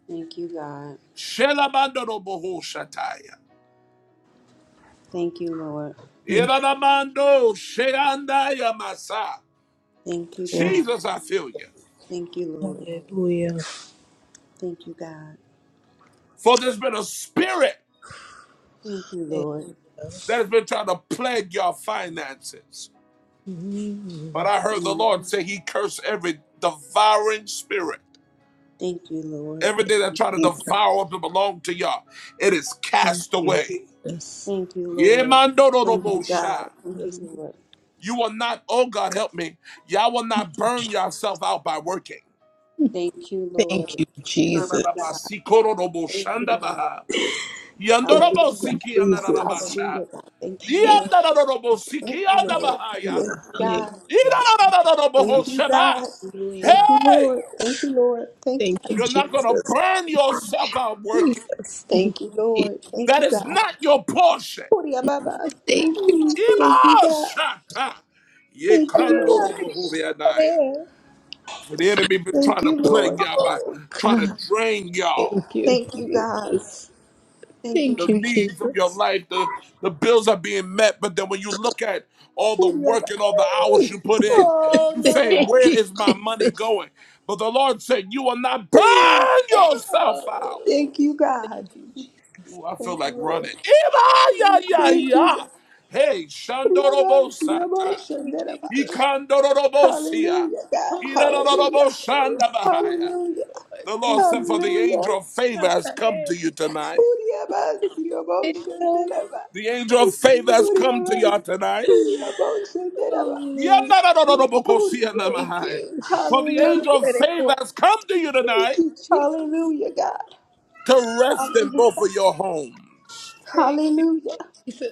Thank you, God.
Shelamando no boho shataya.
Thank you, Lord.
Thank
Iranamando sheandaya masa.
Thank you,
you.
God.
Jesus, I feel you.
Thank you, Lord.
Hallelujah.
Thank you, God.
For there's been a spirit
Thank you,
Thank
Lord.
you.
that has been trying to plague your finances. But
Mm.
I heard the Lord say he cursed every devouring spirit.
Thank you, Lord.
Everything that tried to devour what belong to y'all, it is
Jesus. Thank
cast
you,
away.
Jesus.
Thank you, Lord.
Yemando no no
Thank
bo
you, God. Thank you,
Yes.
Lord.
You will not, oh God, help me. Y'all will not burn yourself out by working.
Thank you, Lord.
Thank you,
Thank
Jesus.
you, God. Thank you, Lord.
Thank you,
Hallelujah.
Jesus.
Hallelujah, God. Thank you,
Thank
Lord. Thank you, Lord.
you.
Thank you, God.
Hallelujah.
Thank you, God. Thank
Hallelujah.
you,
Hey,
Lord. Thank you, Lord. Thank you,
Thank you,
God.
you're not gonna
Jesus.
burn yourself out working.
Jesus. Thank
Thank you,
you.
Lord. Thank
That
you,
is
God.
not your portion.
Hurry Baba.
Thank you,
Mm,
Jesus.
Thank you, God. Thank you, Lord.
For the enemy been
Thank
trying to
you,
plague
Lord.
y'all by
Oh,
trying to
God.
drain y'all.
Thank you.
Thank you, God. Thank you,
Thank
the
you,
God.
needs of your
Jesus.
life, the, the bills are being met. But then when you look at all the
Hurry
work
Baba.
and all the hours you put in,
Oh,
you
hurry
say,
Baba.
Thank
Where
you,
is my money
Jesus.
going? But the Lord said, You will not burn yourself out.
Oh,
Thank you, God.
thank you, Jesus.
Ooh, I feel
Thank you,
like running.
Lord.
Eba, ya, ya,
Thank you,
ya.
God.
Hey,
Hurry Baba. Hurry up, Baba.
Shandorobosata.
Shandar, Baba.
Ikandorobosia.
Hallelujah, God.
Oh,
Hallelujah.
Idaroboshandabahaya.
Hallelujah.
The Lord
thank
said,
you,
For the
Hallelujah.
angel of favor
God.
has come to you tonight.
Hurry Baba. Hurry up, Baba.
Thank
Shandar,
you,
Baba.
The
Jesus.
angel of
Thank
favor has come to you
Hallelujah.
tonight.
you. Oh, thank
Yandarararobokosianamahai.
you.
For the
Hallelujah,
angel of favor has come to you
Thank
tonight
you, Jesus.
God.
to rest in both
Hallelujah.
of your homes.
Thank you,
Hallelujah.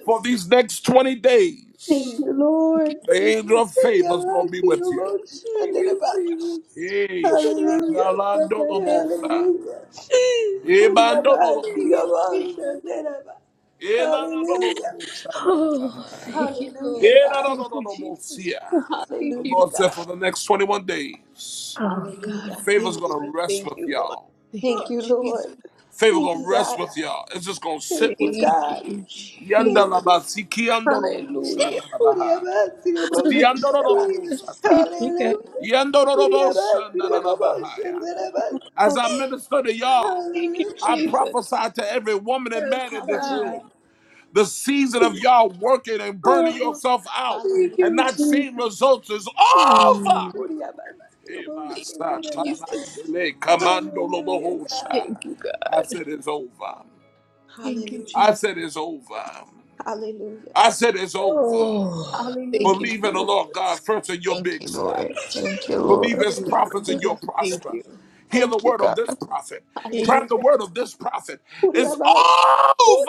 For these next 20
Thank
days,
Mm,
you, Lord.
Thank
the
you,
angel of
Jesus.
favor is going to be with you.
Hallelujah.
Thank you, Jesus.
Hallelujah.
Eh,
Thank you,
shandaladolobosa.
Hallelujah.
Jesus.
Hallelujah, God.
Thank you,
Ebandololobosata.
Jesus. Oh,
Elanadololoboshandarabahai.
thank you, Lord. Thank you, Jesus.
Elanadololobosia.
Thank
The
you.
Hallelujah,
Lord said
God.
for the next 21 days,
Oh, God,
Hallelujah.
I thank
favor's going
you. I
to rest
thank
with
you, Lord.
y'all.
Thank
Thank you,
you,
Lord.
Jesus.
Favor
Thank
gonna
you,
rest
God.
with y'all. It's just gonna
Thank
sit
Thank
you,
with y'all.
God.
you,
Yanda
Thank you,
laba
Jesus.
siki yando
Hallelujah.
Hallelujah. Hallelujah. Hallelujah.
Hallelujah.
Hallelujah.
Thank
sata.
you, God.
Yando robo As I minister to y'all,
Thank you,
I
Jesus.
prophesy to every woman and man
Yes,
in this
God.
room. The season of y'all working and burning
Oh,
yourself out
thank
and
you,
not
Jesus.
seeing results is over.
Mm.
Hey, my
Jesus.
Mandele, Commando Lobo
Hallelujah, God.
Hosha.
Thank you, God.
I said it's over.
Thank
Hallelujah. Hallelujah. Hallelujah.
you,
I
Jesus.
said it's over.
Hallelujah.
I said it's over.
Oh, thank you,
Believe in the
Jesus.
Lord God first and you'll be
Thank you, Lord.
established.
Thank you,
Believe
Lord.
his
Oh,
prophets and you'll
Hallelujah.
Thank
prosper.
you.
Hear the
Thank you,
word of
God.
this prophet.
Thank
Grab
you,
the
Hallelujah.
word of this prophet. It's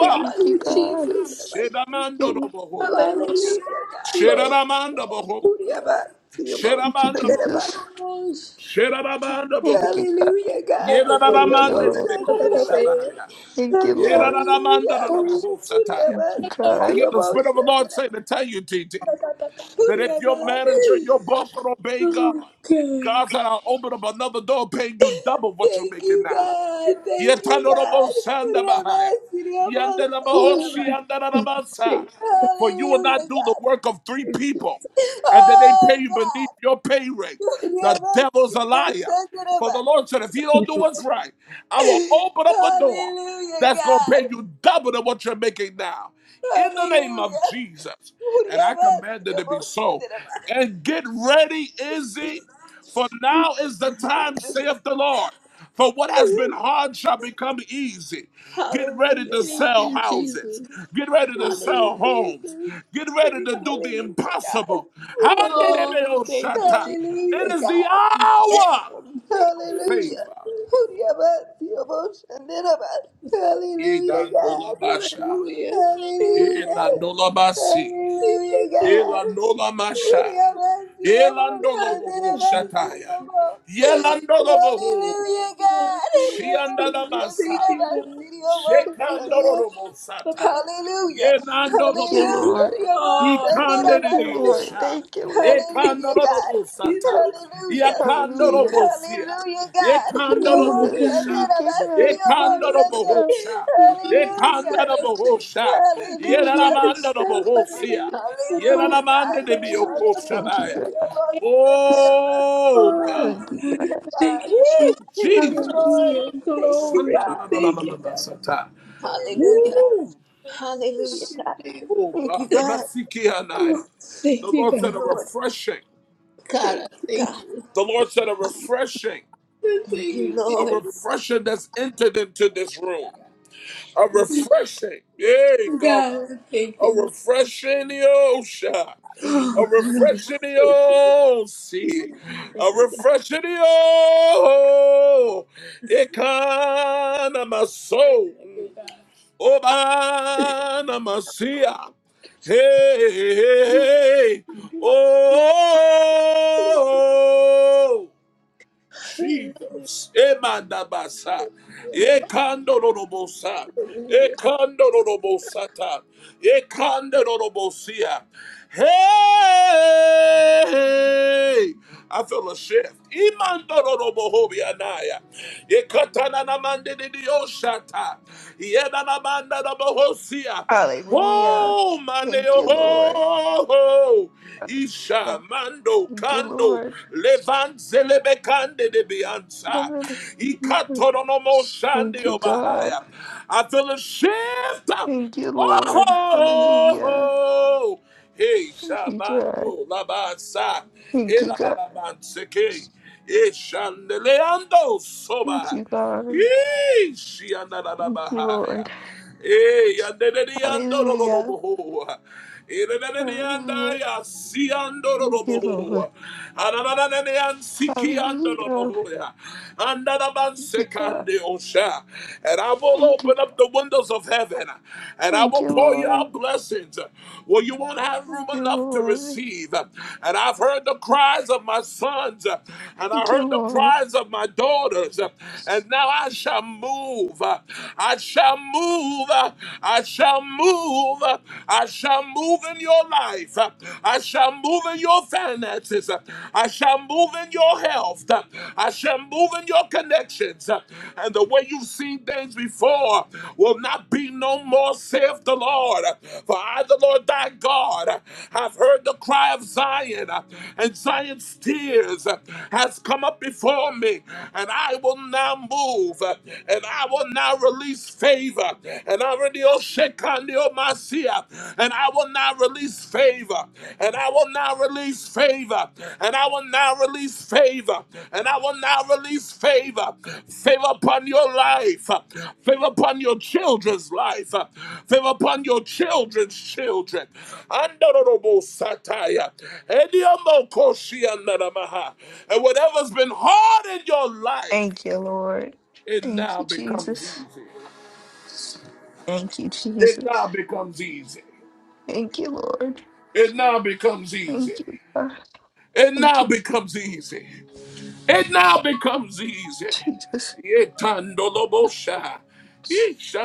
thank
Thank you,
you,
God.
Jesus.
Thank
Shedamando no
you.
boho.
Hallelujah.
Thank
Lord.
Shedamando boho.
Hallelujah, God.
you,
Shedamando boho.
Jesus.
Hallelujah.
Oh,
Shedamando
Thank
boho.
you, God.
Hallelujah,
thank
God. Surya
Thank you,
Yedadamanda de
Bhushan
Lord.
bekoho shabaya.
Dhanavasi.
Thank you, Lord.
Yedadamanda
Hallelujah.
no boho
Surya
sataya.
Thank you,
Bhushan.
If I
God.
hear
Surya
the Spirit of the
Bhushan
Lord say
Dhanavasi.
to tell you, TT. that
Surya
if your
Bhushan.
manager, your boss don't obey God, God's gonna open up another door paying you double what you're
Thank
making
you,
now.
God. Thank you,
Yetanobo
God.
Sanda
Surya
Bahaya.
Bhushan. Surya Bhushan
Yandanabahoshi
Dhanavasi.
you,
Yandanabasa. For you will
Hallelujah,
not do the
God.
work of three people, and then they pay
Oh,
you beneath
God.
your pay rate.
Surya
The
Bhushan.
devil's
Surya
a liar.
Bhushan
For the
Dhanavasi.
Lord said, if you don't do
Jesus.
what's right, I will open up a door
Hallelujah,
that's going to
God.
pay you double than what you're making now. In the name of
Hallelujah.
Jesus. And
Surya
I
Bhushan.
command it
Surya
to be
Bhushan
so. And get ready, Izzy. For now is the time,
Dhanavasi.
saith the Lord. For what has been hard shall become easy. Get ready
Hallelujah.
Thank you, Jesus.
to
Thank
sell
you,
houses.
Jesus.
Get ready to sell
Hallelujah.
homes. Get ready to do the
Hallelujah, God.
impossible.
Hallelujah.
Oh, thank you,
Handedebeoshata.
Jesus.
It
Hallelujah,
is the
God.
hour
Hallelujah.
Thank
of
you, Jesus.
Hallelujah,
favor.
your motion did about. Hallelujah, God.
Idandolabasha.
Hallelujah. Thank
Hallelujah.
you.
Inandolabasi.
Thank
Hallelujah,
you, Jesus.
God.
Ilandolamasha.
Hallelujah, your motion did
Ilandolobohoshataya.
about.
Yelandoloboho.
Hallelujah, God. Your
Shiandada
motion did
Thank you,
Basaya.
about.
God.
Your motion did.
Oh, oh
Shekandorobo
my
Sata.
Hallelujah.
Thank you,
Yenandorobo.
Hallelujah. Hallelujah,
Lord. Thank
God.
you, Lord.
Ikandediosha.
Thank you, Lord.
Hallelujah.
Ekandorobo Sata.
Hallelujah.
Yakandorobo Sia.
Hallelujah, God.
Thank you,
Ekandorobo
Hallelujah.
Jesus.
Hosha.
Thank you, God.
Ekandorobo
Hallelujah.
do
Hallelujah.
Ekandorobo Hosha.
Thank you,
Hallelujah, God.
Jesus.
Yeramandorobo Hosia.
Hallelujah.
Yeramande de
God.
Thank you,
Biokoshabaya.
God.
Oh
Oh,
God.
Thank you,
Hallelujah,
God.
thank
God.
you, Jesus.
Woo!
Thank you,
Jesus.
Lord.
Hallelujah.
Thank you,
Glory.
God.
Jesus.
Thank you, God.
Sandadadadadamasata.
Hallelujah.
Woo!
Thank
Hallelujah,
you,
God.
Jesus.
Oh
Thank you,
God, the
God.
Masiki Anaya.
Oh,
The
Thank you,
Thank
Lord
you,
said
God.
a
Lord.
refreshing.
God, I
Thank you,
thank
God.
you.
The Lord said a refreshing.
I
Thank
thank
you,
you,
A
Jesus.
Lord.
refreshing that's entered into this room. A refreshing. Yay,
God.
God.
I thank you,
A
Lord.
refreshing the ocean. A
Hallelujah.
Oh, God. I
refreshing the
thank
old sea. A
Hallelujah.
refreshing the old. It kind of my soul.
you, God.
Obana Masia. Hey, hey, hey. hey. Oh, Jesus. Emandabasa. Ekandorobosa.
Hallelujah.
Ekandorobosata. Ekandorobosia. Hey! I feel a shift. Imandorobohobianaya. Ekatananamandididiosata. Yedanamandadabohosia.
Hallelujah.
Oh,
Thank you, Lord. Hallelujah.
my
Thank you,
kando
Lord.
levanzele bekande de bianza ikatoro no
Thank
shande
you, God.
obahaya. I feel a shift.
Thank you, Lord. Hallelujah.
Oh, hey,
Thank you, God.
shamando labasa,
Thank
hey
you,
la la
God.
la manseke, hey shandeleando
Thank
soba.
you, God. Thank
Yee,
you,
shiandadadabahaya.
Lord.
Eh,
Hallelujah.
yandadadiyandorodobohoa.
Hallelujah.
Iredadadiyandaya,
Thank you,
siyandorodobohoa.
Lord.
Ananadadadayan,
Hallelujah.
sikiyandorodobohoa.
Thank you, God.
Andadabansekandeosha. And I will
Thank you.
open up the windows of heaven and I
Thank
will
you,
pour you
Lord.
out blessings where you won't have
Thank
room
you,
enough to
Lord.
receive. And I've heard the cries of my sons and I
Thank you,
heard the
Lord.
cries of my daughters. And now I shall move. uh, I shall move. uh, I shall move. uh, I shall move in your life. uh, I shall move in your finances. uh, I shall move in your health. uh, I shall move in your connections. uh, And the way you've seen things before will not be no more, saith the Lord. For I, the Lord thy God, have heard the cry of Zion, and Zion's tears has come up before me, and I will will now move uh, and I will now release favor. And I will now shake on the Omasia, and I will now release favor. And I will now release favor. And I will now release favor. And I will now release favor. Favor upon your life. Favor upon your children's life. Favor upon your children's children. Andorobo sataya. Ediomoko shiandaramaha. And whatever's been hard in your life.
Thank you, Lord.
It
Thank
now
you,
becomes
Jesus.
easy.
Thank you,
It
Jesus.
now becomes easy.
Thank you, Lord.
It now becomes easy.
Thank you, God.
It
Thank
now
you,
becomes easy. It now becomes easy.
Jesus.
Yetandolobosha.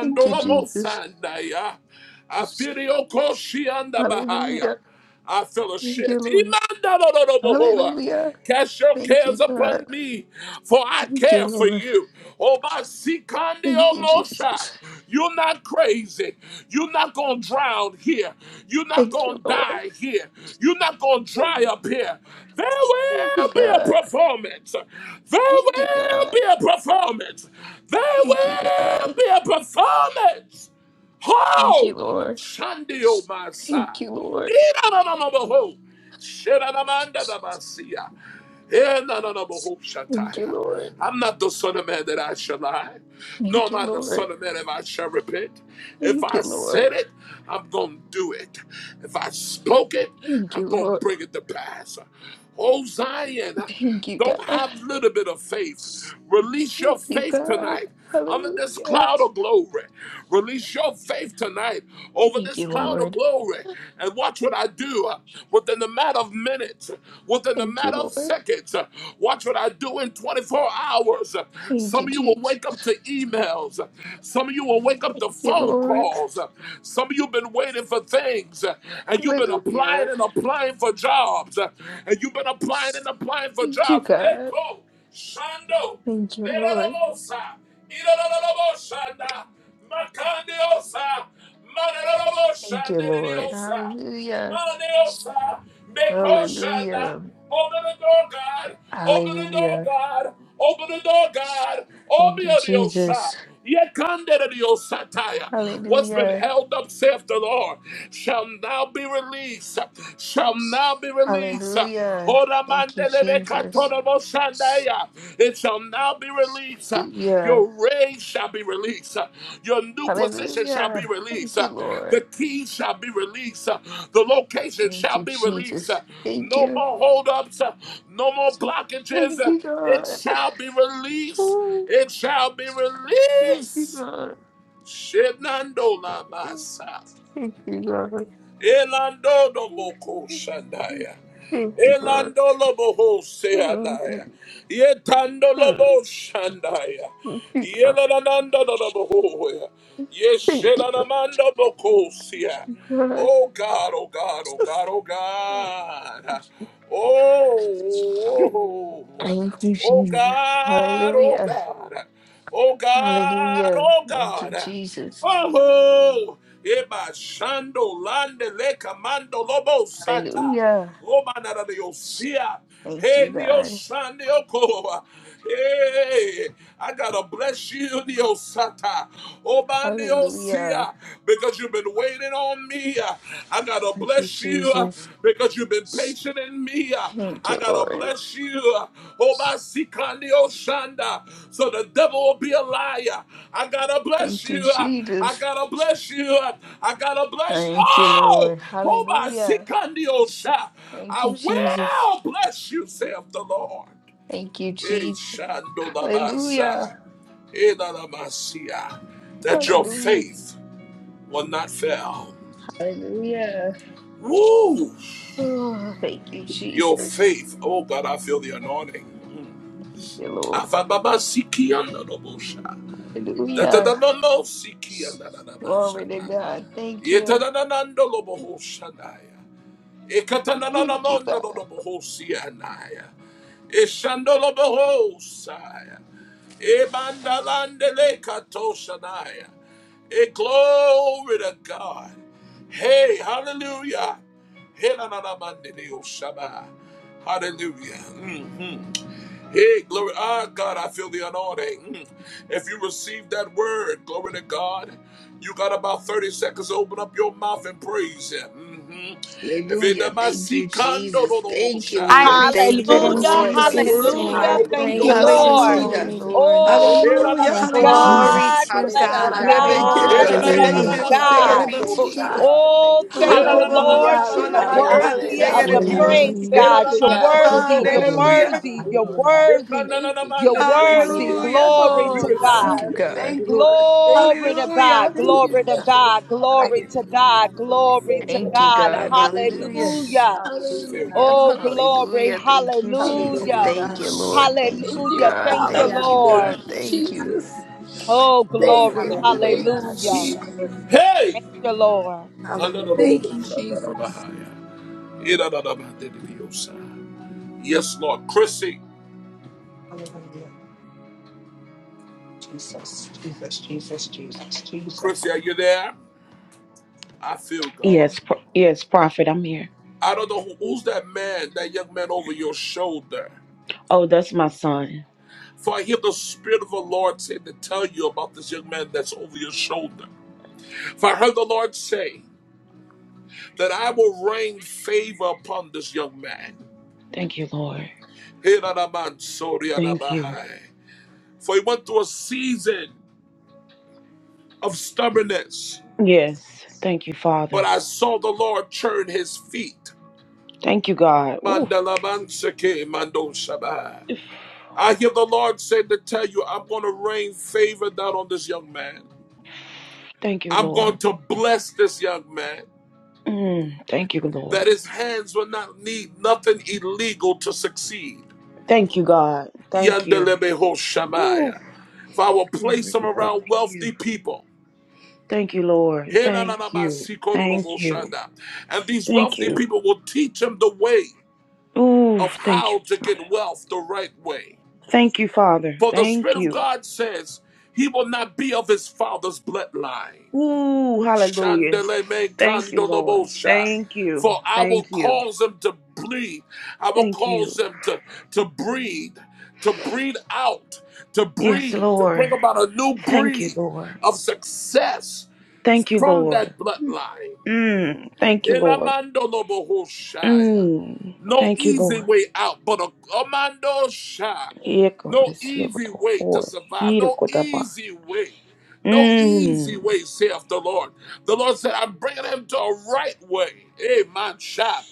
Thank you, Jesus.
Afiriokoshiandabahaya.
Hallelujah.
I feel a
Thank you,
shift.
Lord.
Imandalolobohoa.
Hallelujah.
Cast your
Thank you,
cares
God.
upon me, for I
Thank you,
care for
Lord.
you. Oh, my
Thank you,
almost
Jesus.
You're not crazy. You're not going to drown here. You're not
Thank you,
going to
Lord.
die here. You're not going to
Thank
dry
you,
up here. There
Thank you,
will be a
God.
performance. There
Thank you,
will
God.
be a performance. There
Thank you, God.
will be a performance.
Thank you,
Ho!
Lord.
Shandi o my
Thank
side.
you, Lord.
Ira na na na na ho. Shira na
Thank
na
you,
na na na siya. Eh, no, no, no, but
Jesus.
hope shall
Thank you,
tire.
Lord.
I'm not the son of man that I shall lie, nor
Thank
am
you,
I the son
Lord.
of man if I shall repent. If
Thank you,
I
Lord.
said it, I'm going to do it. If I spoke it,
Thank you,
I'm going to
Lord.
bring it to pass. Oh, Zion,
Thank you,
don't
God.
have a little bit of faith. Release your
Thank you,
faith
God.
tonight. Under this
Hallelujah.
cloud of glory, release your faith tonight over
Thank
this
you,
cloud of
Lord.
glory and watch what I do uh, within the matter of minutes, within the
Thank you,
matter of
Lord.
seconds. uh, Watch what I do in 24 hours. Uh,
Thank
Some
you,
of you will
Jesus.
wake up to emails, Uh, some of you will wake up
Thank
to
you,
phone
Lord.
calls, Uh, some of you have been waiting for things uh, and you've been
Hallelujah.
applying and applying for jobs, uh, and you've been applying and applying for
Thank you,
jobs.
God.
Echo, Shando.
Thank you, Lord.
Lerarabosa, irararaboshanda, makandeosa,
Thank you, Lord.
marararaboshanderiosa,
Hallelujah.
mananeosa, mekoshanda.
Hallelujah.
Open the door, God. Open the door,
Hallelujah.
God. Open the door, God.
Thank
Open
you,
the door,
Jesus.
Yekanderediosataya. What's been
Hallelujah.
held up, saith the Lord, shall now be released. Shall now be released.
Hallelujah. Thank you, Jesus.
It shall now be released.
Hallelujah.
Your raise shall be released. Your new position shall be
Hallelujah.
released.
Thank you,
The
Lord.
keys shall be released. The location
Thank
shall
you,
be released.
Jesus. Thank
No
you.
more holdups. No more blockages.
Thank you,
It
God.
shall be released.
Ooh,
It shall be
Thank you,
released.
God.
Shenandola masa.
Thank you, God.
Elando Moko Shandaya.
Thank you, God. Thank you. Thank you, God.
Elando lobo
Thank you,
seanaya. Yetando
God. Thank
lobo shandaya.
you,
Yelanando lobo.
God.
Yeshelanamando bokosia. Oh God, oh God, oh God, oh God. Oh, oh,
Thank you,
oh
Jesus.
God, oh
Hallelujah.
God. Oh God,
Hallelujah.
oh
Thank you,
God.
Jesus.
Oh, Eba Shando Lande Le Commando Lobo Sata.
Hallelujah.
Oh, my God, you see,
Thank
hey,
you,
Neo
God.
San Neo Koa. Hey, I gotta bless you, Neo Sata. Oh, man, Neo
Hallelujah.
Sia, because you've been waiting on me. I gotta
Thank you,
bless you uh,
Jesus.
because you've been patient in me. uh,
Thank
I
you,
gotta
Lord.
bless you. Obasikandi Oshanda. So the devil will be a liar. I gotta bless
Thank you,
you. I
Jesus.
gotta bless you. I gotta bless
Thank you,
Oh!
Lord. Hallelujah.
Obasikandi Osha.
Thank
I
you, Jesus.
will bless you, saith the Lord.
Thank you,
Eh,
Jesus. Hallelujah.
Shandolabasa. Eh, Lalamasia. That your
Hallelujah.
faith will not fail.
Hallelujah.
Woo!
Oh, thank you, Jesus.
Your
Thank
faith. Oh God, I feel the anointing.
you, Lord.
Afababa siki anda lobosha.
Hallelujah.
Tatadamamo siki anda
Glory
nanabasha.
to God. Thank you.
Yetadanando lobohosha naya.
Thank you,
Ekatananamondo
God.
lobohosi anaya. Eshando lobohosaya. Ebandalande katosha naya. E glory to God. Hey, hallelujah. Hey, na na na mandele oshaba. Hallelujah. Mm-hmm. Hey, glory. Ah, God, I feel the anointing. Mm. If you receive that word, glory to God, you got about 30 seconds to open up your mouth and praise Him. Mm-hmm. If it-
Hallelujah.
that might
Thank
see
you,
condo, no,
Jesus.
no, no,
Thank you,
shy.
I
Lord.
If
receive
Thank
you
it
you,
Lord.
in
Hallelujah,
receive
Lord.
that
Thank
Jesus'
you,
word, you
name.
better
I
hallelujah.
Lord.
open up
Thank
Thank
you,
your
you,
Hallelujah.
praise
mouth
Lord.
his
and
Hallelujah.
Lord.
Thank you,
Hallelujah.
holy
praise Him.
name,
Lord.
God.
Oh,
Thank
Hey,
you,
na, na,
Hallelujah,
na,
Lord.
bless
I
Thank
na,
you,
na,
thank
na,
you,
no,
hallelujah.
no,
Glory
no,
Jesus.
God,
no,
Jesus.
no,
to
bless
Hallelujah,
God, I
God.
shataya.
God.
thank
Thank
Rebeke
you.
you,
Hey,
I
God,
Glory
na,
Hallelujah.
na,
God.
to
na,
God.
thank
na,
you,
na,
bless
Hallelujah.
Thank
na,
shelebeke
Lord.
you,
I
man, de, de,
God.
thank
God.
de,
Glory
you,
oh,
to
Hallelujah,
Thank you,
God.
seyerebekoso.
God.
Jesus.
God.
shataya.
Oh,
Thank
Hallelujah,
you,
Hey,
thank
Lord.
na,
you,
na,
God.
na, na,
Hallelujah.
Thank
Roboboko
na, na,
you.
Lord.
Thank
na,
God.
You
na,
you.
na,
are
Hallelujah.
man, de, de,
sholabakan
de,
Hallelujah,
worthy
oh,
Jesus.
God.
of the
sia.
Hallelujah.
seyeredios.
Hallelujah.
Hallelujah.
praise,
Hallelujah.
Hallelujah.
Hey, na,
Thank
God.
na,
you,
You're
man,
Thank
God.
no,
you,
no, no,
worthy,
Jesus.
no,
I
you're
oh,
thank
Hallelujah,
worthy,
you,
shabbat.
you're
Hallelujah,
Lord.
God.
worthy,
Thank you,
you're
Jesus.
worthy.
Ekananamandeliyosia.
hallelujah,
Hallelujah.
Glory
We
to
Oh
Hallelujah,
God,
God.
Thank
God.
receive
you,
I
your
We
word.
Thank
God.
you,
thank you.
Lord.
I thank
Glory
you,
to
Lord. I
God,
hallelujah.
God.
do
thank
it
you,
for
Glory to
us.
Jesus.
God.
God, I
Glory
give you
to
Hallelujah, God.
God.
all
Glory
Phone
to
Thank
call,
you,
God.
God.
the praise.
Hallelujah.
Hallelujah.
release.
Hallelujah.
Hallelujah,
Fail be
God.
Hallelujah.
Oh,
released.
Hallelujah.
glory.
Hallelujah. Thank you,
Thank you,
Email
Jesus.
be
Hallelujah,
Jesus.
Hallelujah.
God.
Thank you,
released.
Lord. Thank
Thank
you,
Hallelujah.
you,
God.
Thank
Thank
Abba.
you,
you,
God.
Thank
Passion
you,
be
Thank
Lord.
God.
you,
released.
Hallelujah.
Thank you.
Jesus.
Oh,
Door
Thank
for
glory.
you.
job be
Hallelujah,
Thank you,
God.
released.
Thank
Hallelujah.
you,
Jesus.
Lord.
Hey!
Thank you, Lord.
Hallelujah.
Thank you, Jesus.
Kananadodoboshandarabahaya. Iradadabandeliyosa. Yes, Lord. Chrissy,
Hallelujah. Jesus, Jesus, Jesus, Jesus, Jesus.
Chrissy, are you there? I feel God.
Yes, pro- yes, prophet, I'm here.
I don't know who- who's that man, that young man over your shoulder.
Oh, that's my son.
For I hear the Spirit of the Lord say to tell you about this young man that's over your shoulder. For I heard the Lord say that I will rain favor upon this young man.
Thank you, Lord.
For
Thank you.
he went through a season of stubbornness,
Yes, thank you,
but
Father.
I saw the Lord turn his feet.
Thank you, God. Ooh.
Mandalabansake mandoshabai.
Oof.
I hear the Lord say to tell you, I'm going to rain favor down on this young man.
Thank you,
I'm going
Lord.
to bless this young man.
Mm, thank you, Lord.
that his hands will not need nothing illegal to succeed.
Thank you, God. Thank you. Ooh.
Yandelebehoshamaya. If I will place
Glory,
him
Lord.
around
Thank you.
wealthy people,
Thank you, Lord. Thank you. Thank you.
Henanamasikoroboshanda, and these
Thank
wealthy
you.
people will teach him the way
Ooh,
of
thank you,
how to
Father.
get wealth the right way.
Thank you, Father.
For the
Thank
Spirit of
you.
God says he will not be of his father's bloodline.
Ooh, hallelujah.
Shandele me
Thank you, Lord.
kandolobosha.
Thank you.
For I will
Thank you.
cause them to bleed. I will
Thank
cause
you.
them to, to breed, to breed out, to
Yes,
breed, to
Lord.
bring about a new
Thank you,
breed
Lord.
of success
Thank you,
from
Lord.
that bloodline.
Mm, thank you, Lord.
Elamandolobohoshaya.
Mm,
No
thank you,
easy
Lord.
way out, but a amandosha.
Echo
No
is
easy way to
Lord.
survive.
Eat it,
No
Lord.
easy way. No easy
Mm,
way, saith the Lord. The Lord said, I'm bringing him to a right way. Amen. Sha.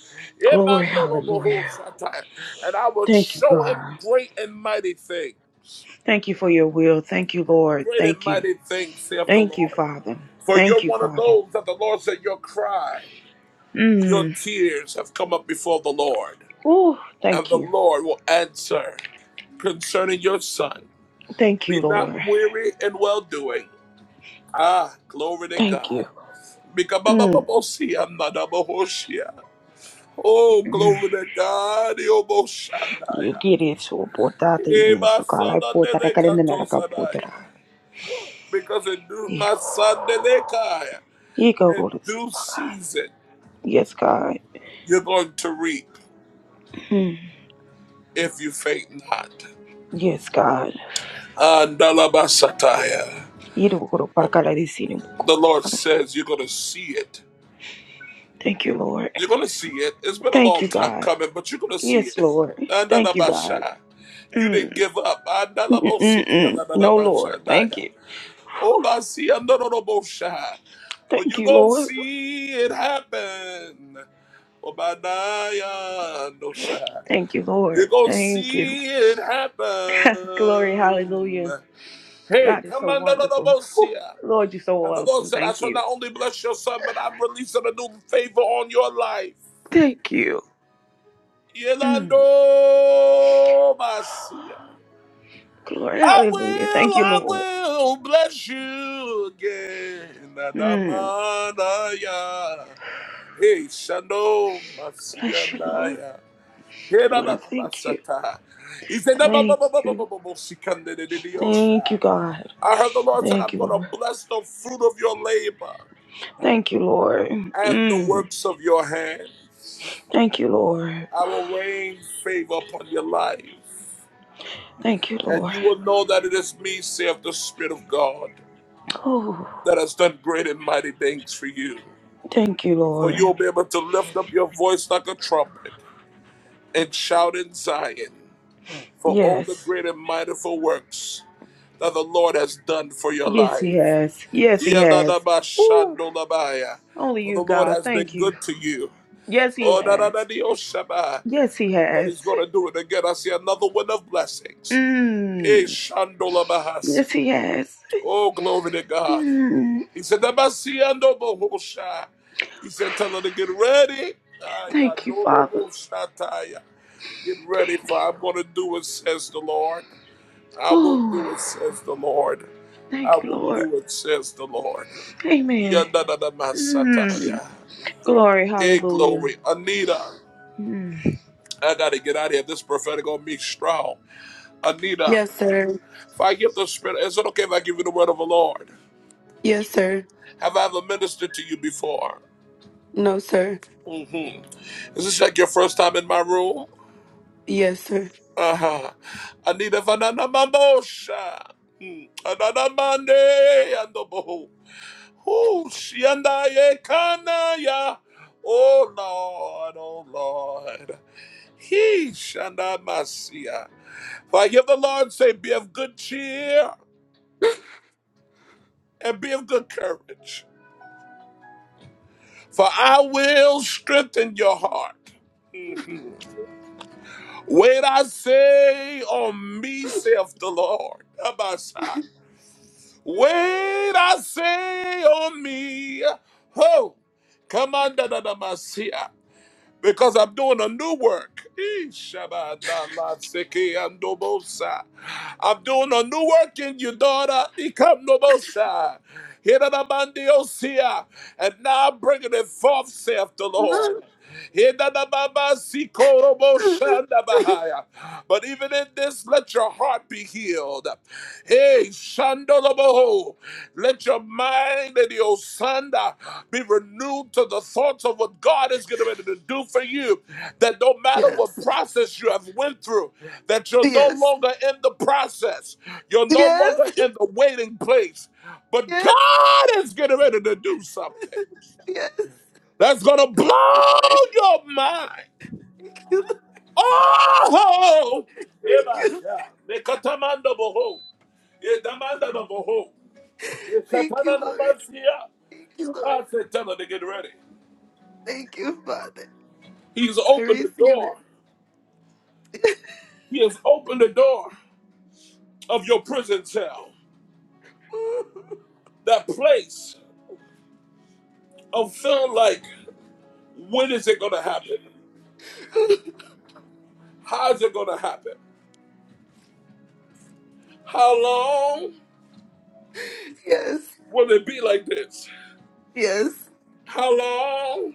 glory, hallelujah.
Emandolobohoshata. And I will
Thank you,
show him
God.
great and mighty things.
Thank you for your will. Thank you, Lord.
Great and
Thank you.
mighty things, saith the
Thank you,
Lord.
Father.
For
Thank
you're
you,
one of
Father.
those that the Lord said, Your cry. Your
Mm.
tears have come up before the Lord,
Ooh,
and
thank
the
you.
Lord will answer concerning your son.
Thank you,
Be not
Lord.
weary in well doing. Ah, glory to
Thank you.
God.
Mm.
Mikabababosia nadabohoshia. Oh, glory to God.
Ye
Yoboshanaya.
kiri so pota tiri ni so kala pota ra kalenda na ka pota
Ebasalandelekatosanaya.
ra.
Because in due, my
Ego.
son,
Ego
in
rolo si
due
paga.
season,
Yes God.
you're going to reap
Mm.
if you faint not.
Yes God.
Andalabasataya.
Yiri bukuro para
The
kala di sini buko
Lord says you're gonna see it.
Thank you Lord.
You're gonna see it. It's been a
Thank
long
you
time
God.
coming, but you're gonna see
Yes
it.
Lord. Thank you God.
Andalabasha. You didn't
Mm.
give up.
Mm mm
Andalabosiki
mm. No Lord. Thank
andalabashadaya.
you.
Obasi andalabosha. But
Thank
you're
you
gonna
Lord.
see it happen. Obadiah andosha.
Thank you
You're
Lord.
gonna
Thank you.
see it
Glory.
happen.
Hallelujah.
Hey,
God is so
come on, no, no, no,
wonderful.
no,
Whew.
see ya.
Lord, you're so
And the Lord
awesome.
said, I
Thank
shall
you.
not only bless your son, but I'm releasing a new favor on your life.
Thank you. Mm.
Yolando Masia.
Glory.
I
Hallelujah. Thank
will,
you,
I
Lord.
will bless you again.
Mm.
Adamanaya. Hey, Shando
Bless you, Lord.
Masianaya. Hey, na
Lord,
na
I
na
thank you.
Masata. He said, "Na ba ba
Thank
ba ba ba ba
you.
ba ba Sikande de de de
Thank you,
Osha."
God.
I heard the Lord said,
Thank
I'm
you,
going to
Lord.
bless the fruit of your labor
Thank you, Lord.
and the
Mm.
works of your hand.
Thank you, Lord.
I will rain favor upon your life,
Thank you,
and
Lord.
you will know that it is me, saith the Spirit of God,
Oh,
that has done great and mighty things for you.
thank you,
For you
Lord.
will be able to lift up your voice like a trumpet and shout in Zion for all the
Yes.
great and mightiful works that the Lord has done for your
Yes, He
life.
has. Yes, He has. Ooh,
Yadadabashandolabaya.
only
For
you,
the Lord
God.
has been
Thank you.
good to you.
Yes, He
Oh, da, da, da,
has.
di, oh, Shabbat.
Yes, He
But he's
has.
going to do it again. I see another wind of blessings. Eh,
Mm.
Shandola Bahasi.
Yes, he has.
Oh, glory to God.
Mm.
He said, "Namasiando bohosha." He said, tell her to get ready. Ah, Aya,
Thank you,
dolo
Father.
boshataya. Get ready, for
Thank
I'm going to do it, says the Lord. I
you.
will
Ooh.
do it, says the Lord. I
Thank you,
will
Lord.
do it, says the Lord.
Amen. Mm.
Yandadadamasataya.
Glory,
Hey,
hallelujah.
glory. Anita,
Mm.
I got to get out of here. This prophetic on me strong. Anita,
Yes, sir.
if I give the spirit, is it okay if I give you the word of the Lord?
Yes, sir.
Have I ever ministered to you before?
No, sir.
hmm Is this like your first time in my room?
Yes, sir.
Uh huh. Anita Vanana Mamosha. Anana Mande and the Boho. Who she and I? Can ya? Oh Lord, oh Lord. He Shanda Masia. For I hear the Lord say, Be of good cheer and be of good courage. For I will strengthen your heart. Wait, I say on me, saith the Lord. Abasa. Wait, I say on me. Ho, come on, da da da, Masia because I'm doing a new work. Eh, shabadalanseke andobosa. I'm doing a new work in you, daughter. Ikamnobosa. Hiranabandiosia. And now I'm bringing it forth, saith the Lord. Hiranababa sikorobo shandabahaya. But even in this, let your heart be healed. Lord. Hey, Shandoloboho, let your mind and your sanda be renewed to the thoughts of what God is getting ready to do for you. That no matter what
Yes,
process you have went through, that you're no
yes,
longer in the process, you're no
yes,
longer in the waiting place, but
yes,
God is getting ready to do something
yes.
that's going to
Thank you,
blow
Lord.
your mind.
Thank you,
Oh,
Thank you.
Ebasha, Mekatamanda Boho, Yedamanda Boho.
Thank
Shatana
you, Lord.
Namasia.
Thank you, Lord.
God said, tell her to get ready.
Thank you, Father.
He's
I
opened the
receive
door.
it.
He has opened the door of your prison cell. That place of feeling like, when is it going to happen? How is it going to happen? How long
yes,
will it be like this?
yes,
How long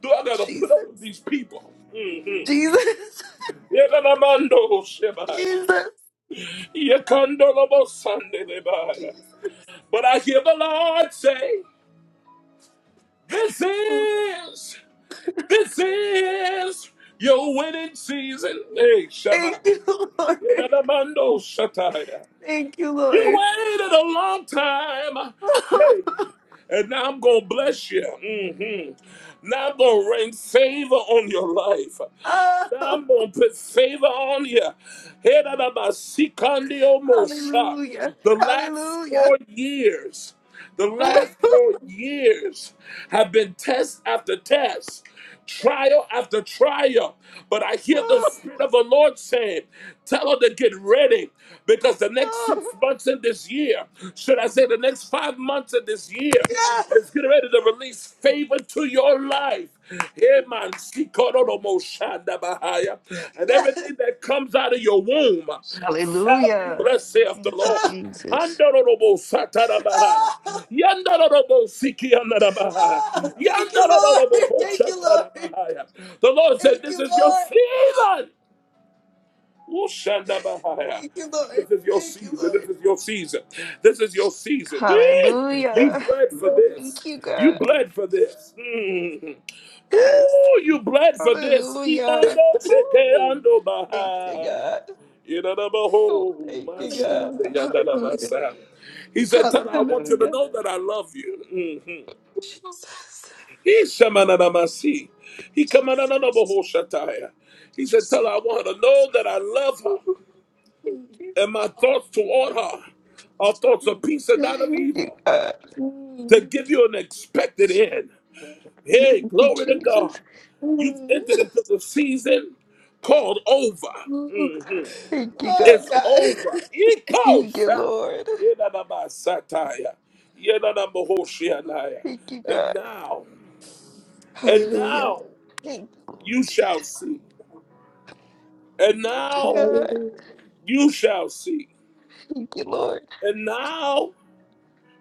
do I got to put up with
Jesus,
these people? Mhm.
Jesus,
Yekanamando Shebaya.
Jesus,
Yekandolobo Sandelebaya.
Jesus.
But I hear the Lord say, this
Oh,
is This is your winning season. Hey, Shema.
thank you, Lord.
Yedadamando Shataya.
Thank you,
You
Lord.
waited a long time. Hey, and now I'm going to bless you. hmm Now I'm going to rain favor on your life.
Oh,
I'm going to put favor on you. Head of the Masikandi
hallelujah,
The last
hallelujah.
four years, the last four years have been test after test, trial after trial. But I hear the
Oh,
Spirit of the Lord saying, Tell her to get ready because the next six
oh,
months in this year, should I say the next five months of this year,
yes,
it's getting ready to release favor to your life. Yeah, man, Sikororomoshanda And
yes.
everything that comes out of your womb shall be
Hallelujah.
blessed, saith the
Thank you,
Lord.
Oh,
Jesus.
Andororobosatara Bahaya.
oh,
Yandororobosikiandara
oh. Thank you, Lord. Thank you, Lord.
The Lord said,
Thank
This
you,
is your
Lord.
season. Ushandabahaya.
Thank you, Lord.
This is your
Thank
season.
you,
This is your season. This is your season. Eh, You
Hallelujah.
bled for
Lord.
Thank
this.
you,
You
God.
bled for this. Mm.
Yes.
Ooh, you bled for this.
Hallelujah.
Imando
Ooh,
sekeando
thank you,
bahaya.
God. Ooh,
Yidadabaho,
thank you, God.
mashande,
Hallelujah. Hallelujah.
yandadamasa. He said, Tana,
Hallelujah.
I want you to
Hallelujah.
know that I love you. Mhm.
Jesus.
He shamananamasi. He
Jesus.
kamanananabaho shataya. He said, Tell her I want her to know that I love
Ooh,
her
thank
Mm,
you.
and my thoughts toward her are thoughts of
mm,
peace and not of
Thank you,
evil,
God.
to give
mm,
you an expected end. Hey,
Thank
mm,
you,
glory to
Jesus.
God. You've
mm.
entered into the season called over.
Ooh,
Mhm.
thank you, God.
Oh
It's
God.
over.
Thank you,
Ikosha.
Lord.
Yenanabasataya.
Ooh,
Yenanamohoshianaya.
Thank you,
And
God.
now, and
Hallelujah.
now
Thank you,
you
Lord.
shall see. And
Thank you,
now
God.
Hallelujah.
you shall see.
Thank you, Lord.
And now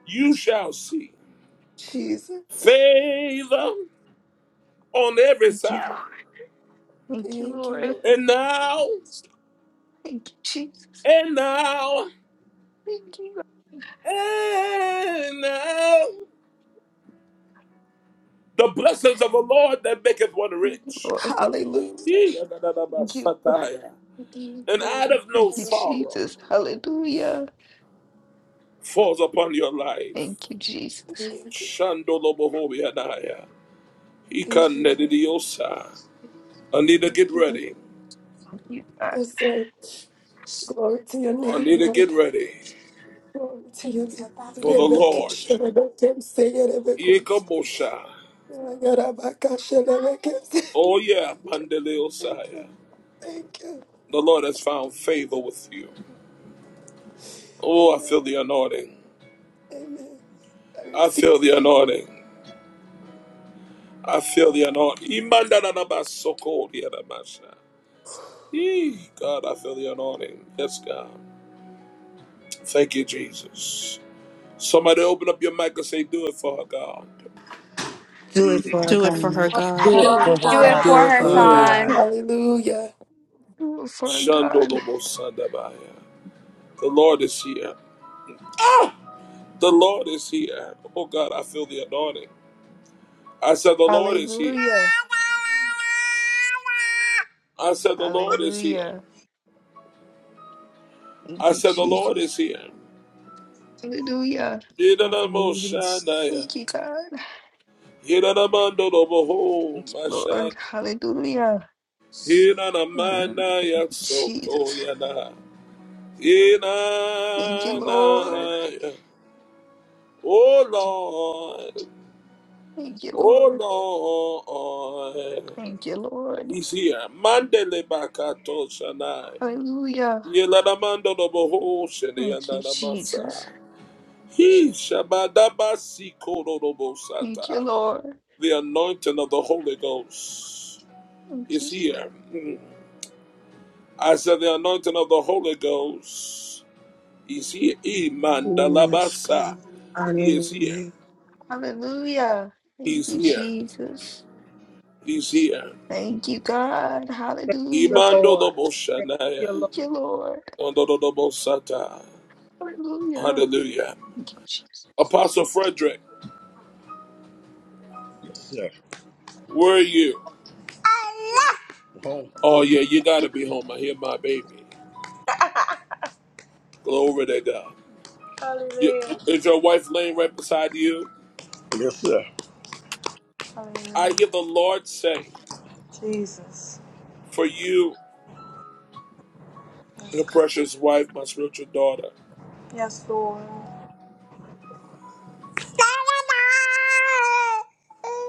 you shall see
Jesus.
favor on every
Thank you, Lord.
side.
Thank you,
Thank you,
Lord.
Lord.
And now,
Thank you, Jesus.
and now,
Thank you, God.
and now, the blessings of the Lord that maketh one
Thank you,
rich.
Lord.
Hallelujah.
Yee,
Thank you.
yadadadabasataya.
Thank you,
And
Lord.
out of no
you,
sorrow
Jesus. Hallelujah.
falls upon your life.
Thank you, Jesus.
Thank you.
Shandolobohobiadaya.
Thank you, Lord.
Ikanedidiosa. Anita, get
Thank you, Lord.
ready.
Thank you, God.
Yes, sir. Glory to your name,
Anita, get
Lord.
ready
Glory to your
for
name.
the
Rebecca,
Lord.
Rebecca, say it, Rebecca.
Ikamosha.
Rebecca, Rebecca.
Oh yeah,
Thank you.
Mandeleosaya.
Thank you.
The Lord has found favor with you. Oh, I feel
Amen.
the anointing.
Amen. I
I
receive
feel
it.
the anointing. I feel the anointing. Imandanabasokodiadabasha. Yee, God, I feel the anointing. Yes, God. Thank you, Jesus. Somebody open up your mic and say, Do it for her, God.
Do it for our
Do it for
God.
her,
Do it
Do
God.
it
Do
for
for
it
her,
for
Do
our
it
God.
God.
for
Do it
her,
for
God.
Do
her,
it
Mm.
for
God.
God.
Hallelujah.
Do it for our God.
Shandolobosandabaya. The Lord is here. The Lord is here. Oh, God, I feel the anointing. I said, The Lord is here.
Hallelujah.
I said, The Lord is here.
Hallelujah. Thank
I
you,
said, The Lord
Jesus.
is here.
Hallelujah.
Yidanamoshadaya.
hallelujah.
Thank you, God.
Yeranamando Roboho
Thank you,
Mashaya.
Lord. Hallelujah. Mm,
Hinanamana Yaksoto
Jesus.
Yana.
Thank you, Lord.
Hinanaya. Oh Lord.
Thank you,
Oh
Lord.
Lord.
Thank you, Lord.
He's here. Mandele Bakato Shanai.
Hallelujah.
Yeranamando Roboho
Thank you, Jesus.
Sheneyanamasa. He Shabadabasi
Thank you,
Korobosata.
Lord.
The anointing of the Holy Ghost
Thank
is
you,
here. I said the anointing of the Holy Ghost is here.
Yes,
Imandalabasa.
God.
He is here.
Hallelujah.
Hallelujah. Thank
He's
you,
here.
Jesus.
He's here.
Thank you, God.
Thank
Hallelujah.
you,
Imando
Lord. Thank you,
Imandoloboshanaya.
Lord.
Thank you, Lord.
Ondododobosata.
Hallelujah.
Hallelujah.
Thank you, Jesus.
Apostle Frederick,
Yes, sir.
where are you?
Oh,
Oh yeah, you gotta be home. I hear my baby. Glory to God. You,
Hallelujah.
is your wife laying right beside you?
yes, sir. Hallelujah.
I hear the Lord saying,
Jesus.
For you,
Yes,
your
God.
precious wife, my spiritual daughter.
Yes, Lord. My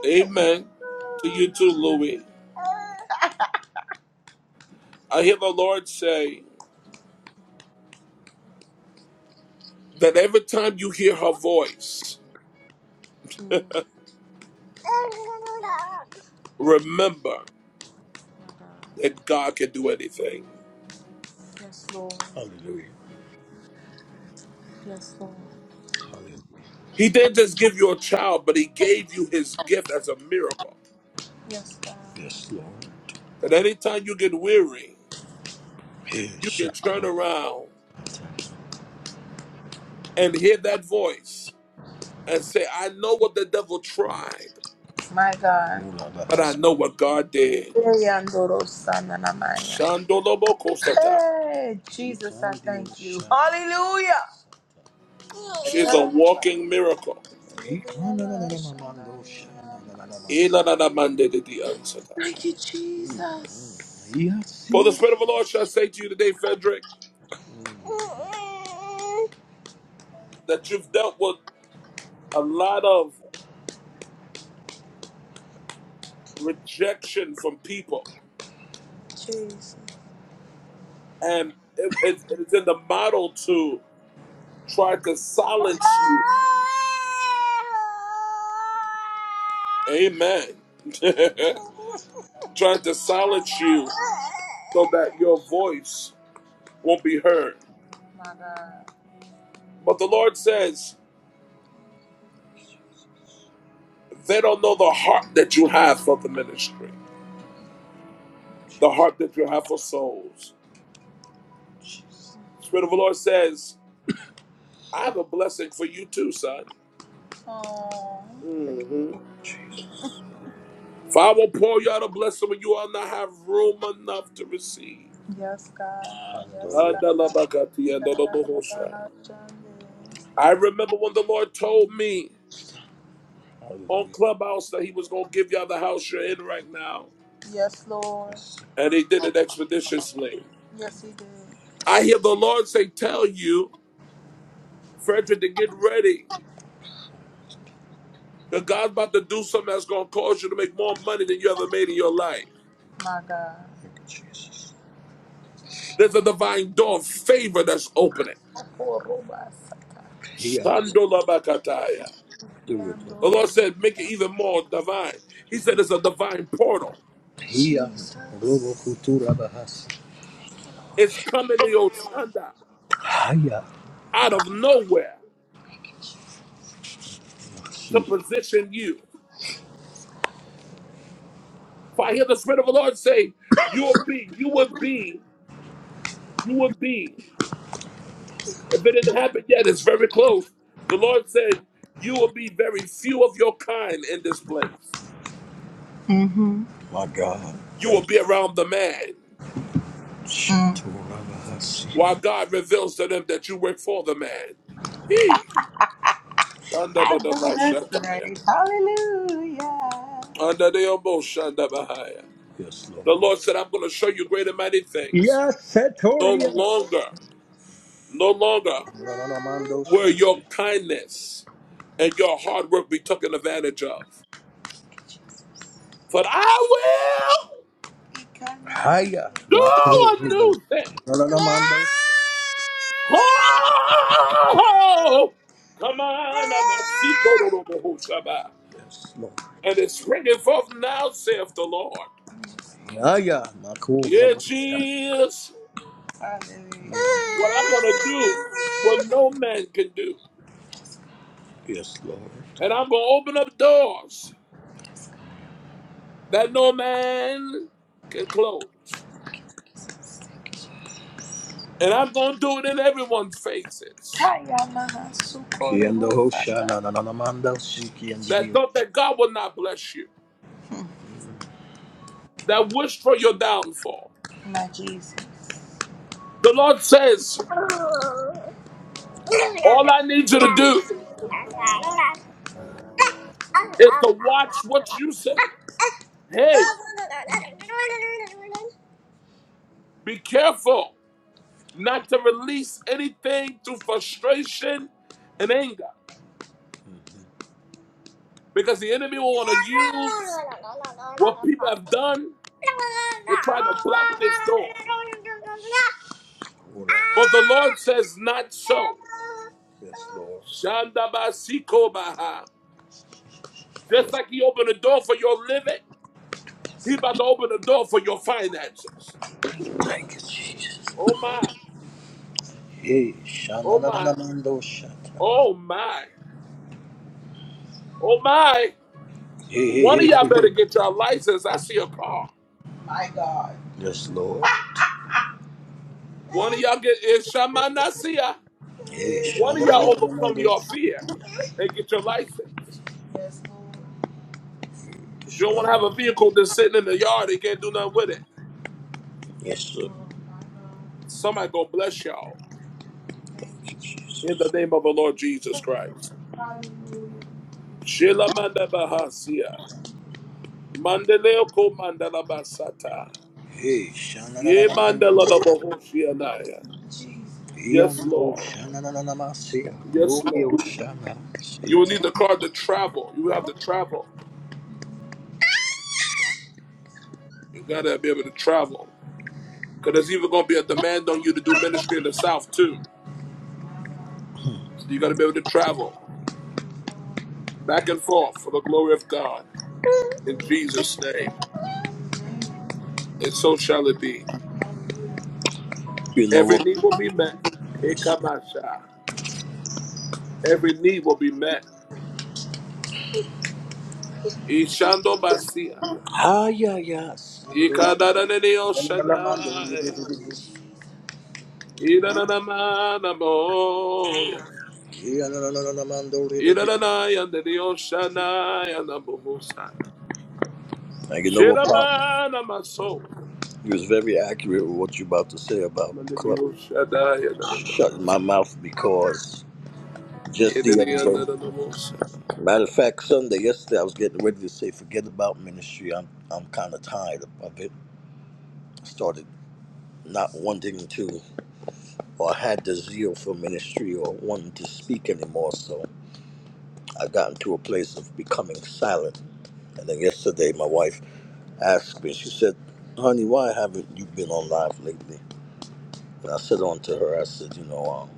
Amen. To you too, Louis. I hear the Lord say that every time you hear her voice, remember
God.
that God can do anything.
Yes, Lord. Hallelujah. Yes, Lord. Hallelujah.
He didn't just give you a child, but He gave you His gift as a miracle.
Yes, God. Yes, Lord.
That anytime you get weary,
Hey,
you can turn
Shabbat.
around and hear that voice and say, I know what the devil tried,
My God. Mula
but I
Lahas.
know what God did.
Eyandorosana namaya.
Shandolobokosata.
Hey, Jesus, I thank you. Hallelujah.
She is a walking miracle. Ilanadamandedidiansatai.
Thank you, Jesus.
For the
Jesus.
Spirit of the Lord shall say to you today, Frederick. that you've dealt with a lot of rejection from people, and it, it, it's in the model to try to silence you. Amen. Trying to silence you so that your voice won't be heard.
My God.
But the Lord says
Jesus.
they don't know the heart that you have for the ministry, the heart that you have for souls.
Jesus.
The Spirit of the Lord says, I have a blessing for you too, son.
Oh.
Father, pour you out a blessing when you all not have room enough to receive.
Yes, God. Yes, Andolo. God. da
I remember when the Lord told me on
Hallelujah.
Clubhouse that He was going to give y'all the house you're in right now,
Yes, Lord. Yes.
and He did it expeditiously.
Yes, He did.
I
Thank
hear the Lord say, Tell you, Frederick, to get ready. That God's about to do something that's going to cause you to make more money than you ever made in your life.
My God. Thank you, Jesus.
There's a divine door of favor that's opening.
Korobasata. He andolo.
Shandolabakataya.
Yando
The Lord
ho-
said, make it even more divine. He said it's a divine portal.
He andolo Jesus. kutura bahas.
It's coming to your Shanda
Haya.
out of nowhere to
Mercy.
position you. For I hear the Spirit of the Lord say, you will be, you will be, you will be. If it didn't happen yet, it's very close. The Lord said, you will be very few of your kind in this place.
Mm-hmm. My God.
You
Thank
will
you.
be around the man
Mm. Shatura bahasi.
while God reveals to them that you work for the man. He under
I
the under
know that's
the
right. Hallelujah. Yes,
The
Lord.
Lord said, I'm going to show you great and mighty things.
Yes,
No
setoria.
longer, no longer
La la la mando sha.
will your kindness and your hard work be taken advantage of. But I will
Haya
do
maturu
a
ribo.
new thing.
La la
Oh, come on, I'm a seeker.
Yes, Lord.
and it's springing forth now, saith the Lord.
Haya makuru
Yeah,
ribo sha.
Jesus,
Hallelujah.
what I'm going to do, what no man can do.
Yes, Lord.
And I'm going to open up doors that no man can close. And I'm going to do it in everyone's faces
Haya maha sukoro Kiendo ho sha la la la la mando si kiendo di.
that thought that God would not bless you, that wished for your downfall.
My Jesus.
The Lord says, All I need you
Oh,
to
Lord.
do is to watch what you say. Hey, be careful not to release anything through frustration and anger because the enemy will want to use what people have done to try to block this door. But the Lord says, Not so.
Yes, Lord.
Shandabasikobaha. Just
Yes.
like he opened the door for your living, he about to open the door for your finances.
Thank you, Jesus.
Oh my,
Hey,
oh my,
shananamando shata.
oh my, oh my.
Hey, hey,
One of
hey, hey,
y'all
hey.
better get your license. I see a car.
My God. Yes, Lord.
One of y'all get is Shamanasia.
Hey,
One of y'all overcome your
shananamando.
fear and get your license.
Yes, Lord.
But
Yes,
you don't
Lord.
want to have a vehicle that's sitting in the yard and can't do nothing with it.
Yes, Lord.
Somebody go bless y'all in the name of the Lord Jesus Christ. Shilamanda Bahasia. Mandeleo ko mandala basata.
Hey,
Ye mandala da
shanananananandia.
bohoshianaya. Yes,
Yando,
Lord.
shananananamasia.
Yes,
Gloria,
Lord.
shana.
You will need
Shete.
the car to travel. You will have to travel. You gotta be able to travel. Cause there's even gonna be a demand on you to do ministry in the South too. So you gotta be able to travel back and forth for the glory of God in Jesus' name. And so shall it be.
You know
Every
what?
need will be met.
Yes.
Ekamasha. Every need will be met. Ishando basia.
Ah, yeah, yeah. Sando. Yananananamando
Ikadadadadiyoshanaya. Idadadamanaboya.
ribebe.
Idadadayandadiyoshanaya nabohosa.
And you know what, Pop?
Shirabanamaso.
You was very accurate with what you about to say about club
Mandadiyoshanaya
shutting
nanamasa.
my mouth because just the other day. Matter of fact, Sunday yesterday I was getting ready to say, forget about ministry. I'm I'm kind of tired of it. I started not wanting to or had the zeal for ministry or wanting to speak anymore. So I got into a place of becoming silent. And then yesterday my wife asked me, she said, "Honey, why haven't you been on live lately?" And I said on to her, I said, "You know, um,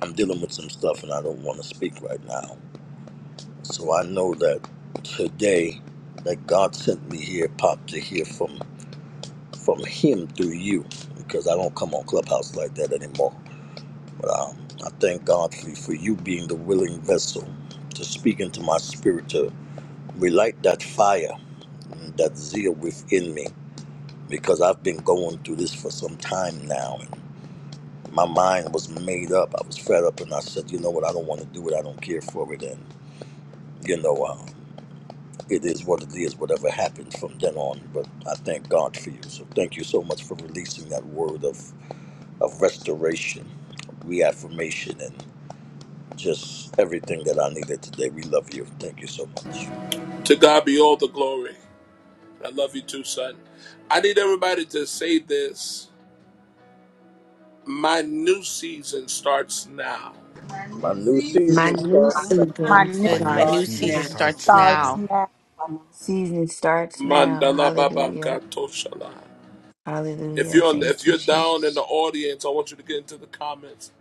I'm dealing with some stuff and I don't want to speak right now." So I know that today that God sent me here, Pop, to hear from. from Him through you, because I don't come on Clubhouse like that anymore. But um, I thank God for, for you being the willing vessel to speak into my spirit to relight that fire, and that zeal within me, because I've been going through this for some time now. And my mind was made up. I was fed up, and I said, you know what? I don't want to do it. I don't care for it. And you know, um, it is what it is. Whatever happens from then on. But I thank God for you. So thank you so much for releasing that word of of restoration, reaffirmation, and just everything that I needed today. We love you. Thank you so much.
To God be all the glory. I love you too, son. I need everybody to say this. My new season starts now.
My new
My
season
new
starts.
My
season
new
My
And my
new
new
Start
starts
season
season
now.
season
now.
starts
starts
starts
now.
now.
now.
My Season starts now.
Mandala Baba
Hallelujah.
Katoshala. If
Hallelujah.
you're on,
Thank
if
you,
you're down in the
Jesus.
audience, I want you to get into the comments.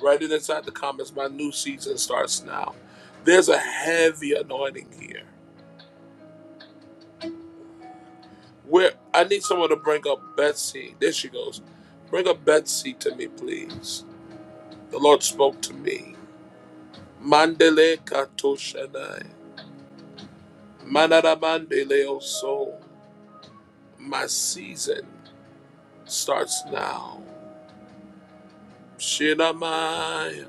Write it inside the comments, my new season starts now. There's a heavy anointing here. Where I need someone to bring up Betsy. There she goes. Bring up Betsy to me, please. The Lord spoke to me. Mandele katoshanai. Manara mandele oso. My season starts now. Shinamaya.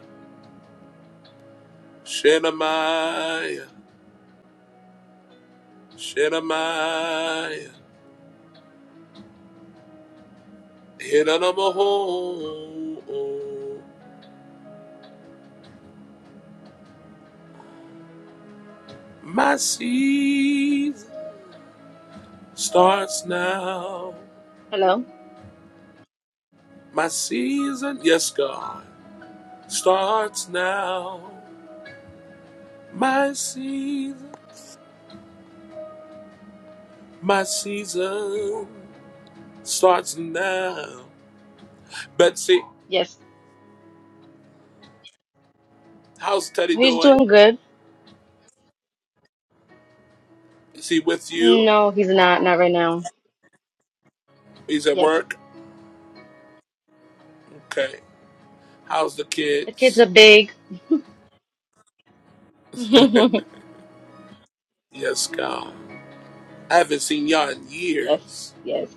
Shinamaya. Shemai, Hidanamoho. My season starts now.
Hello?
My season, yes, God, starts now. My season, my season starts now. Betsy,
Yes.
how's Teddy
He's
doing?
doing good.
Is he with you?
No, he's not. Not right now.
He's at
Yes.
work? Okay. How's the
The kids are
kids?
big. yes.
Yes, God. I haven't seen y'all in years.
Yes.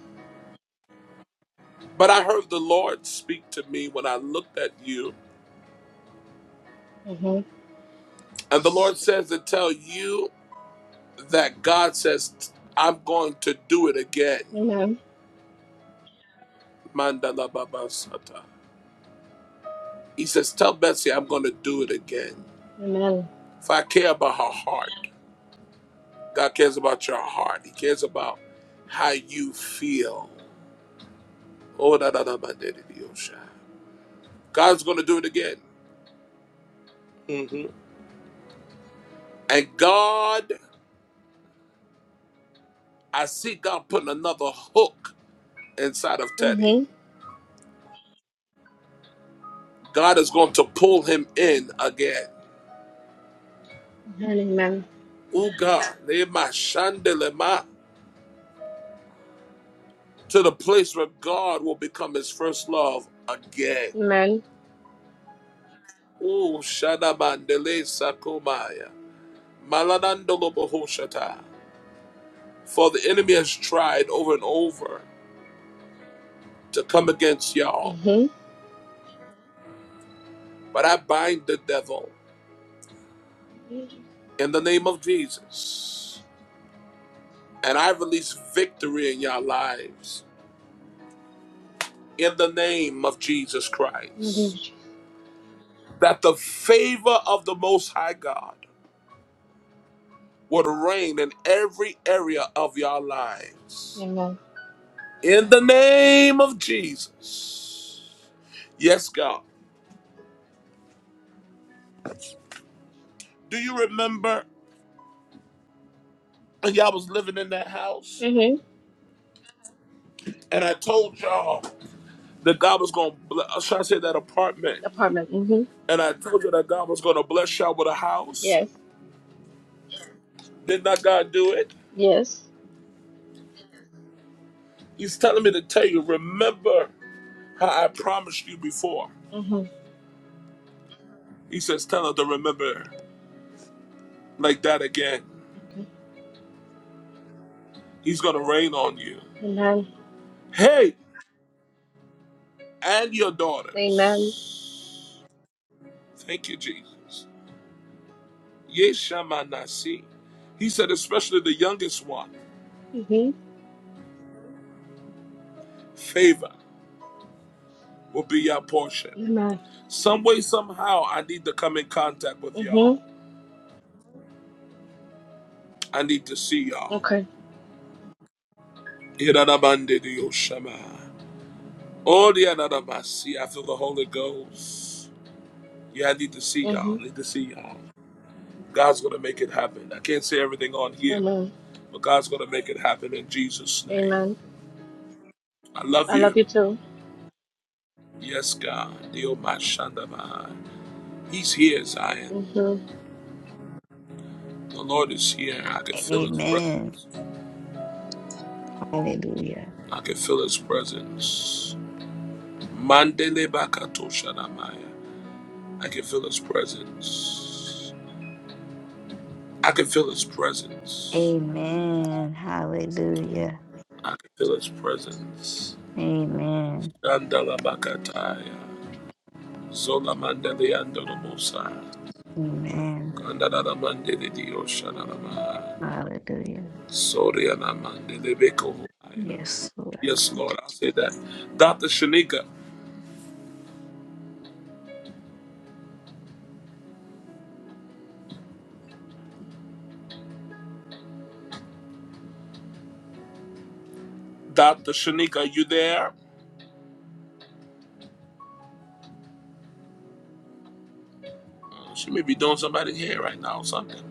But I heard the Lord speak to me when I looked at you.
hmm
And the Lord says to tell you that God says, I'm going to do it again.
Amen.
Mandala Baba Sata. He says, Tell Betsy I'm going to do it again.
Amen.
If I care about her heart, God cares about your heart. He cares about how you feel. Oh, da, da, da, ba, da, da, da, osha. God's going to do it again. Mhm. And God, I see God putting another hook inside of Teddy.
hmm
God is going to pull him in again.
Amen. Amen.
Oh God, lema shandelema, to the place where God will become his first love again.
Amen.
Oh Shadabandele sakomaya, maladandolobohoshata. For the enemy has tried over and over to come against y'all, but I bind the devil in the name of Jesus, and I release victory in y'all lives in the name of Jesus Christ.
hmm
that the favor of the Most High God would reign in every area of your lives.
Amen.
In the name of Jesus. Yes, God. Do you remember when y'all was living in that house?
hmm
And I told y'all that God was going to bless, should I say that apartment?
Apartment. hmm
And I told you that God was going to bless y'all with a house.
Yes.
Did not God do it?
Yes.
He's telling me to tell you, remember how I promised you before.
hmm
He says, tell her to remember like that again.
Okay.
He's going to rain on you.
Amen.
Hey, and your
Amen.
daughters. Thank you, Jesus. Yeshamanasi. He said, especially the youngest one,
hmm
favor will be your portion.
Amen.
Some way, somehow, I need to come in contact with
hmm
y'all. I need to see y'all.
Okay.
Iranabandidiyoshama. Oh, the anadamasi. I feel the Holy Ghost. Yeah, I need to see
hmm
y'all. I need to see y'all. God's going to make it happen. I can't say everything on here,
Amen.
But God's going to make it happen in Jesus' name.
Amen.
I love
I love
you.
you too.
Yes, God. The Almighty Shandamai. He's here, Zion.
Mm-hmm.
The Lord is here. I can feel his
Amen.
presence.
Hallelujah.
I can feel his presence. Mandele bakato shanamaya. I can feel his presence. I can feel his presence.
Amen. Hallelujah.
I can feel his presence.
Amen.
Shandala bakataya. Zola mandele andolo mosa.
Amen.
Kandala mandele dio shanamaya.
Hallelujah.
Sorry, and i
Yes, Lord.
Yes,
Thank
Lord, I say that. Dr. Shanika, Dr. Shanika, are you there? Uh, She may be doing somebody here right now or something.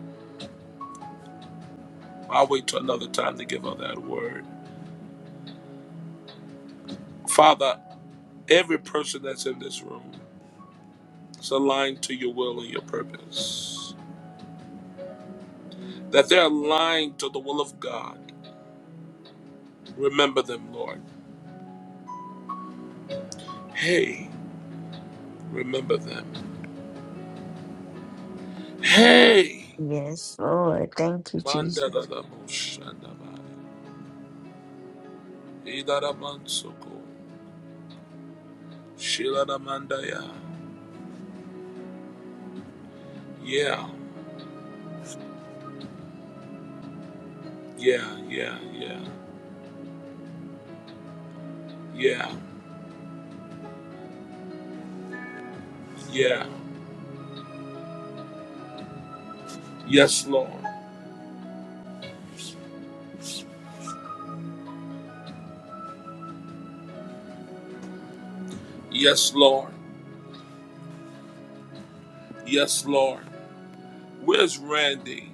I'll wait till another time to give her that word. Father, every person that's in this room is aligned to your will and your purpose. That they're aligned to the will of God. Remember them, Lord. Hey, remember them. Hey!
you. Yes, Lord. Thank you,
Manda da
Jesus.
da mo shanda ba. Ida da man soko. Shiladamandaya. Yeah, yeah, yeah, yeah, yeah, yeah. yeah. Yes, Lord. Yes, Lord. Yes, Lord. Where's Randy?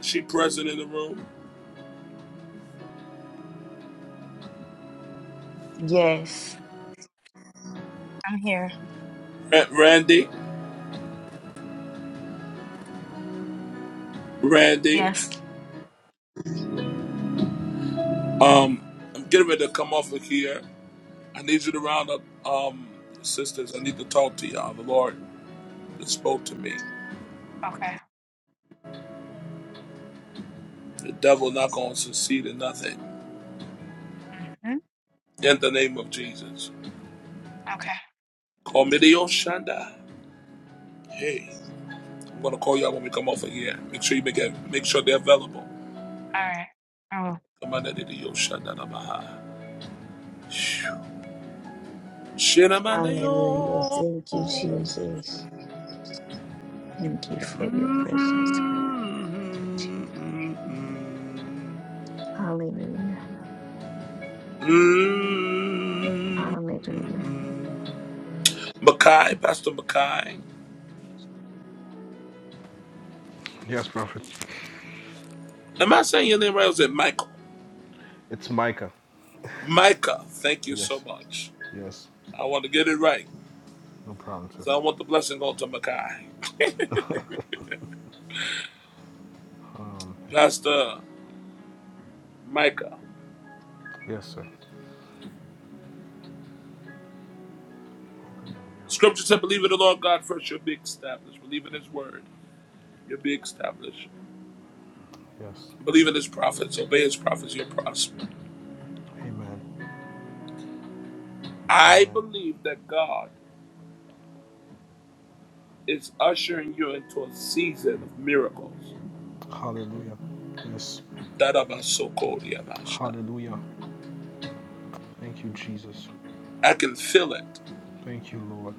Is she present in the room?
Yes.
I'm here.
Ra- Randy? Randy?
Yes.
Um, I'm getting ready to come off of here. I need you to round up, um, sisters. I need to talk to y'all. The Lord that spoke to me.
Okay.
The devil not gonna succeed in nothing.
hmm
In the name of Jesus.
Okay.
Call me the Oshanda. Hey. I'm gonna call y'all when we come over here. Make sure you make it, make sure they're available.
All right. I will.
Come on, Daddy, yo, shanda na maha. Shina mane
Hallelujah.
yo.
Thank you, Jesus. Thank you for your
Mm.
presence, God. Hallelujah.
Mm.
Hallelujah.
Makai, Pastor Makai.
Yes, Prophet.
Am I saying your name right? Or is it Michael?
It's Micah.
Micah, thank you so
Yes.
much.
Yes.
I want to get it right
No problem, sir.
because I want the blessing go to Makai.
Okay.
Pastor Micah.
Yes, sir. Hallelujah.
Scripture said, Believe in the Lord God first, you'll be established. Believe in His word. You'll be established.
Yes.
Believe in his prophets, obey his prophets, you'll prosper.
Amen.
I
Amen.
believe that God is ushering you into a season of miracles.
Hallelujah. Yes.
Darabasokoriabasha.
Hallelujah. Thank you, Jesus.
I can feel it.
Thank you, Lord.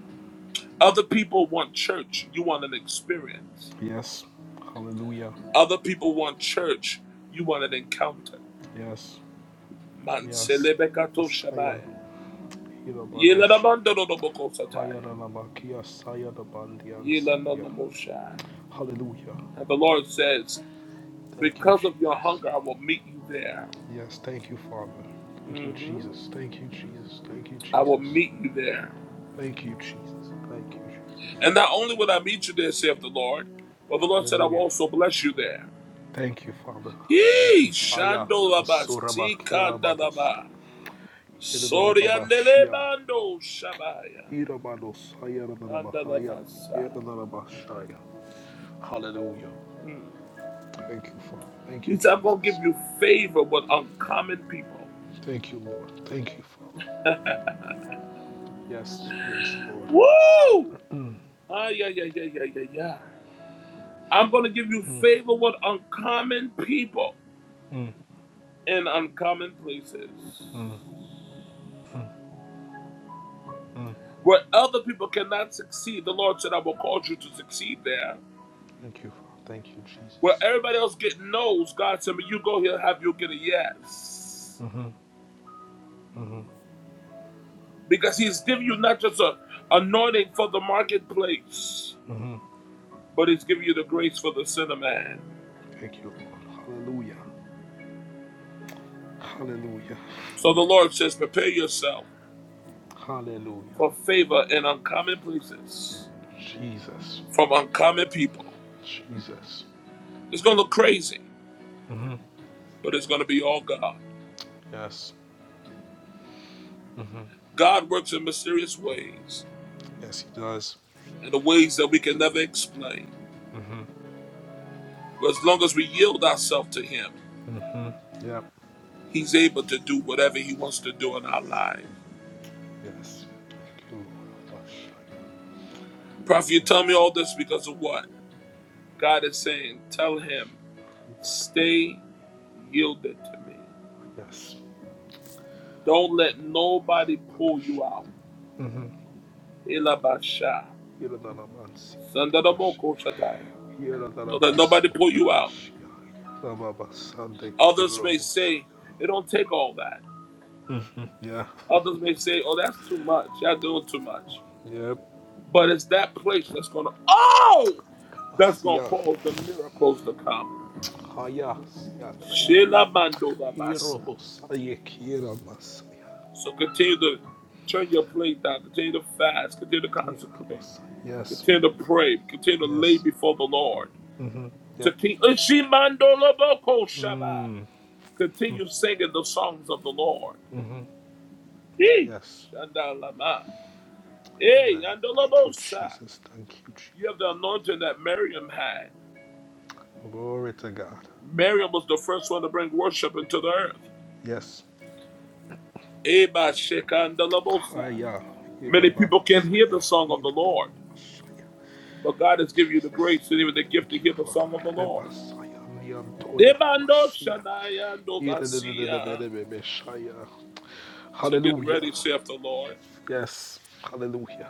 Other people want church, you want an experience.
Yes. Hallelujah.
Other people want church, you want an encounter.
Yes. Yes.
Manselebekato
Messiah.
shamaya.
Hirabadosh.
Yeladamandorobokosataya.
Hayaralamakia. Saya the Bandians.
Yelanonobosha.
Hallelujah.
And the Lord says,
Thank you,
Because of your
Jesus.
hunger, I will meet you there.
Yes, thank you, Father. Thank you, Jesus. Thank you, Jesus. Thank you,
I will
Jesus.
meet you there.
Thank you, Jesus. Thank you, Jesus.
And not only will I meet you there, saith the Lord, but the Lord said, I will
Hallelujah.
also bless you there.
Thank you, Father. Thank
Yee,
you. Aya
shandolaba,
asurabakiyarabadosia.
sikandalaba,
Irabados.
soriandelebando, shabaya,
Irabadosayaradarabahaya.
andalabasa.
Iridalabashaya. Hallelujah. Thank you, Father. Thank
He
you,
said, I'm going to
Jesus.
give you favor with uncommon people.
Thank you, Lord. Thank you, Father. Yes, yes, Lord.
Woo! Ah, yeah, yeah, yeah, yeah, yeah, yeah. I'm going to give you
Mm,
favor with uncommon people
mm,
in uncommon
mm,
places.
mm, mm.
Where other people cannot succeed, the Lord said, I will cause you to succeed there.
Thank you, Father. Thank you,
Where
Jesus.
everybody else get no's, God said, when you go here, have you get a yes.
Mm-hmm, mm-hmm.
Because He's giving you not just an anointing for the marketplace,
hmm
but He's giving you the grace for the sinner man.
Thank you, Lord. Hallelujah. Hallelujah.
So the Lord says, prepare yourself
Hallelujah.
for favor in uncommon places
Jesus.
from uncommon people.
Jesus.
It's going to look crazy,
hmm
but it's going to be all God.
Yes. hmm
God works in mysterious ways
Yes, He does.
and the ways that we can never explain.
hmm
But as long as we yield ourselves to Him,
hmm Yep.
He's able to do whatever He wants to do in our life.
Yes. Thank you, Lord.
Prophet, you
Yes.
tell me all this because of what? God is saying, tell Him, stay yielded to me.
Yes.
Don't let nobody pull you out.
Mm-hmm.
Elabasha. Sandaramoko shataya. Don't let nobody pull you out. Others may say, it don't take all that.
Yeah.
Others may say, oh, that's too much. Y'all doing too much.
Yep.
But it's that place that's gonna oh that's gonna
Kamasia.
cause the miracles to come.
Haya Yataya.
Shela mando basa.
Hirobosaya Kira Masaya.
So continue to turn your plate down, continue to fast, continue to
Kira
consecrate,
Masaya. Yes.
continue to pray, continue to lay
Yes.
before the Lord.
Mm-hmm. Yeah. Mm.
Continue singing the songs of the Lord.
Mm-hmm.
Eh,
Yes.
Eh,
Amen. Thank you, Jesus. Thank you, Jesus.
You have the anointing that Miriam had.
Glory to God.
Miriam was the first one to bring worship into the earth.
Yes.
Eba shekandalabosa.
Haya
Many people can not hear the
Hirobadosaya.
song of the Lord,
Idababasaya.
but God has given you the
Jesus.
grace and even the gift
Thank
to
you,
hear the
Father.
song of the Lord.
Rebasaya Niantoya
Debando
Namasia.
shanaya dobasia. So get ready,
Hallelujah.
saith the Lord.
Yes. Hallelujah.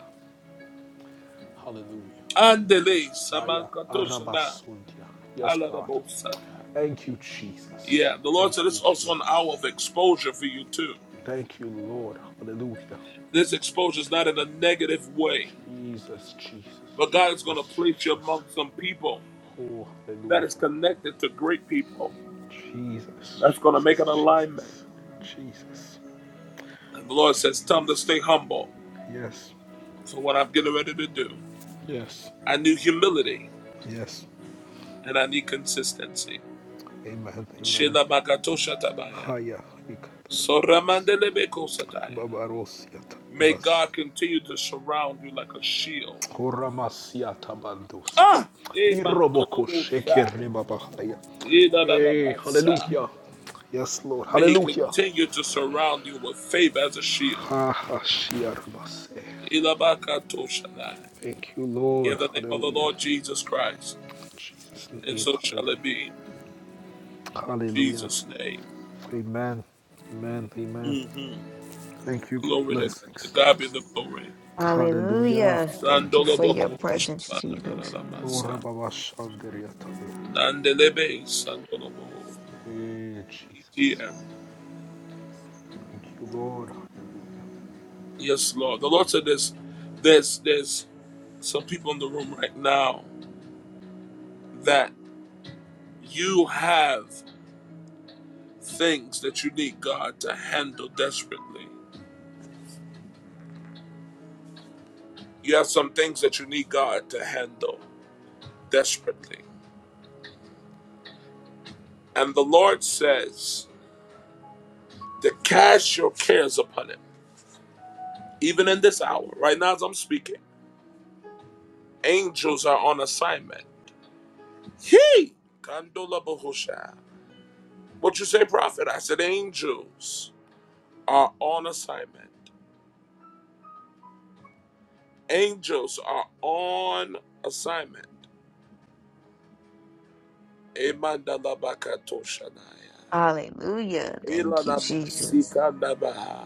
Hallelujah. Thank you,
Andele
Jesus. Aya,
samankatoshana
arabasuntia. Yes, God.
haladabosata.
Thank you, Jesus.
Yeah, the Lord
Thank
said
you,
it's also an hour
Jesus.
of exposure for you too.
Thank you, Lord. Hallelujah.
This exposure is not in a negative way,
Jesus, Jesus,
but God is going to
Jesus,
place you
Jesus.
among some people
Oh,
that is
hallelujah.
connected to great people.
Jesus,
That's going to make an
Jesus,
alignment.
Jesus, Jesus,
And the Lord says, Tell them to
Jesus.
stay humble
Yes,
for what I'm getting ready to do.
yes,
I need humility
yes.
and I need consistency.
Amen, amen.
Shela
Haya, ikatatatabas. Babarosiata
May
bas
God continue to surround you like a shield.
horamasiata bandosia.
Ah! Eh,
Iroboko shekere babahaya.
Eh,
Yay, hallelujah. Yes, Lord,
May He
hallelujah.
continue to surround you with favor as a shield.
Ha ha shiarmase. Thank you, Lord,
In the name of the
hallelujah.
Lord Jesus Christ.
In Jesus'
And
name,
so shall it
hallelujah.
be. In
Hallelujah.
Jesus' name.
Amen. Amen. Amen.
hmm
Thank you.
Glory to God. To
Blessings.
God be the glory.
Hallelujah.
Hallelujah. Thank you for your
Sandoloboko.
presence, Jesus.
Ora
Shabanadadadamasa.
baba Shanderiataya. ataya.
Nandelebe. Sandolobo.
Eh, Jesus.
Yeah.
Thank you, Lord. Hallelujah.
Yes, Lord. The Lord said this. There's, there's some people in the room right now that you have things that you need God to handle desperately. You have some things that you need God to handle desperately. And the Lord says to cast your cares upon Him, even in this hour, right now as I'm speaking. Angels are on assignment. He Kandola Bahusha. What you say, prophet? I said angels are on assignment. Angels are on assignment. Emandala Bakatoshanaya.
Hallelujah. Thank you,
Ilana
Jesus.
Masikandaba.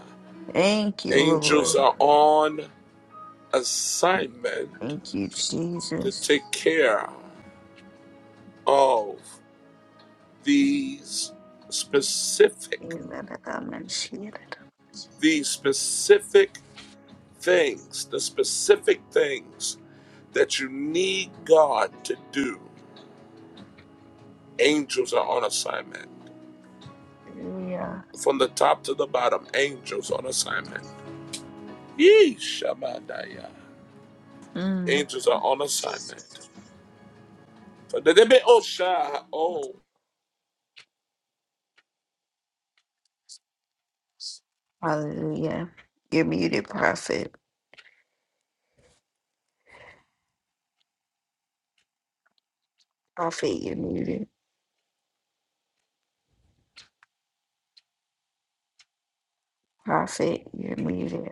Thank you,
Angels
Lord.
are on assignment
Thank you,
to
Jesus.
take care of these specific,
Hallelujah.
these specific things, the specific things that you need God to do. Angels are on assignment. From the top to the bottom, angels on assignment. Yee, Shabbataya.
Mm.
Angels are on assignment. For the day, oh, Shah, oh,
Hallelujah. You're muted, prophet. Prophet, you're muted. Prophet, you're muted.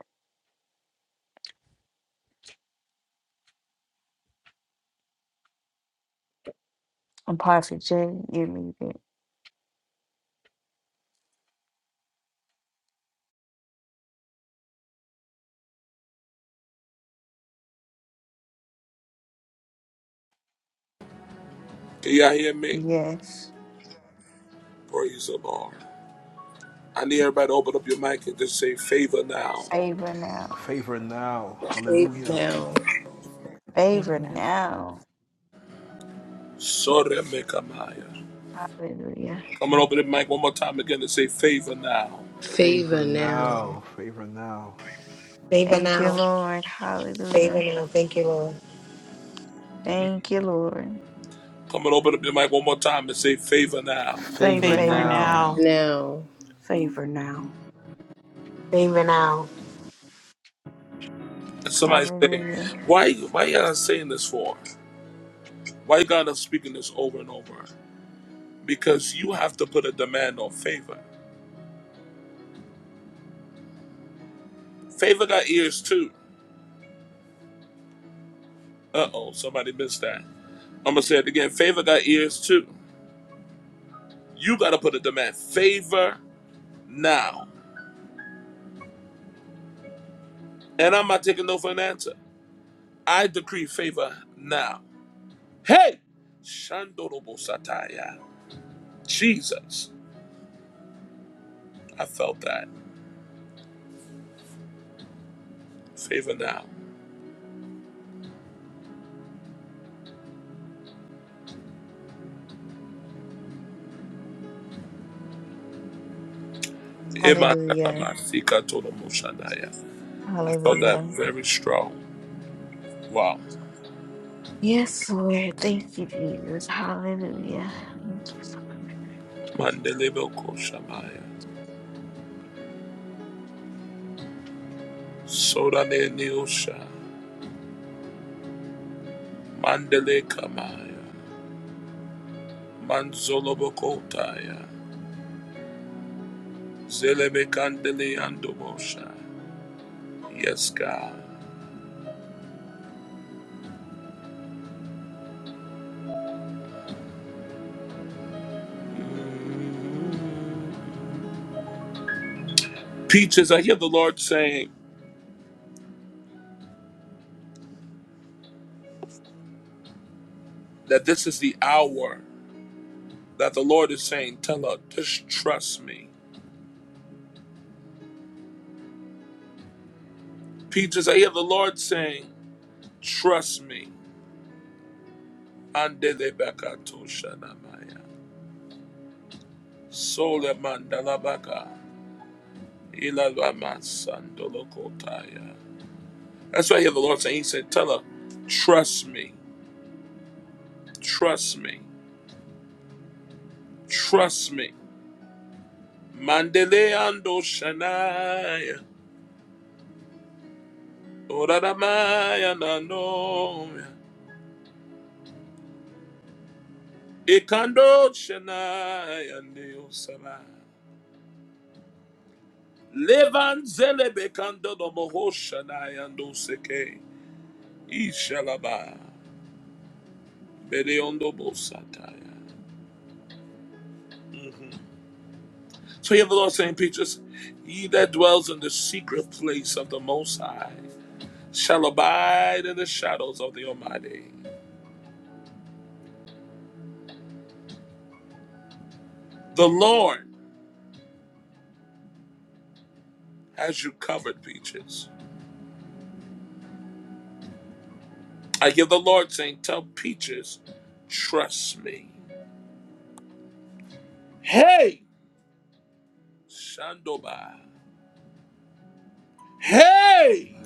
And Pastor J, you need it.
can y'all hear me?
Yes.
Praise the Lord. I need everybody to open up your mic and just say favor now.
Favor now.
Favor now.
Favor
Hallelujah.
now.
Favor
Favor
now.
now.
Sore mekamaya.
Hallelujah.
Come and open up your mic one more time again and say favor now.
Favor
Favor now.
now. Favor now.
Favor
Thank you,
now.
Lord.
Favor
Hallelujah.
now. Thank you, Lord.
Thank you, Lord.
Come and open up your mic one more time and say favor now.
Favor
Favor
Favor
Favor
now.
now.
now.
now.
Now.
Favor now.
Favor now.
Somebody say,
Hallelujah.
why why y'all saying this for? Why God is speaking this over and over? Because you have to put a demand on favor. Favor got ears too. Uh oh, somebody missed that. I'm gonna say it again. Favor got ears too. You gotta put a demand. Favor now. And I'm not taking no for an answer. I decree favor now. Hey! Shandorobo Sataya. Jesus. I felt that. Favor now. Ema
Hallelujah.
Sakamasika Torobo Shandaya. I felt that
Hallelujah.
very strong. Wow.
Yes, Lord. Thank you, Jesus. Hallelujah. Thank you.
Mandele Boko Shamaya. Sorale Niosha. Mandele Kamaya. Manzolo Boko Taya. Zelebe Kandele Andobosha. Yes, God. Peaches, I hear the Lord saying that this is the hour that the Lord is saying, tell her, just trust me. Peaches, I hear the Lord saying, trust me. Andele Baka Tosha Namaya. Sole Mandalabaka. That's why I hear the Lord saying, He said, Tell her, trust me, trust me, trust me. Mandele ando shanaya, oraramaya nanomya, ikando shanaya neosala. Levanzele bekando domoho shanaya ndoseke, ishalaba, bedeondo bosataya. So you have the Lord saying, Petrus, he that dwells in the secret place of the Most High shall abide in the shadows of the Almighty. The Lord has you covered, Peaches. I give the Lord saying, tell Peaches, trust me. Hey, Shandoba. Hey,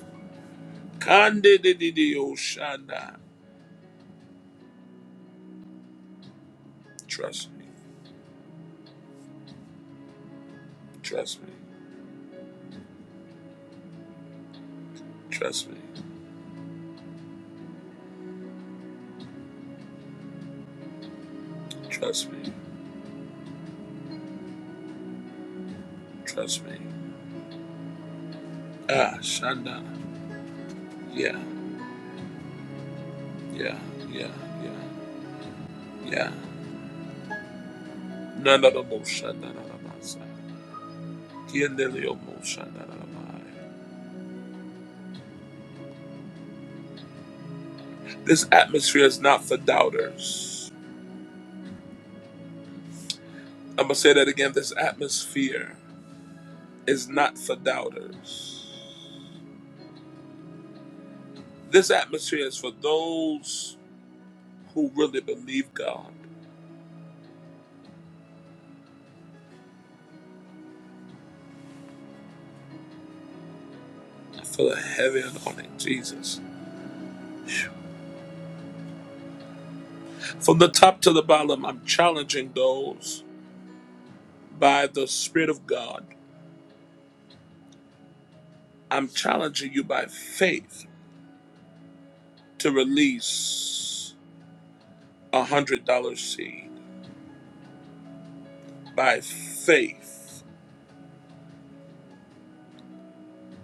Kandididio Shanda. Trust me, trust me, trust me, trust me, trust me. Ah, Shanda. Yeah, yeah, yeah, yeah. Yeah. None of the motion, none of the masa. Kiandelio motion, none of the mai. This atmosphere is not for doubters. I'm going to say that again. This atmosphere is not for doubters. This atmosphere is for those who really believe God. I feel a heavy anointing, Jesus. From the top to the bottom, I'm challenging those by the Spirit of God. I'm challenging you by faith to release a $100 seed. by faith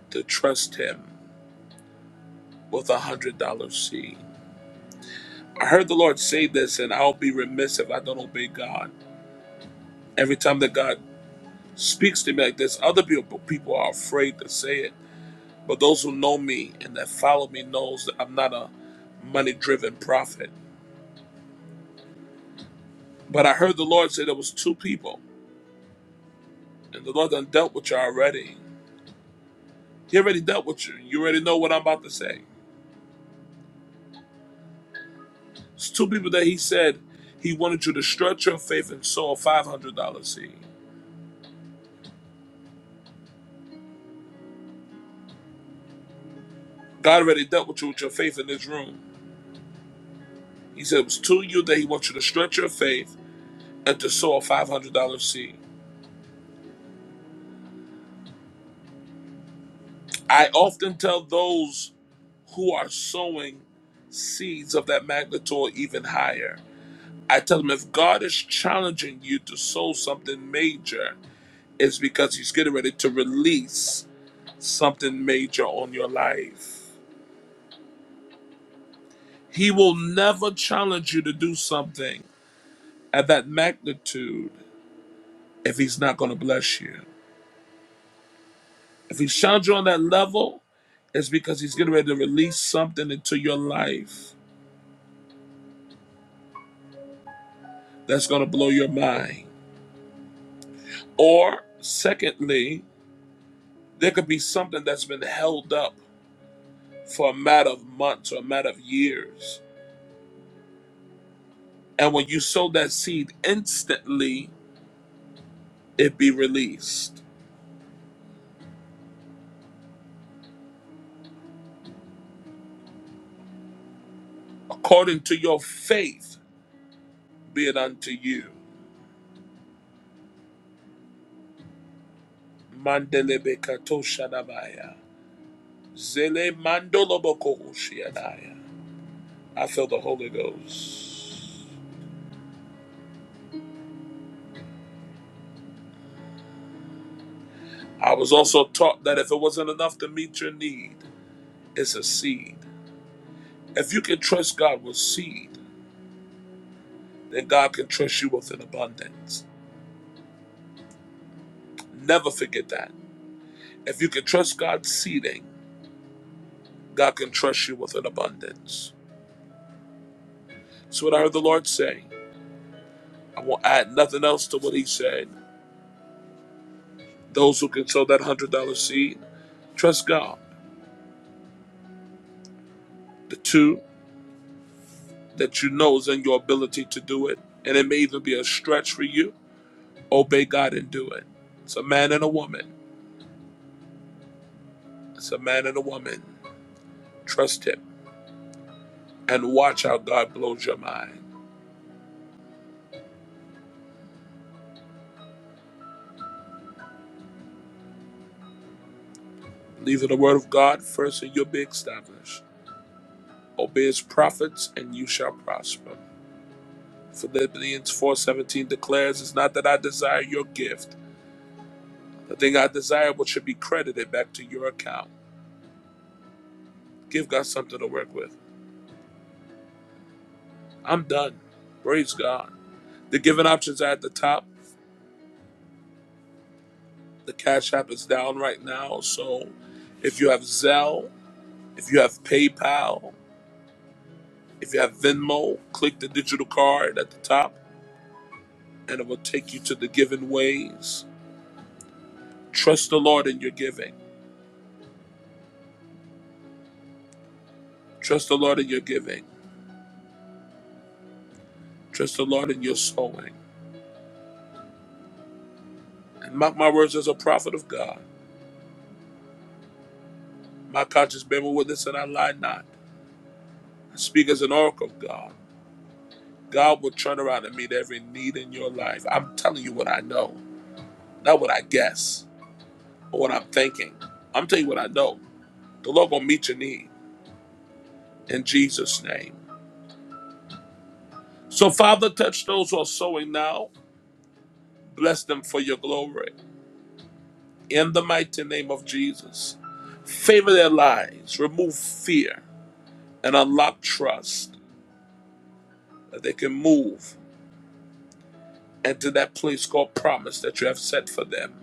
to trust him with a hundred dollar seed. I heard the Lord say this, and I'll be remiss if I don't obey God. Every time that God speaks to me like this, other people people are afraid to say it. But those who know me and that follow me knows that I'm not a money driven prophet. But I heard the Lord say there was two people, and the Lord done dealt with you already. He already dealt with you. You already know what I'm about to say. It's two people that he said he wanted you to stretch your faith and sow a five hundred dollar seed. God already dealt with you with your faith in this room. He said it was to you that he wants you to stretch your faith and to sow a five hundred dollar seed. I often tell those who are sowing seeds of that magnitude or even higher. I tell them if God is challenging you to sow something major, it's because He's getting ready to release something major on your life. He will never challenge you to do something at that magnitude if he's not going to bless you. If he's challenged you on that level, it's because he's getting ready to release something into your life that's going to blow your mind. Or, secondly, there could be something that's been held up for a matter of months or a matter of years. And when you sow that seed instantly, it be released. According to your faith, be it unto you. Mandelebekatoshadabaya. Zele mandolobokoshiadaya. I feel the Holy Ghost. I was also taught that if it wasn't enough to meet your need, it's a seed. If you can trust God with seed, then God can trust you with an abundance. Never forget that. If you can trust God's seeding, God can trust you with an abundance. So what I heard the Lord say, I won't add nothing else to what He said. Those who can sow that one hundred dollar seed, trust God. The two. that you know is in your ability to do it. And it may even be a stretch for you. Obey God and do it. It's a man and a woman. It's a man and a woman. Trust Him and watch how God blows your mind. Believe in the word of God first and you'll be established. Obey His prophets and you shall prosper. Philippians 4.17 declares, It's not that I desire your gift. The thing I desire what should be credited back to your account. Give God something to work with. I'm done. Praise God. The given options are at the top. The Cash App is down right now. So if you have Zelle, if you have PayPal, if you have Venmo, click the digital card at the top and it will take you to the giving ways. Trust the Lord in your giving. Trust the Lord in your giving. Trust the Lord in your sowing. And mark my words as a prophet of God. My conscience bear me witness and I lie not. I speak as an oracle of God. God will turn around and meet every need in your life. I'm telling you what I know, not what I guess. or what I'm thinking. I'm telling you what I know. The Lord gonna meet your need in Jesus' name. So, Father, touch those who are sowing now. Bless them for your glory. In the mighty name of Jesus. Favor their lives. Remove fear and unlock trust that they can move into that place called promise that you have set for them.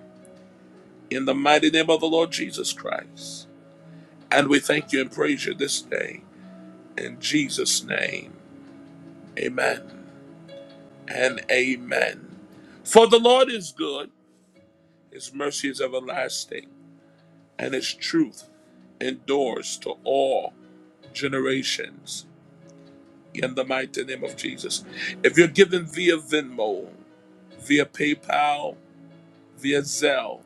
In the mighty name of the Lord Jesus Christ. And we thank you and praise you this day. In Jesus' name. Amen. and amen. For the Lord is good, his mercy is everlasting, and his truth endures to all generations. In the mighty name of Jesus. If you're giving via Venmo, via PayPal, via Zelle,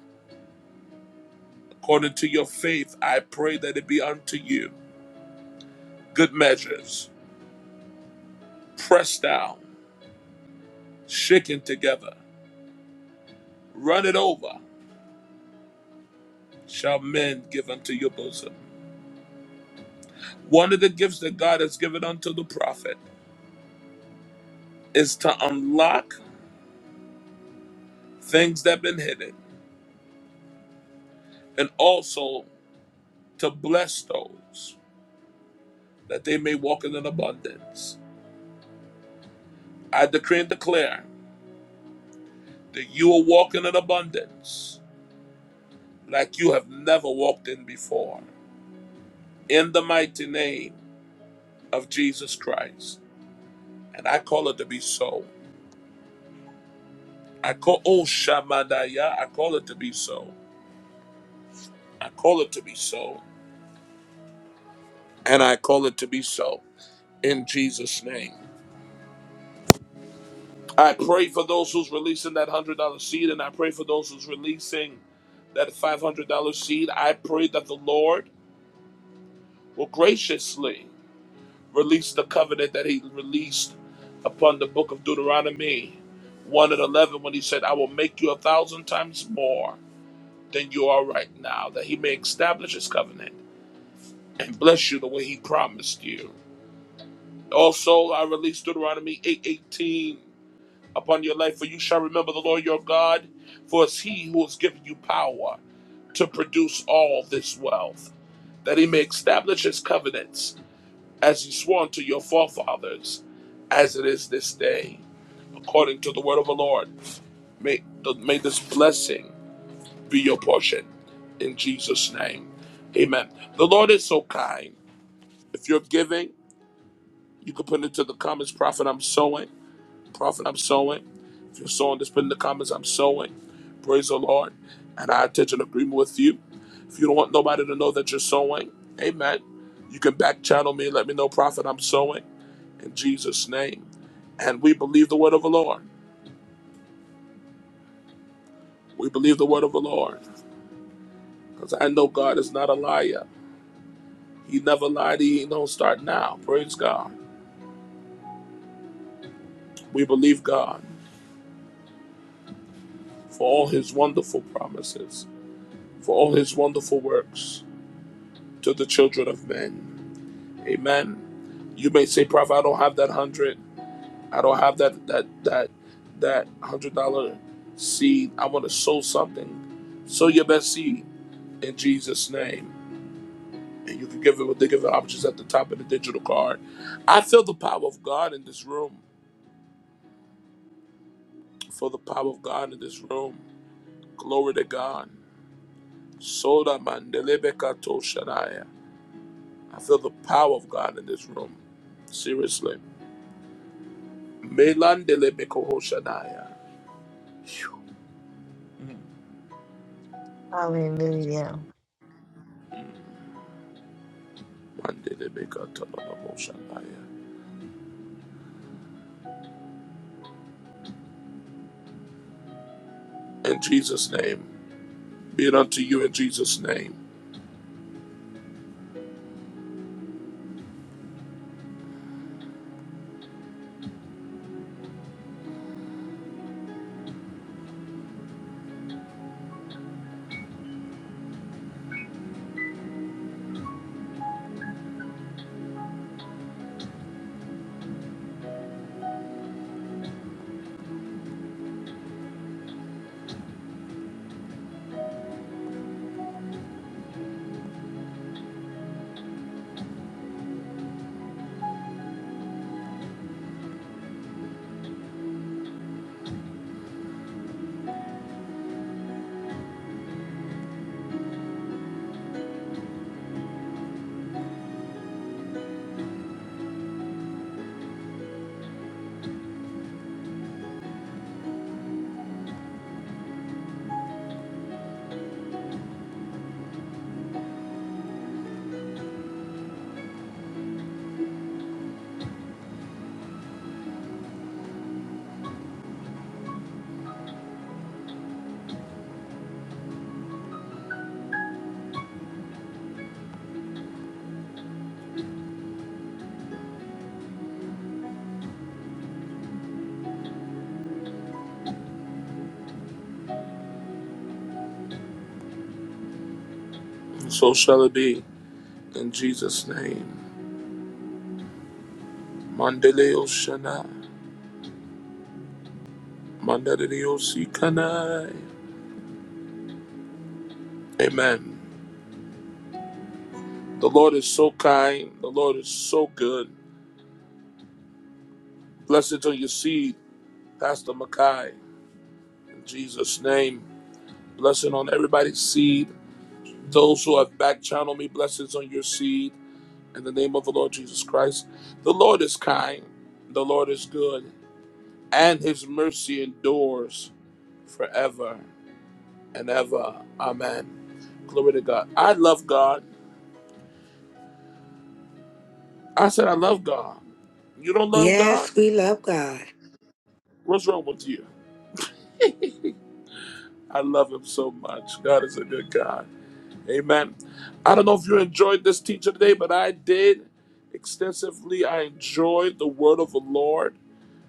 according to your faith, I pray that it be unto you. Good measures, pressed down, shaken together, run it over, shall men give unto your bosom. One of the gifts that God has given unto the prophet is to unlock things that have been hidden and also to bless those that they may walk in an abundance. I decree and declare that you will walk in an abundance like you have never walked in before. In the mighty name of Jesus Christ. And I call it to be so. I call oh Shamadaya, I call it to be so. I call it to be so. And I call it to be so. In Jesus' name. I pray for those who's releasing that one hundred dollar seed, and I pray for those who's releasing that five hundred dollar seed. I pray that the Lord will graciously release the covenant that He released upon the book of Deuteronomy one and eleven, when He said, "I will make you a thousand times more than you are right now," that He may establish His covenant and bless you the way He promised you. Also, I release Deuteronomy eight eighteen. upon your life, for you shall remember the Lord your God, for it's he who has given you power to produce all this wealth, that he may establish his covenants, as he swore unto your forefathers, as it is this day, according to the word of the Lord. May, may this blessing be your portion in Jesus' name. Amen. The Lord is so kind. If you're giving, you can put into the comments, Prophet, I'm sowing. Prophet, I'm sowing. If you're sowing, just put in the comments, I'm sowing. Praise the Lord. And I touch an agreement with you. If you don't want nobody to know that you're sowing, amen. You can back channel me and let me know, Prophet, I'm sowing in Jesus' name. And we believe the word of the Lord. We believe the word of the Lord. Because I know God is not a liar. He never lied. He don't start now. Praise God. We believe God for all his wonderful promises, for all his wonderful works to the children of men. Amen. You may say, Prophet, I don't have that hundred. I don't have that that that that hundred dollar seed. I want to sow something. Sow your best seed in Jesus' name. And you can give it with the giving options at the top of the digital card. I feel the power of God in this room. For the power of God in this room. Glory to God. Soda mandelebekato shanaya. I feel the power of God in this room. Seriously. Melandelebeko hoshanaya.
Hallelujah.
In Jesus' name. Be it unto you in Jesus' name. So shall it be in Jesus' name. Mandeleo shana. Mandeleo sikanai. Amen. The Lord is so kind. The Lord is so good. Blessed on your seed, Pastor Mackay. In Jesus' name. Blessing on everybody's seed. Those who have back channeled me, blessings on your seed. In the name of the Lord Jesus Christ. The Lord is kind. The Lord is good. and his mercy endures forever and ever. Amen. Glory to God. I love God. I said, I love God. You don't love God?
Yes, we love God.
What's wrong with you? I love him so much. God is a good God. Amen. I don't know if you enjoyed this teaching today, but I did extensively. I enjoyed the word of the Lord.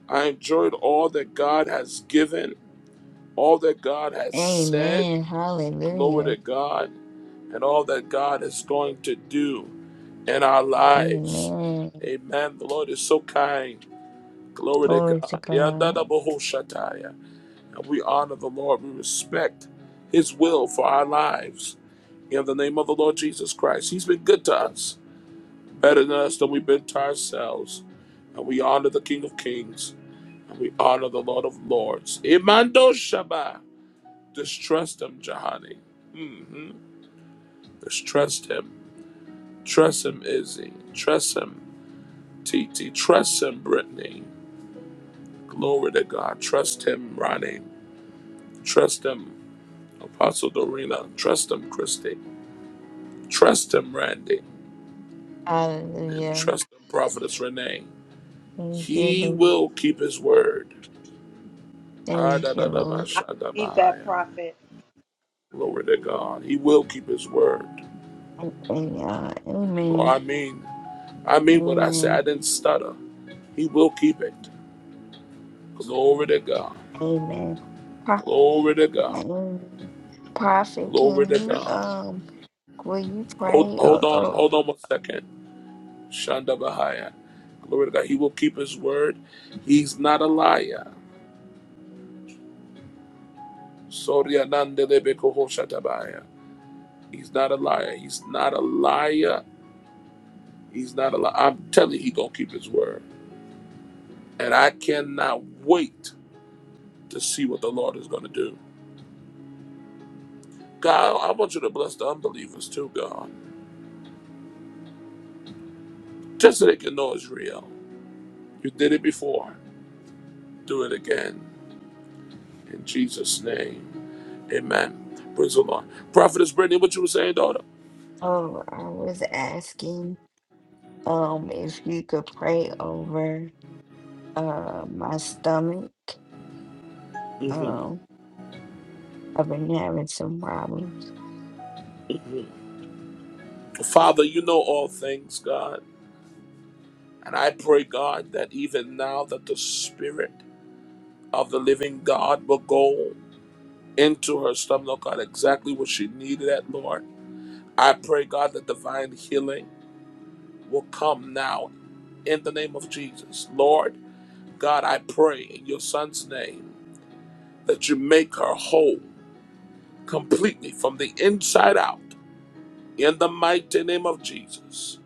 I enjoyed all that God has given, all that God has said.
Amen.
Glory to
Hallelujah.
God, and all that God is going to do. in our lives.
Amen.
Amen. The Lord is so kind. Glory to
Glory to
God.
God.
Yandadabahoshataya. And we honor the Lord. We respect His will for our lives. In the name of the Lord Jesus Christ. He's been good to us, better than us than we've been to ourselves. And we honor the King of Kings. And we honor the Lord of Lords. Imando Shaba. Just trust Him, Jahani. hmm Just trust Him. Trust Him, Izzy. Trust Him, TT. Trust Him, Brittany. Glory to God. Trust Him, Ronnie. Trust Him, Apostle Dorina. Trust Him, Christy. Trust Him, Randy. And
Hallelujah.
trust Him, Prophetess Renee.
Thank you,
He
Lord.
will keep His word. Ah, da,
Thank you,
da, da,
Lord.
ba,
I
sha, da,
believe
ba,
that,
ya.
prophet.
Glory to God. He will keep His word.
And, and, uh,
Oh,
Amen.
I mean, I mean what I say. I
Amen.
didn't stutter. He will keep it. Glory to God.
Amen. Pro-
Glory to God.
Amen. Prophet,
Glory
can
to
you
God.
um will you
Hold,
pray? Oh,
hold on.
oh,
Hold on one second. Shanda Bahaya. Glory to God. He will keep his word. He's not a liar. Soria nande lebe koho shatabaya. He's not a liar. He's not a liar. He's not a liar. I'm telling you, he gonna keep his word. And I cannot wait to see what the Lord is gonna do. God, I want you to bless the unbelievers too, God. Just so they can know it's real. You did it before. Do it again. In Jesus' name. Amen. Praise the Lord. Prophetess Brittany, what you were saying, daughter?
oh I was asking um if you could pray over uh my stomach. Um I've been having some problems.
Father, you know all things, God. And I pray, God, that even now that the Spirit of the living God will go into her stomach, oh God, exactly what she needed at, Lord. I pray, God, that divine healing will come now in the name of Jesus. Lord, God, I pray in your son's name that you make her whole completely from the inside out in the mighty name of Jesus.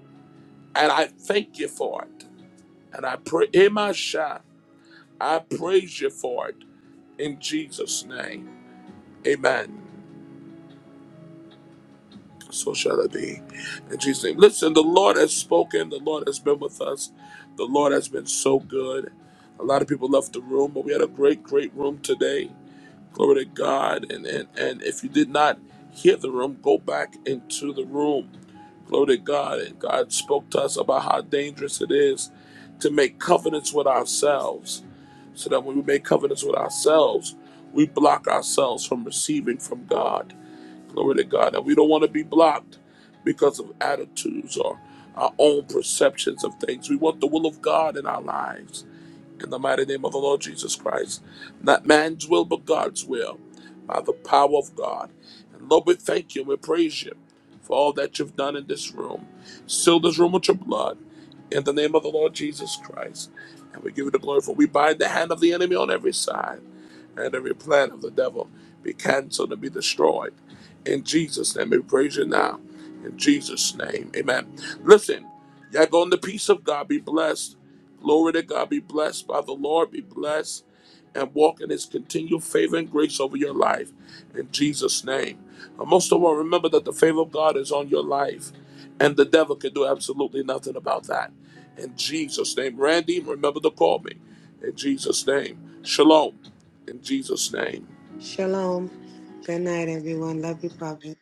And I thank you for it. And I pray, Emasha, I praise you for it in Jesus' name. Amen. So shall it be. In Jesus' name. Listen, the Lord has spoken. The Lord has been with us. The Lord has been so good. A lot of people left the room, but we had a great, great room today. Glory to God. And and, and if you did not hear the room, go back into the room. Glory to God. And God spoke to us about how dangerous it is to make covenants with ourselves so that when we make covenants with ourselves, we block ourselves from receiving from God. Glory to God. And we don't want to be blocked because of attitudes or our own perceptions of things. We want the will of God in our lives in the mighty name of the Lord Jesus Christ. Not man's will, but God's will, by the power of God. And Lord, we thank you and we praise you for all that you've done in this room. Seal this room with your blood, in the name of the Lord Jesus Christ. And we give you the glory, for we bind the hand of the enemy on every side, and every plan of the devil be canceled and be destroyed. In Jesus' name, we praise you now. In Jesus' name, amen. Listen, y'all go in the peace of God. Be blessed. Glory to God. Be blessed by the Lord. Be blessed and walk in his continued favor and grace over your life. In Jesus' name. And most of all, remember that the favor of God is on your life. And the devil can do absolutely nothing about that. In Jesus' name. Randy, remember to call me. In Jesus' name. Shalom. In Jesus' name.
Shalom. Good night, everyone. Love you, Papa.